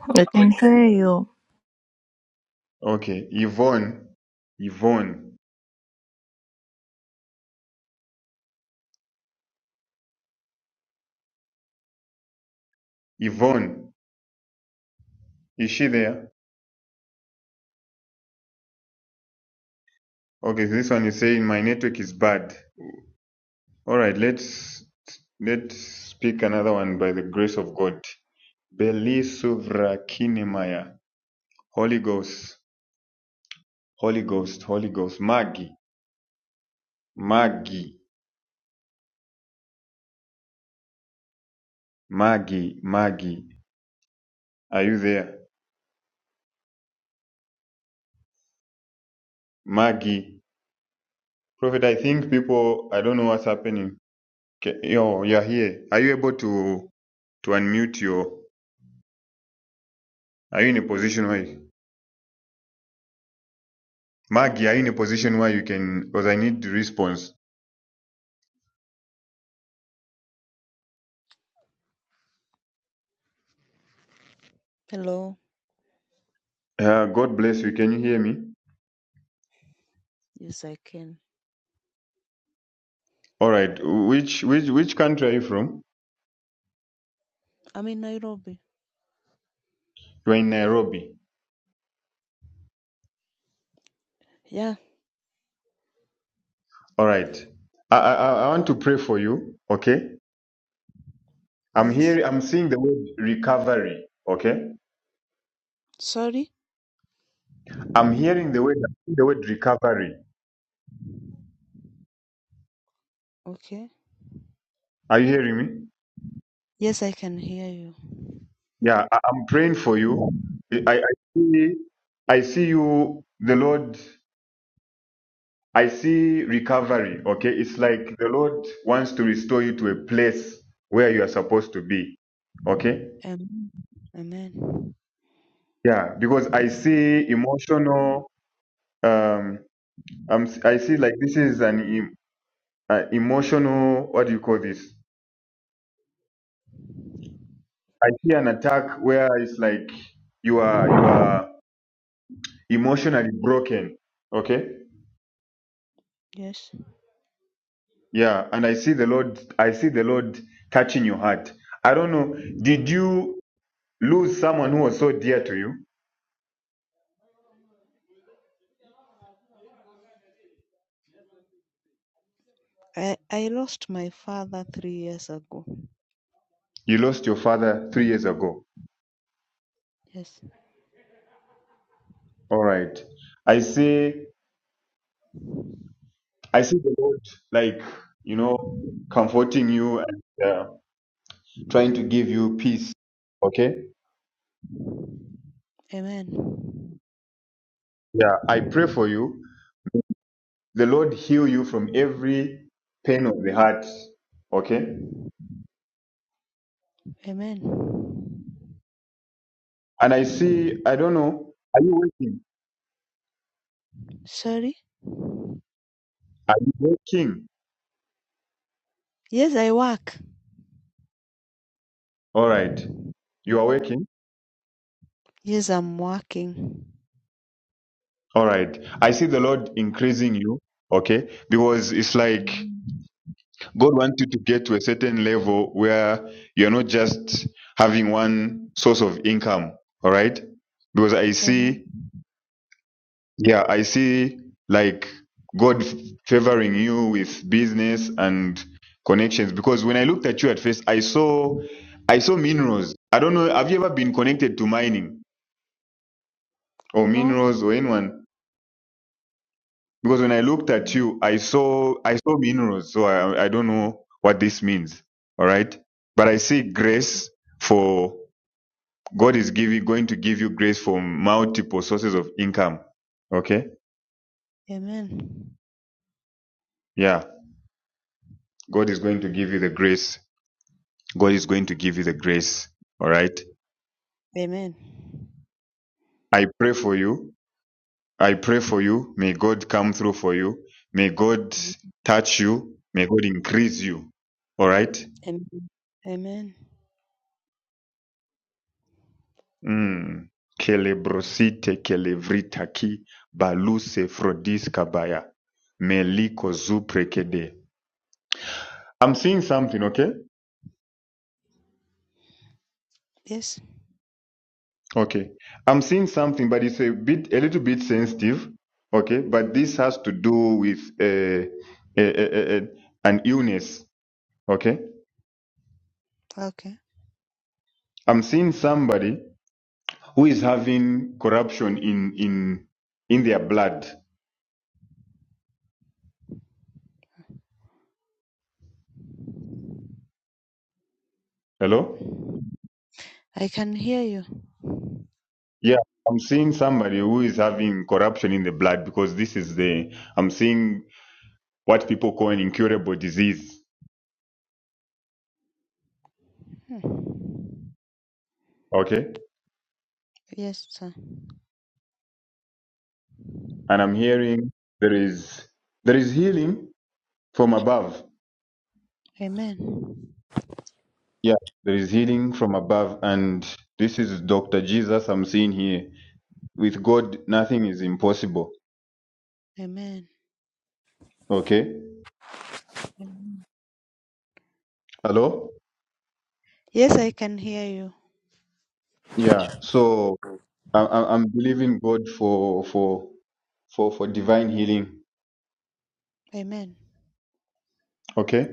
Now We we can can hear you. hear you. Okay, Yvonne, Yvonne, Yvonne, is she there? Okay, this one is saying my network is bad. All right, let's let's speak another one by the grace of God. Beli Suvra Kinemaya, Holy Ghost, Holy Ghost, Holy Ghost, Maggie, Maggie, Maggie, Maggie, are you there? Maggie, Prophet, I think people, I don't know what's happening. Okay, yo, you're here. Are you able to to unmute your? Are you in a position where Maggie, are you in a position where you can because I need the response. Hello. Uh, God bless you. Can you hear me? Yes, I can. All right. Which which which country are you from? I'm in Nairobi. You're in Nairobi. Yeah. All right. I I, I I want to pray for you. Okay. I'm Yes. hearing I'm seeing the word recovery. Okay. Sorry. I'm hearing the word the word recovery. Okay. Are you hearing me? Yes, I can hear you. Yeah, I, I'm praying for you. I, I see I see you the Lord I see recovery. Okay. It's like the Lord wants to restore you to a place where you are supposed to be. Okay. Amen. Amen. Yeah. Because I see emotional, um, I'm, I see like this is an em- uh, emotional, what do you call this? I see an attack where it's like you are, you are emotionally broken. Okay. Yes. Yeah. And I see the Lord, I see the Lord touching your heart. I don't know. Did you lose someone who was so dear to you? I I lost my father three years ago. You lost your father three years ago. Yes. All right. I see. I see the Lord, like you know, comforting you and uh, trying to give you peace. Okay. Amen. Yeah. I pray for you. The Lord heal you from every pain of the heart. Okay. Amen. And I see. I don't know. Are you working? Sorry. Are you working? Yes, I work. All right. You are working. Yes, I'm working. All right. I see the Lord increasing you. Okay. Because it's like God wants you to get to a certain level where you're not just having one source of income. All right. Because I Amen. see, yeah, I see like God favoring you with business and connections. Because when I looked at you at first, I saw, I saw minerals. I don't know. Have you ever been connected to mining or No. minerals or anyone? Because when I looked at you, I saw I saw minerals, so I I don't know what this means. All right, but I see grace for God is giving going to give you grace for multiple sources of income. Okay, Amen. yeah, God is going to give you the grace. God is going to give you the grace. All right, Amen. I pray for you. I pray for you. May God come through for you. May God touch you. May God increase you. All right. Amen. Amen. Mm. Celebrosite celebritaki baluse frodis kabaya meliko zuprekede. I'm seeing something, okay? Yes. Okay. I'm seeing something, but it's a bit, a little bit sensitive, okay? But this has to do with uh, a, a, a, a- an illness, okay? Okay. I'm seeing somebody who is having corruption in in in their blood. Hello? I can hear you. Yeah, I'm seeing somebody who is having corruption in the blood because this is the, I'm seeing what people call an incurable disease. Hmm. Okay. Yes, sir. And I'm hearing there is, there is healing from above. Amen. Yeah. There is healing from above. And this is Dr. Jesus I'm seeing here. With God, nothing is impossible. Amen. Okay. Amen. Hello? Yes, I can hear you. Yeah. So I, I- I'm believing God for, for, for, for divine healing. Amen. Okay.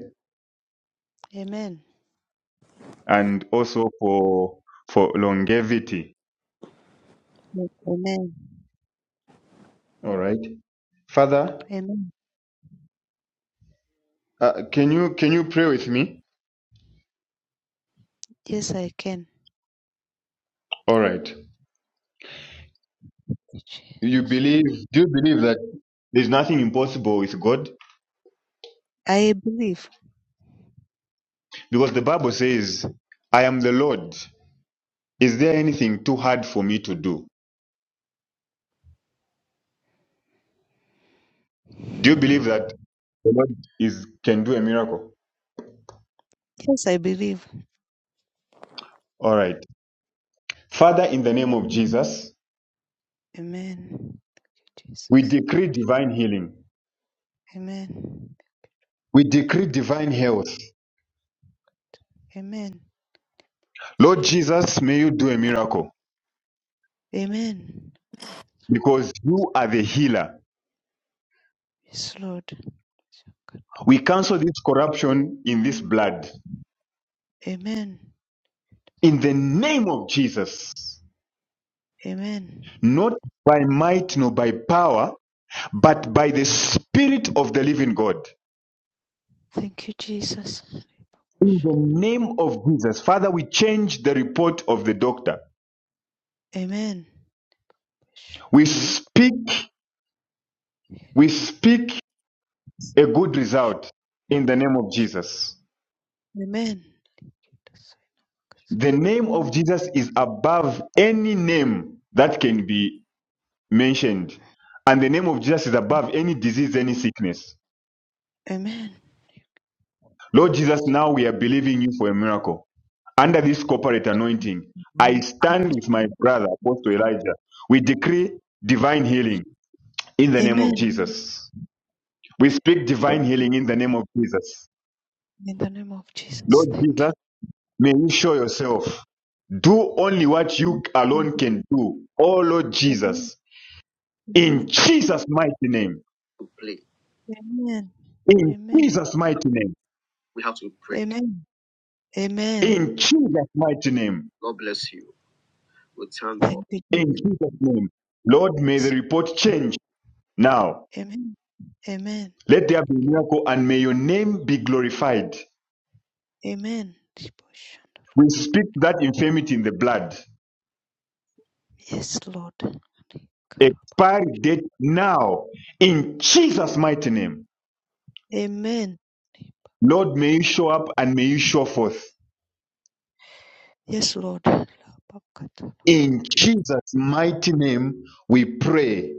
Amen. and also for for longevity. Yes, Amen. All right, Father, Amen. uh, can you can you pray with me? Yes, I can. All right. You Jesus. believe? Do you believe that there's nothing impossible with God? I believe. Because the Bible says, "I am the Lord. Is there anything too hard for me to do?" Do you believe that the Lord is can do a miracle? Yes, I believe. All right, Father, in the name of Jesus, Amen. we Jesus. decree divine healing. Amen. We decree divine health. Amen. Lord Jesus, may you do a miracle. Amen. because you are the healer. Yes, Lord. We cancel this corruption in this blood Amen. in the name of Jesus, Amen. not by might nor by power, but by the Spirit of the living God. Thank you, Jesus. In the name of Jesus, Father, we change the report of the doctor. Amen. We speak, we speak a good result in the name of Jesus. Amen. The name of Jesus is above any name that can be mentioned. And the name of Jesus is above any disease, any sickness. Amen. Lord Jesus, now we are believing you for a miracle. Under this corporate anointing, Pray. I stand with my brother, Apostle Elijah. We decree divine healing in the name of Amen. Jesus. We speak divine healing in the name of Jesus. In the name of Jesus. Lord Thank you. Jesus, may you show yourself. Do only what you alone can do. Oh Lord Amen. Jesus. In Amen. Jesus' mighty name. In Amen. Jesus' mighty name. We have to pray. Amen. Amen. Amen. In Jesus' mighty name. God bless you. We thank God. Thank you, In Jesus' name. Lord, may the Jesus. report change now. Amen. Amen. Let there be a miracle and may your name be glorified. Amen. We speak that infirmity in the blood. Yes, Lord. Expiry date now. In Jesus' mighty name. Amen. Lord, may you show up and may you show forth. Yes, Lord. In Jesus' mighty name, we pray.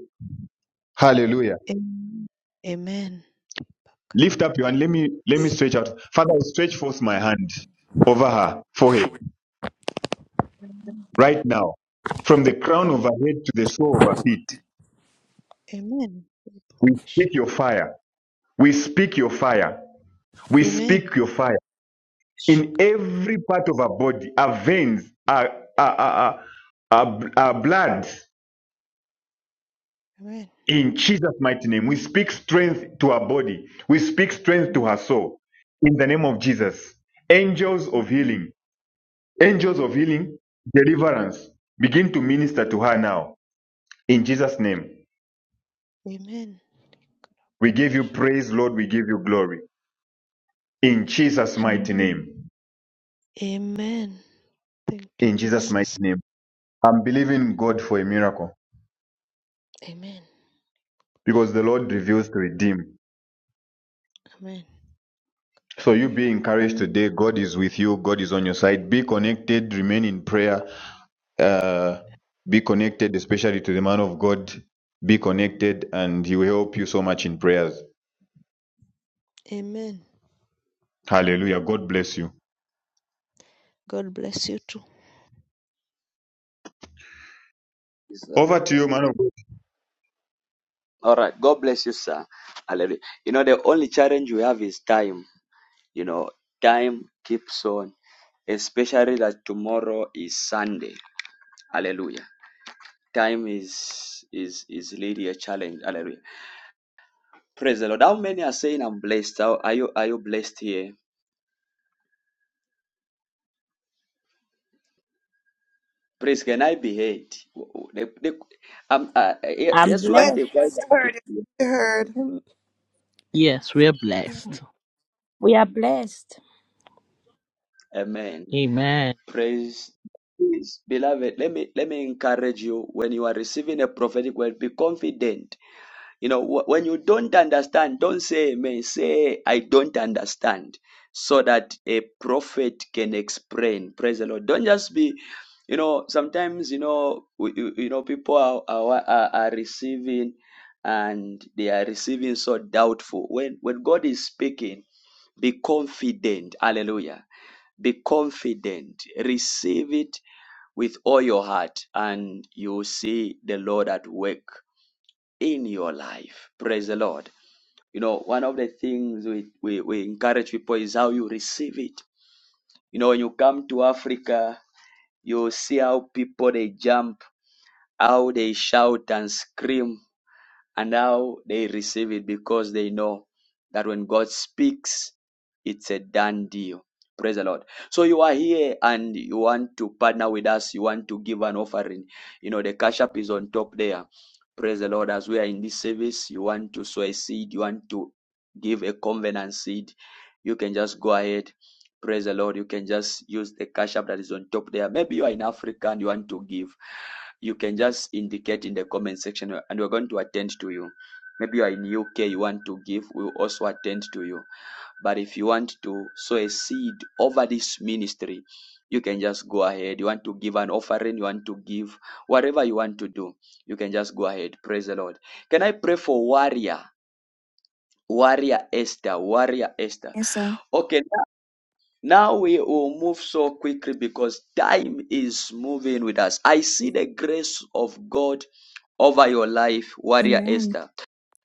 Hallelujah. Am- Amen. Lift up your hand. Let me let me stretch out. Father, I stretch forth my hand over her forehead Amen. right now, from the crown of her Amen. head to the sole of her feet. Amen. Amen. We speak your fire. We speak your fire. We speak your fire in every part of our body, our veins, our, our, our, our, our blood. Amen. Amen. In Jesus' mighty name, we speak strength to her body. We speak strength to her soul. In the name of Jesus, angels of Amen. healing, angels of healing, deliverance, begin to minister to her now. In Jesus' name, Amen. we give you praise, Lord. We give you glory. In Jesus' mighty Hallelujah. name. Amen. Thank you, In Jesus' mighty Jesus. name. I'm believing God for a miracle Amen. because the Lord reveals to redeem. Amen. So you be encouraged today. God is with you. God is on your side. Be connected. Remain in prayer. Uh, be connected, especially to the man of God. Be connected, and He will help you so much in prayers. Amen. Hallelujah. God bless you. God bless you too. Praise the Lord. Over to you, man of God. All right. God bless you, sir. Hallelujah. You know, the only challenge we have is time. You know, time keeps on, especially that tomorrow is Sunday. Hallelujah. Time is is is really a challenge. Hallelujah. Praise the Lord. How many are saying I'm blessed? How are you are you blessed here? Please, can I be heard? The- the- um, uh, ye- I'm yes, one Heard, blessed. day. heard, heard. Yes, we are blessed. We are blessed. Amen. Amen. Praise. Please, beloved, let me let me encourage you when you are receiving a prophetic word, be confident You know, wh- when you don't understand, don't say amen. Say, I don't understand, so that a prophet can explain. Praise the Lord. Don't just be, you know, sometimes, you know, we- you, you know, people are, are, are are receiving and they are receiving so doubtful. When, when God is speaking, be confident. Hallelujah be confident receive it with all your heart and you will see the lord at work in your life. Praise the Lord. You know, one of the things we, we, we encourage people is how you receive it. You know, when you come to Africa, you see how people they jump, how they shout and scream and now they receive it because they know that when God speaks, it's a done deal. Praise the Lord. So you are here and you want to partner with us, you want to give an offering. You know, the cash app is on top there. Praise the Lord. As we are in this service, you want to sow a seed, you want to give a covenant seed, you can just go ahead. Praise the Lord. You can just use the cash app that is on top there. Maybe you are in Africa and you want to give you can just indicate in the comment section and we're going to attend to you. Maybe you are in UK, you want to give, we'll also attend to you. But if you want to sow a seed over this ministry, you can just go ahead. You want to give an offering, you want to give, whatever you want to do, you can just go ahead. Praise the Lord. Can I pray for warrior? Warrior Esther, warrior Esther. Yes, sir. Okay, now we will move so quickly because time is moving with us. I see the grace of God over your life, warrior Amen. Esther.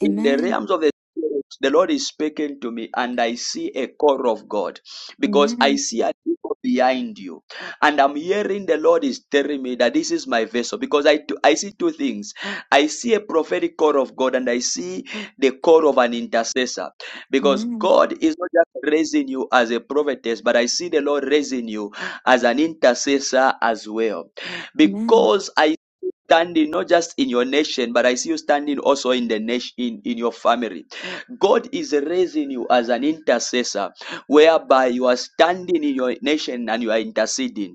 In the Amen. realms of the spirit, the Lord is speaking to me, and I see a call of God because I Amen. see a people behind you, and I'm hearing the Lord is telling me that this is my vessel because I I see two things. I see a prophetic call of God, and I see the call of an intercessor because Amen. God is not just raising you as a prophetess, but I see the Lord raising you as an intercessor as well Amen. because I standing not just in your nation, but I see you standing also in the nation, in, in your family. God is raising you as an intercessor, whereby you are standing in your nation and you are interceding.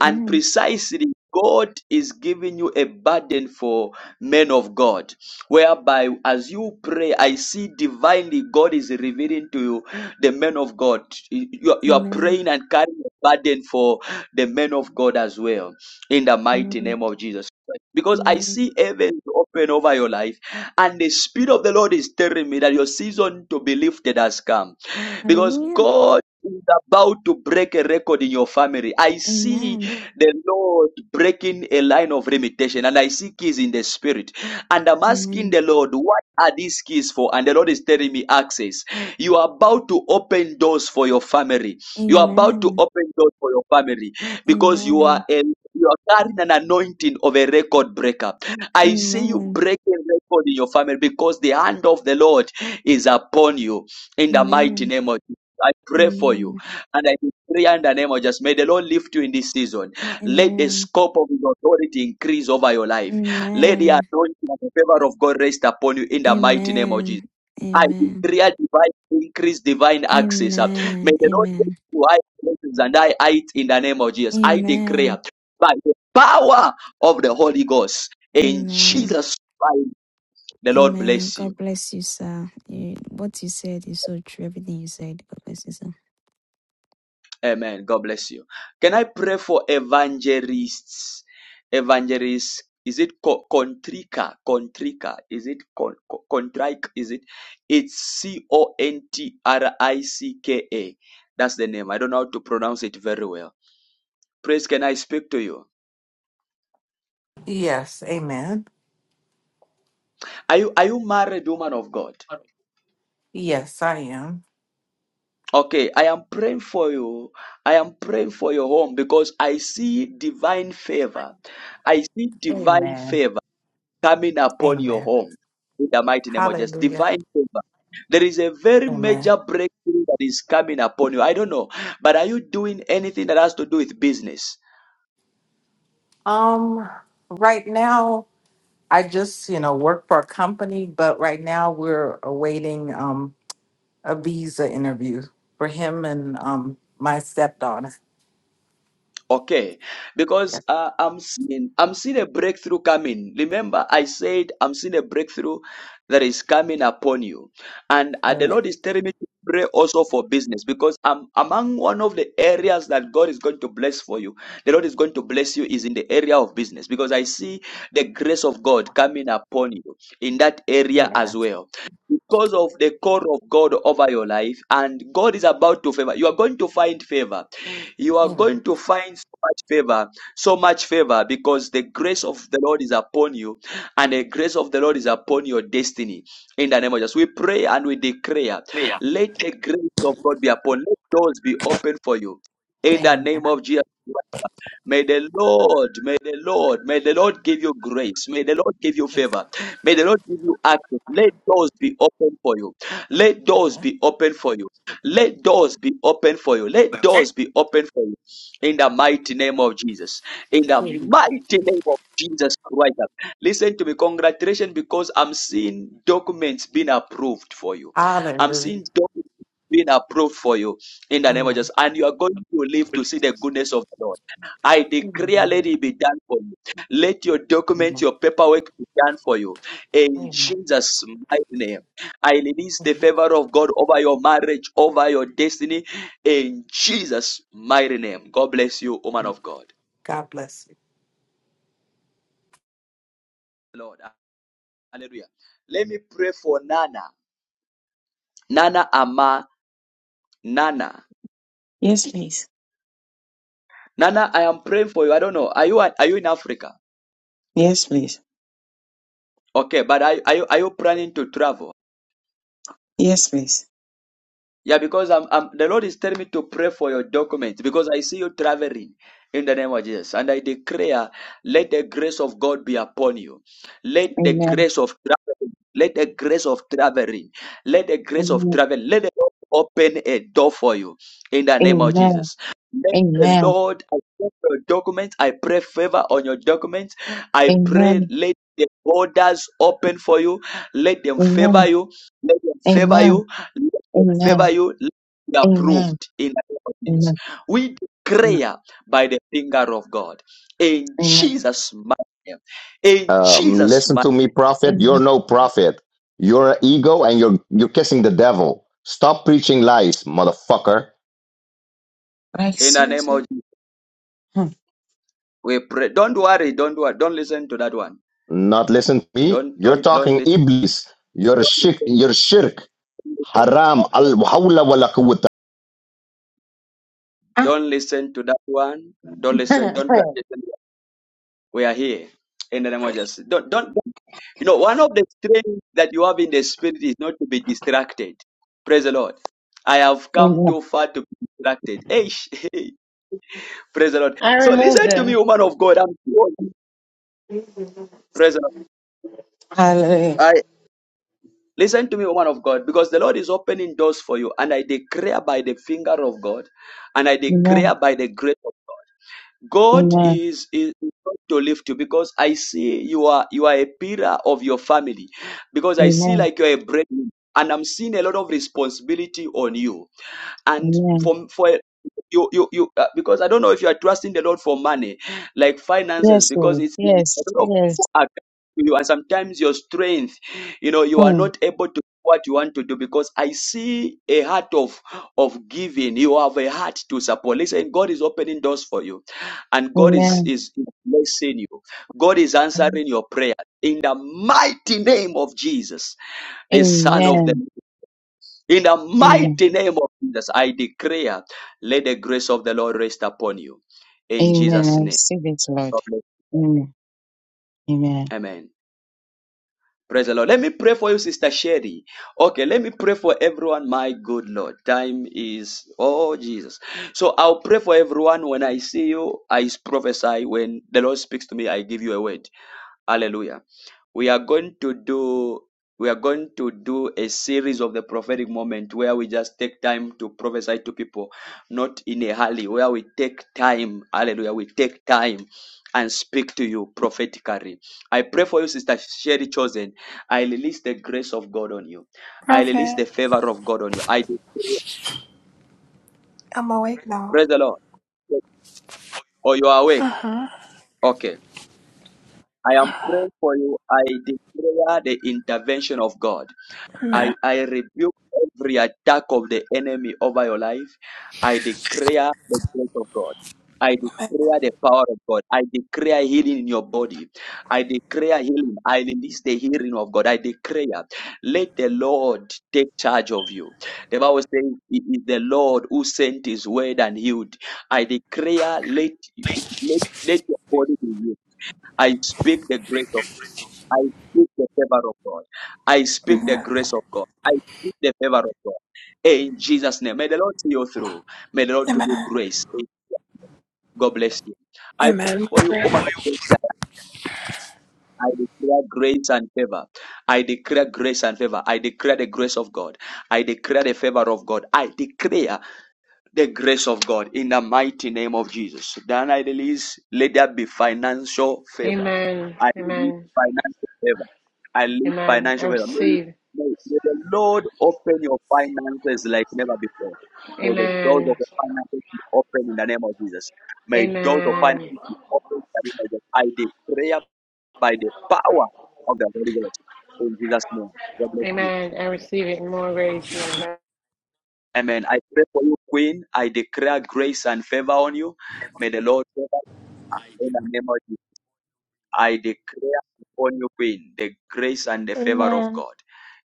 And Amen. precisely, God is giving you a burden for men of God, whereby as you pray, I see divinely God is revealing to you the men of God. You, you are Amen. praying and carrying a burden for the men of God as well, in the mighty Amen. name of Jesus. Because I Amen. see heaven open over your life, and the Spirit of the Lord is telling me that your season to be lifted has come. Because Hallelujah. God is about to break a record in your family. I see Amen. the Lord breaking a line of limitation. And I see keys in the spirit. And I'm asking Amen. the Lord, what are these keys for? And the Lord is telling me access. You are about to open doors for your family. You are about to Amen. open doors for your family because you are a you are carrying an anointing of a record breaker. I see you Amen. breaking record in your family because the hand of the Lord is upon you in the mighty Amen. name of Jesus. I pray for you Amen. and I pray in the name of Jesus. May the Lord lift you in this season. Let the Amen. scope of His authority increase over your Amen. life. Let the Amen. anointing and the favor of God rest upon you in the mighty name of Jesus. Amen. I declare divine increase, divine access. uh, Amen. May the Lord take Amen. you to high places and I height in the name of Jesus. I Amen. declare by the power of the Holy Ghost Amen. in Amen. Jesus' name. The Lord Amen. bless you. God bless you, sir. You, what you said is so true. Everything you said. God bless you, sir. Amen. God bless you. Can I pray for evangelists? Evangelists. Is it contrica? Contrica. Is it con- Is it? It's C O N T R I C K A. That's the name. I don't know how to pronounce it very well. Praise. Can I speak to you? Yes. Amen. Are you are you married, woman of God? Yes, I am. Okay, I am praying for you. I am praying for your home because I see divine favor. I see divine Amen. favor. coming upon your Amen. home in the mighty name of Jesus. Hallelujah. Divine favor. There is a very Amen. major breakthrough that is coming upon you. I don't know, but are you doing anything that has to do with business? Um, right now, I just, you know, work for a company, but right now we're awaiting um a visa interview for him and um my stepdaughter. Okay, because Yeah. uh, I'm seeing I'm seeing a breakthrough coming. Remember, I said I'm seeing a breakthrough that is coming upon you, and uh, the Amen. Lord is telling me to pray also for business because I'm among one of the areas that God is going to bless for you. The Lord is going to bless you is in the area of business because I see the grace of God coming upon you in that area as Amen. well because of the call of God over your life, and God is about to favor. You are going to find favor. You are Amen. going to find so much favor, so much favor, because the grace of the Lord is upon you, and the grace of the Lord is upon your destiny. In the name of Jesus, we pray and we declare, let the grace of God be upon. Let doors be open for you. In the Amen. name of Jesus. Christ. May the Lord, may the Lord, may the Lord give you grace. May the Lord give you favor. May the Lord give you access. Let doors be open for you. Let doors Amen. be open for you. Let doors be open for you. Let doors be open for you. In the mighty name of Jesus. In the Amen. mighty name of Jesus Christ. Listen to me. Congratulations because I'm seeing documents being approved for you. I'm Hallelujah. seeing documents being approved for you in the name of Amen. Jesus. And you are going to live to see the goodness of the Lord. I declare, Amen. let it be done for you. Let your documents, your paperwork be done for you in Amen. Jesus' mighty name, I release the Amen. favor of God over your marriage, over your destiny. In Jesus' mighty name, God bless you, woman of God. God bless. Lord, hallelujah. Let me pray for Nana, Nana Ama, Nana, Yes, please. Nana. I am praying for you. I don't know. Are you are you in Africa? Yes, please. Okay, but are, are you are you planning to travel? Yes, please. Yeah, because I'm, I'm, the Lord is telling me to pray for your documents because I see you traveling in the name of Jesus. And I declare, let the grace of God be upon you. Let the Amen. grace of traveling, let the grace of traveling, let the grace of Amen. travel, let the Lord open a door for you in the name of Amen. Jesus. Let the Amen. Lord, I pray for your documents, I pray favor on your documents. I pray, Amen. let the borders open for you, let them favor you, let them favor Amen. you Amen. favor Amen. you, let it be Amen. approved in the name of Jesus. Amen. We declare by the finger of God in Amen. Jesus' mighty name. In Um, Jesus' listen to mighty me, prophet. You're Amen. no prophet. You're an ego and you're you're kissing the devil. Stop preaching lies, motherfucker. Like name. in the name of seriously? Jesus, Hmm. we pray. Don't worry, don't worry, don't listen to that one. Not listen to me. Don't You're don't don't talking listen. iblis. You're shirk. You're shirk. Haram. Al Ah. Don't listen to that one. Don't listen. Don't pay attention. We are here in the name of Jesus. Don't don't You know, one of the strengths that you have in the spirit is not to be distracted. Praise the Lord. I have come Amen. too far to be distracted. Hey, hey. praise the Lord. I So remove listen to them. me, woman of God. I'm warning you. praise the Hallelujah. Lord. I listen to me, woman of God, because the Lord is opening doors for you, and I declare by the finger of God, and I Amen. declare by the grace. of God Amen. is, is going to lift you because I see you are you are a pillar of your family because I see Amen. like you're a breadwinner and I'm seeing a lot of responsibility on you and Amen. for for you you you uh, because I don't know if you are trusting the Lord for money, like finances, Yes, because Lord. it's like a Yes. lot of Yes. people are coming to you, and sometimes your strength, you know, you are Hmm. not able to do what you want to do because I see a heart of of giving. You have a heart to support. Listen, God is opening doors for you, and God is Amen. is blessing you. God is Amen. answering your prayer in the mighty name of Jesus, the Son of the Amen. in the mighty name of Jesus, I declare, let the grace of the Lord rest upon you. In Amen. I Jesus' name. receive it, Lord. Amen. Amen. Amen. Praise the Lord. Let me pray for you, Sister Sherry. Okay, let me pray for everyone. My good Lord, time is, oh Jesus. So I'll pray for everyone. When I see you, I prophesy. When the Lord speaks to me, I give you a word. Hallelujah. We are going to do we are going to do a series of the prophetic moment where we just take time to prophesy to people, not in a hurry, where we take time, hallelujah, we take time and speak to you prophetically. I pray for you, Sister Sherry Chosen. I release the grace of God on you. I release Perfect. the favor of God on you. I I'm awake now. praise the Lord. Oh, you are awake. Uh huh. Okay. I am praying for you. I declare the intervention of God. I, Amen. I rebuke every attack of the enemy over your life. I declare the grace of God. I declare the power of God. I declare healing in your body. I declare healing. I release the healing of God. I declare, let the Lord take charge of you. The Bible says, It is the Lord who sent his word and healed. I declare, let, let, let your body be healed. I speak the grace of I speak the favor of God. I speak the grace of God. I speak the favor of God. In Jesus' name. May the Lord see you through. May the Lord give you Amen. grace. God bless you. I pray Amen. for you, woman of God. that I declare grace and favor. I declare grace and favor. I declare the grace of God. I declare the favor of God. I declare the grace of God in the mighty name of Jesus. Then I release, let there be financial favor. Amen. I release Amen. financial favor. I release Amen. I financial favor. May, receive. may, may the Lord open your finances like never before. May the doors Amen. of your finances be open in the name of Jesus. May doors of Amen. finances be open in the name of Jesus. I declare by the power of the Holy Ghost in Jesus' name. God bless you. Amen. I receive it in more grace, Lord. Amen. I pray for you, Queen. I declare grace and favor on you. May the Lord favor you in the name of Jesus. I declare upon you, Queen, the grace and the favor of Amen. God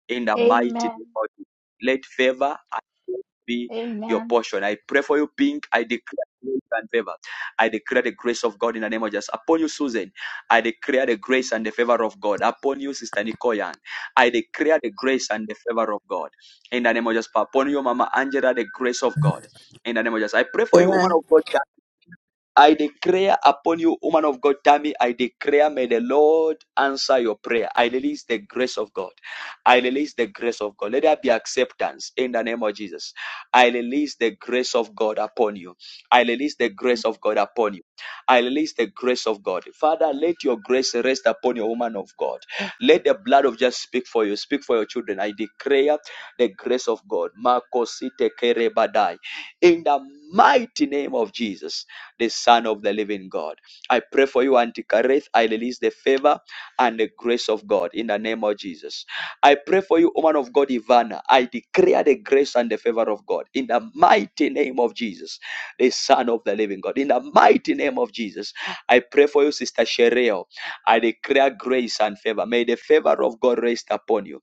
in the mighty Amen. name of Jesus. Let favor and grace be your Amen. portion. I pray for you, Pink. I declare grace and favor. I declare the grace of God in the name of Jesus. Upon you, Susan, I declare the grace and the favor of God. Upon you, Sister Nicoyan, I declare the grace and the favor of God in the name of Jesus. Upon you, Mama Angela, the grace of God Amen. in the name of Jesus. I pray for you, woman Amen. of God. I declare upon you, woman of God, Tammy, I declare, may the Lord answer your prayer. I release the grace of God. I release the grace of God. Let there be acceptance in the name of Jesus. I release the grace of God upon you. I release the grace of God upon you. I release the grace of God. Father, let your grace rest upon your woman of God. Let the blood of Jesus speak for you, speak for your children. I declare the grace of God. Makosite kerebadai. In the mighty name of Jesus, the Son of the living God. I pray for pray for you, Auntie Kareth. I release the favor and the grace of God in the name of Jesus. I pray for you, woman of God, Ivana. I declare the grace and the favor of God in the mighty name of Jesus, the Son of the Living God. In the mighty name of Jesus, I pray for you, Sister Shereo. I declare grace and favor. May the favor of God rest upon you.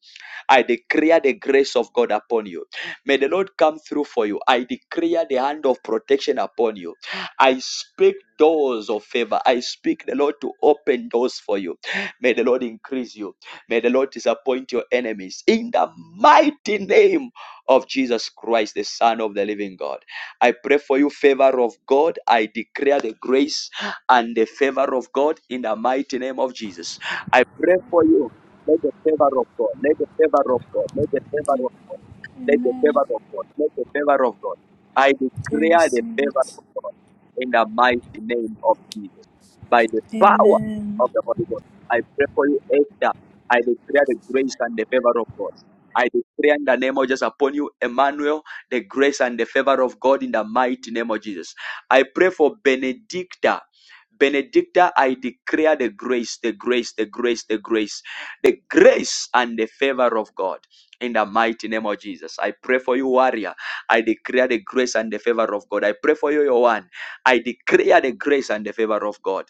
I declare the grace of God upon you. May the Lord come through for you. I declare the hand of protection upon you. I speak doors of favor. I speak the Lord to open doors for you. May the Lord increase you. May the Lord disappoint your enemies. In the mighty name of Jesus Christ, the Son of the living God. I pray for you, favor of God. I declare the grace and the favor of God in the mighty name of Jesus. I pray for you. Let the favor of God, let the favor of God, let the favor of let the favor Amen. of God, let the favor of God. I I declare the receive favor it. of God in the mighty name of Jesus. By the power Amen. of the Holy Ghost, I pray for you, Esther. I declare the grace and the favor of God. I declare in the name of Jesus upon you, Emmanuel, the grace and the favor of God in the mighty name of Jesus. I pray for Benedicta. Benedicta, I declare the grace, the grace, the grace, the grace, the grace and the favor of God in the mighty name of Jesus. I pray for you, warrior. I declare the grace and the favor of God. I pray for you, your one. I declare the grace and the favor of God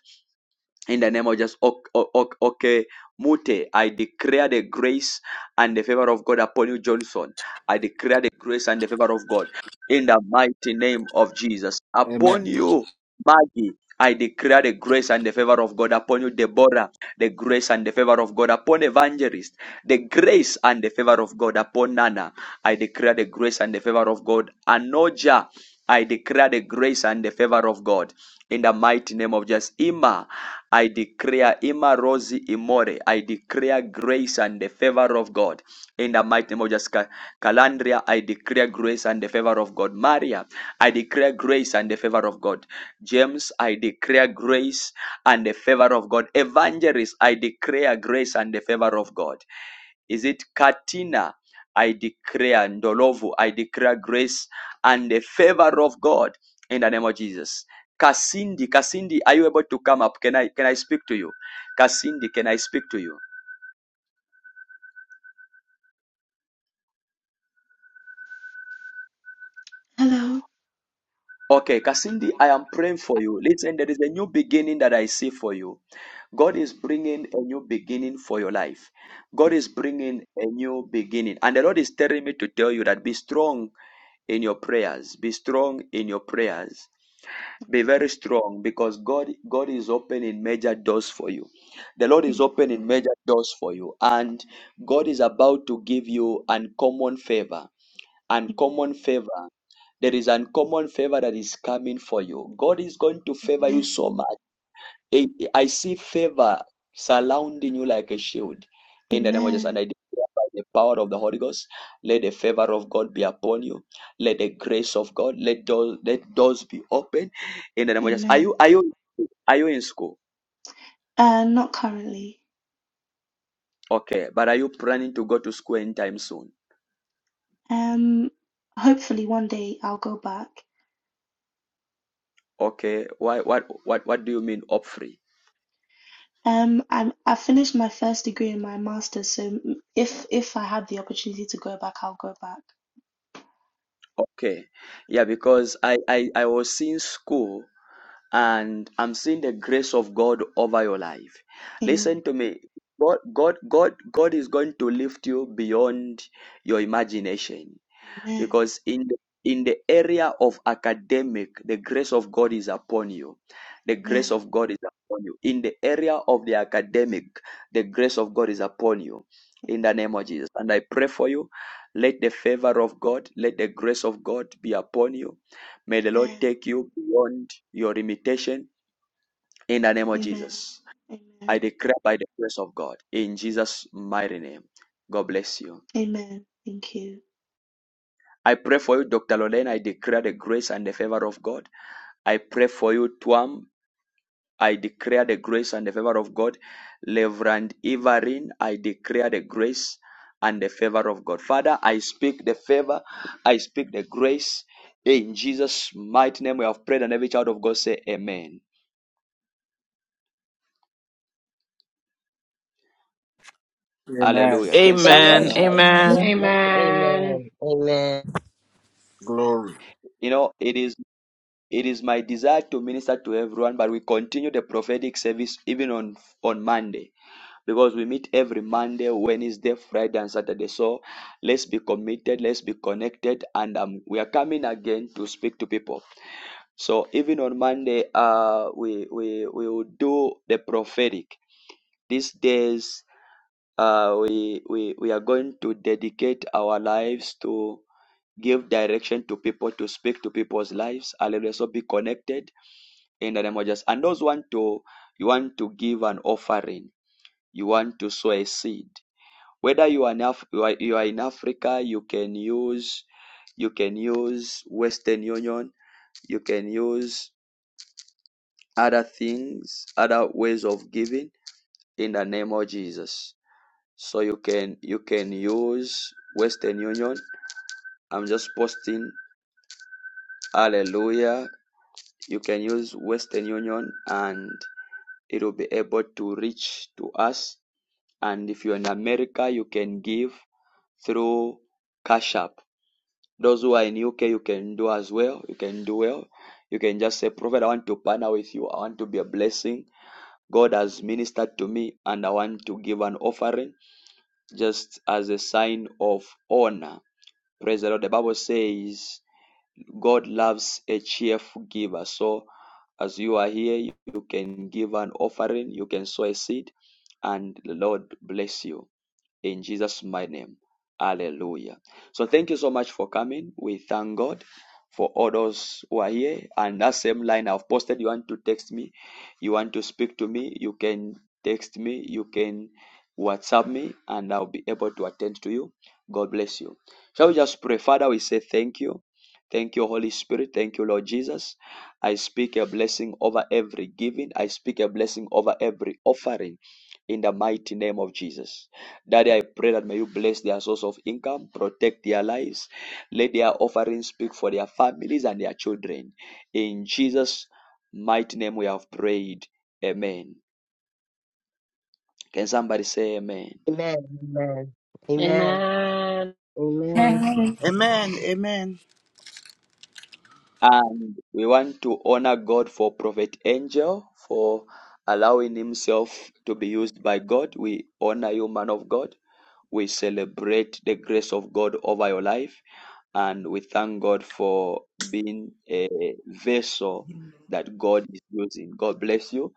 in the name of just ok- o- ok- okay mute i declare the grace and the favor of god upon you johnson i declare the grace and the favor of god in the mighty name of jesus upon Amen. you maggie I declare the grace and the favor of God upon you, Deborah. The grace and the favor of God upon Evangelist. The grace and the favor of God upon Nana. I declare the grace and the favor of God, Anoja. I declare the grace and the favor of God in the mighty name of Jesus. Ima, I declare Ima Rosie Imore. I declare grace and the favor of God in the mighty name of Jesus. Calandria. I declare grace and the favor of God. Maria, I declare grace and the favor of God. James, I declare grace and the favor of God. Evangelist, I declare grace and the favor of God. Is it Katina? I declare Ndolovu, I declare grace and the favor of God in the name of Jesus. Kasindi, Kasindi, are you able to come up? Can I can I speak to you? Kasindi, can I speak to you? Hello. Okay, Kasindi, I am praying for you. Listen, there is a new beginning that I see for you. God is Amen. bringing a new beginning for your life. God is Amen. bringing a new beginning. And the Lord is telling me to tell you that be strong in your prayers. Be strong in your prayers. Okay. Be very strong because God, God is opening major doors for you. The Lord is Amen. opening major doors for you, and God is about to give you uncommon favor. Uncommon Amen. favor. There is uncommon favor that is coming for you. God is going to favor you Amen. so much. I see favor surrounding you like a shield. In the name of Jesus, and Amen. I declare by the power of the Holy Ghost, let the favor of God be upon you. Let the grace of God, let doors, let doors be open. In the name of Jesus, are you Amen. are you are you in school? Uh, not currently. Okay, but are you planning to go to school anytime soon? Um, hopefully one day I'll go back. Okay, why what what what do you mean up free? Um, I'm I finished my first degree and my master's, so m- if if I have the opportunity to go back, I'll go back. Okay, Yeah. yeah, because I I I was seeing school and I'm seeing the grace of God over your life. Amen. Listen to me. God, God, God, God is going to lift you beyond your imagination Amen. because in the, in the area of academic the grace of god is upon you the grace Amen. of god is upon you in the area of the academic the grace of god is upon you in the name Amen. of jesus and i pray for you let the favor of god let the grace of god be upon you may the lord Amen. take you beyond your limitation in the name of Amen. jesus i Amen. declare by the grace of god in jesus mighty name god bless you Amen. Thank you. I pray for you, Dr. Lorraine. I declare the grace and the favor of God. I pray for you, Tuam. I declare the grace and the favor of God. Reverend Ivarin, I declare the grace and the favor of God. Father, I speak the favor. I speak the grace. In Jesus' mighty name, we have prayed, and every child of God say, Amen. Amen. Hallelujah. Can somebody Amen. Amen. Amen. shout? Amen. Amen. Amen. Amen. Amen. Glory. You know, it is it is my desire to minister to everyone, but we continue the prophetic service even on on Monday. because we meet every Monday, Wednesday, Friday, and Saturday. So let's be committed, let's be connected, and um, we are coming again to speak to people. So even on Monday, uh, we we we will do the prophetic. These days, uh, we we we are going to dedicate our lives to give direction to people, to speak to people's lives. Hallelujah. So be connected in the name of Jesus. And those want to you want to give an offering, you want to sow a seed. Whether you are in Af- you are, you are in Africa, you can use you can use Western Union, you can use other things, other ways of giving in the name of Jesus. So you can you can use Western Union. I'm just posting hallelujah. You can use Western Union and it will be able to reach to us. And if you're in America, you can give through Cash App. Those who are in UK, you can do as well. You can do well. You can just say, Prophet, I want to partner with you. I want to be a blessing. God has ministered to me and I want to give an offering just as a sign of honor. Praise the Lord. The Bible says God loves a cheerful giver. So as you are here, you you can give an offering, you can sow a seed, and the Lord bless you in Jesus' mighty name. Hallelujah. So thank you so much for coming. We thank God for all those who are here. And that same line I've posted, you want to text me, you want to speak to me, you can text me, you can WhatsApp me, and I'll be able to attend to you. God bless you. Shall we just pray? Father, we say thank you. Thank you, Holy Spirit. Thank you, Lord Jesus. I speak a blessing over every giving. I speak a blessing over every offering in the mighty name of Jesus. Daddy, I pray that may you bless their source of income, protect their lives, let their offerings speak for their families and their children. In Jesus' mighty name we have prayed. Amen. Can somebody say amen? Amen. Amen. Amen. Amen. Amen. Amen. Amen. And we want to honor God for Prophet Angel for allowing himself to be used by God. We honor you, man of God. We celebrate the grace of God over your life and we thank God for being a vessel that God is using. God bless you.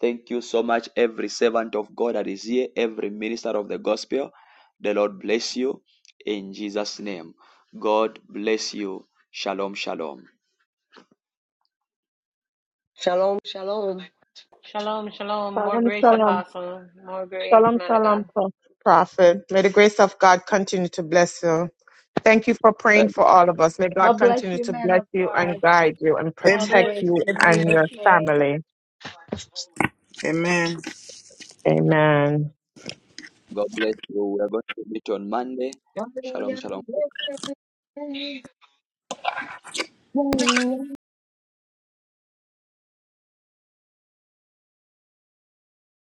Thank you so much, every servant of God that is here, every minister of the gospel. The Lord bless you in Jesus' name. God bless you. Shalom, shalom. Shalom. Shalom. Shalom, shalom. More Shalom, grace, shalom. Apostle. More grace, Shalom, man of God. shalom, pro- prophet. May the grace of God continue to bless you. Thank you for praying Uh, for all of us. May God God bless continue you, to man bless of you and God. guide you and More protect Amen. grace you in and Jesus' your name. family. Amen. Amen. God bless you. We are going to meet on Monday. Shalom, shalom.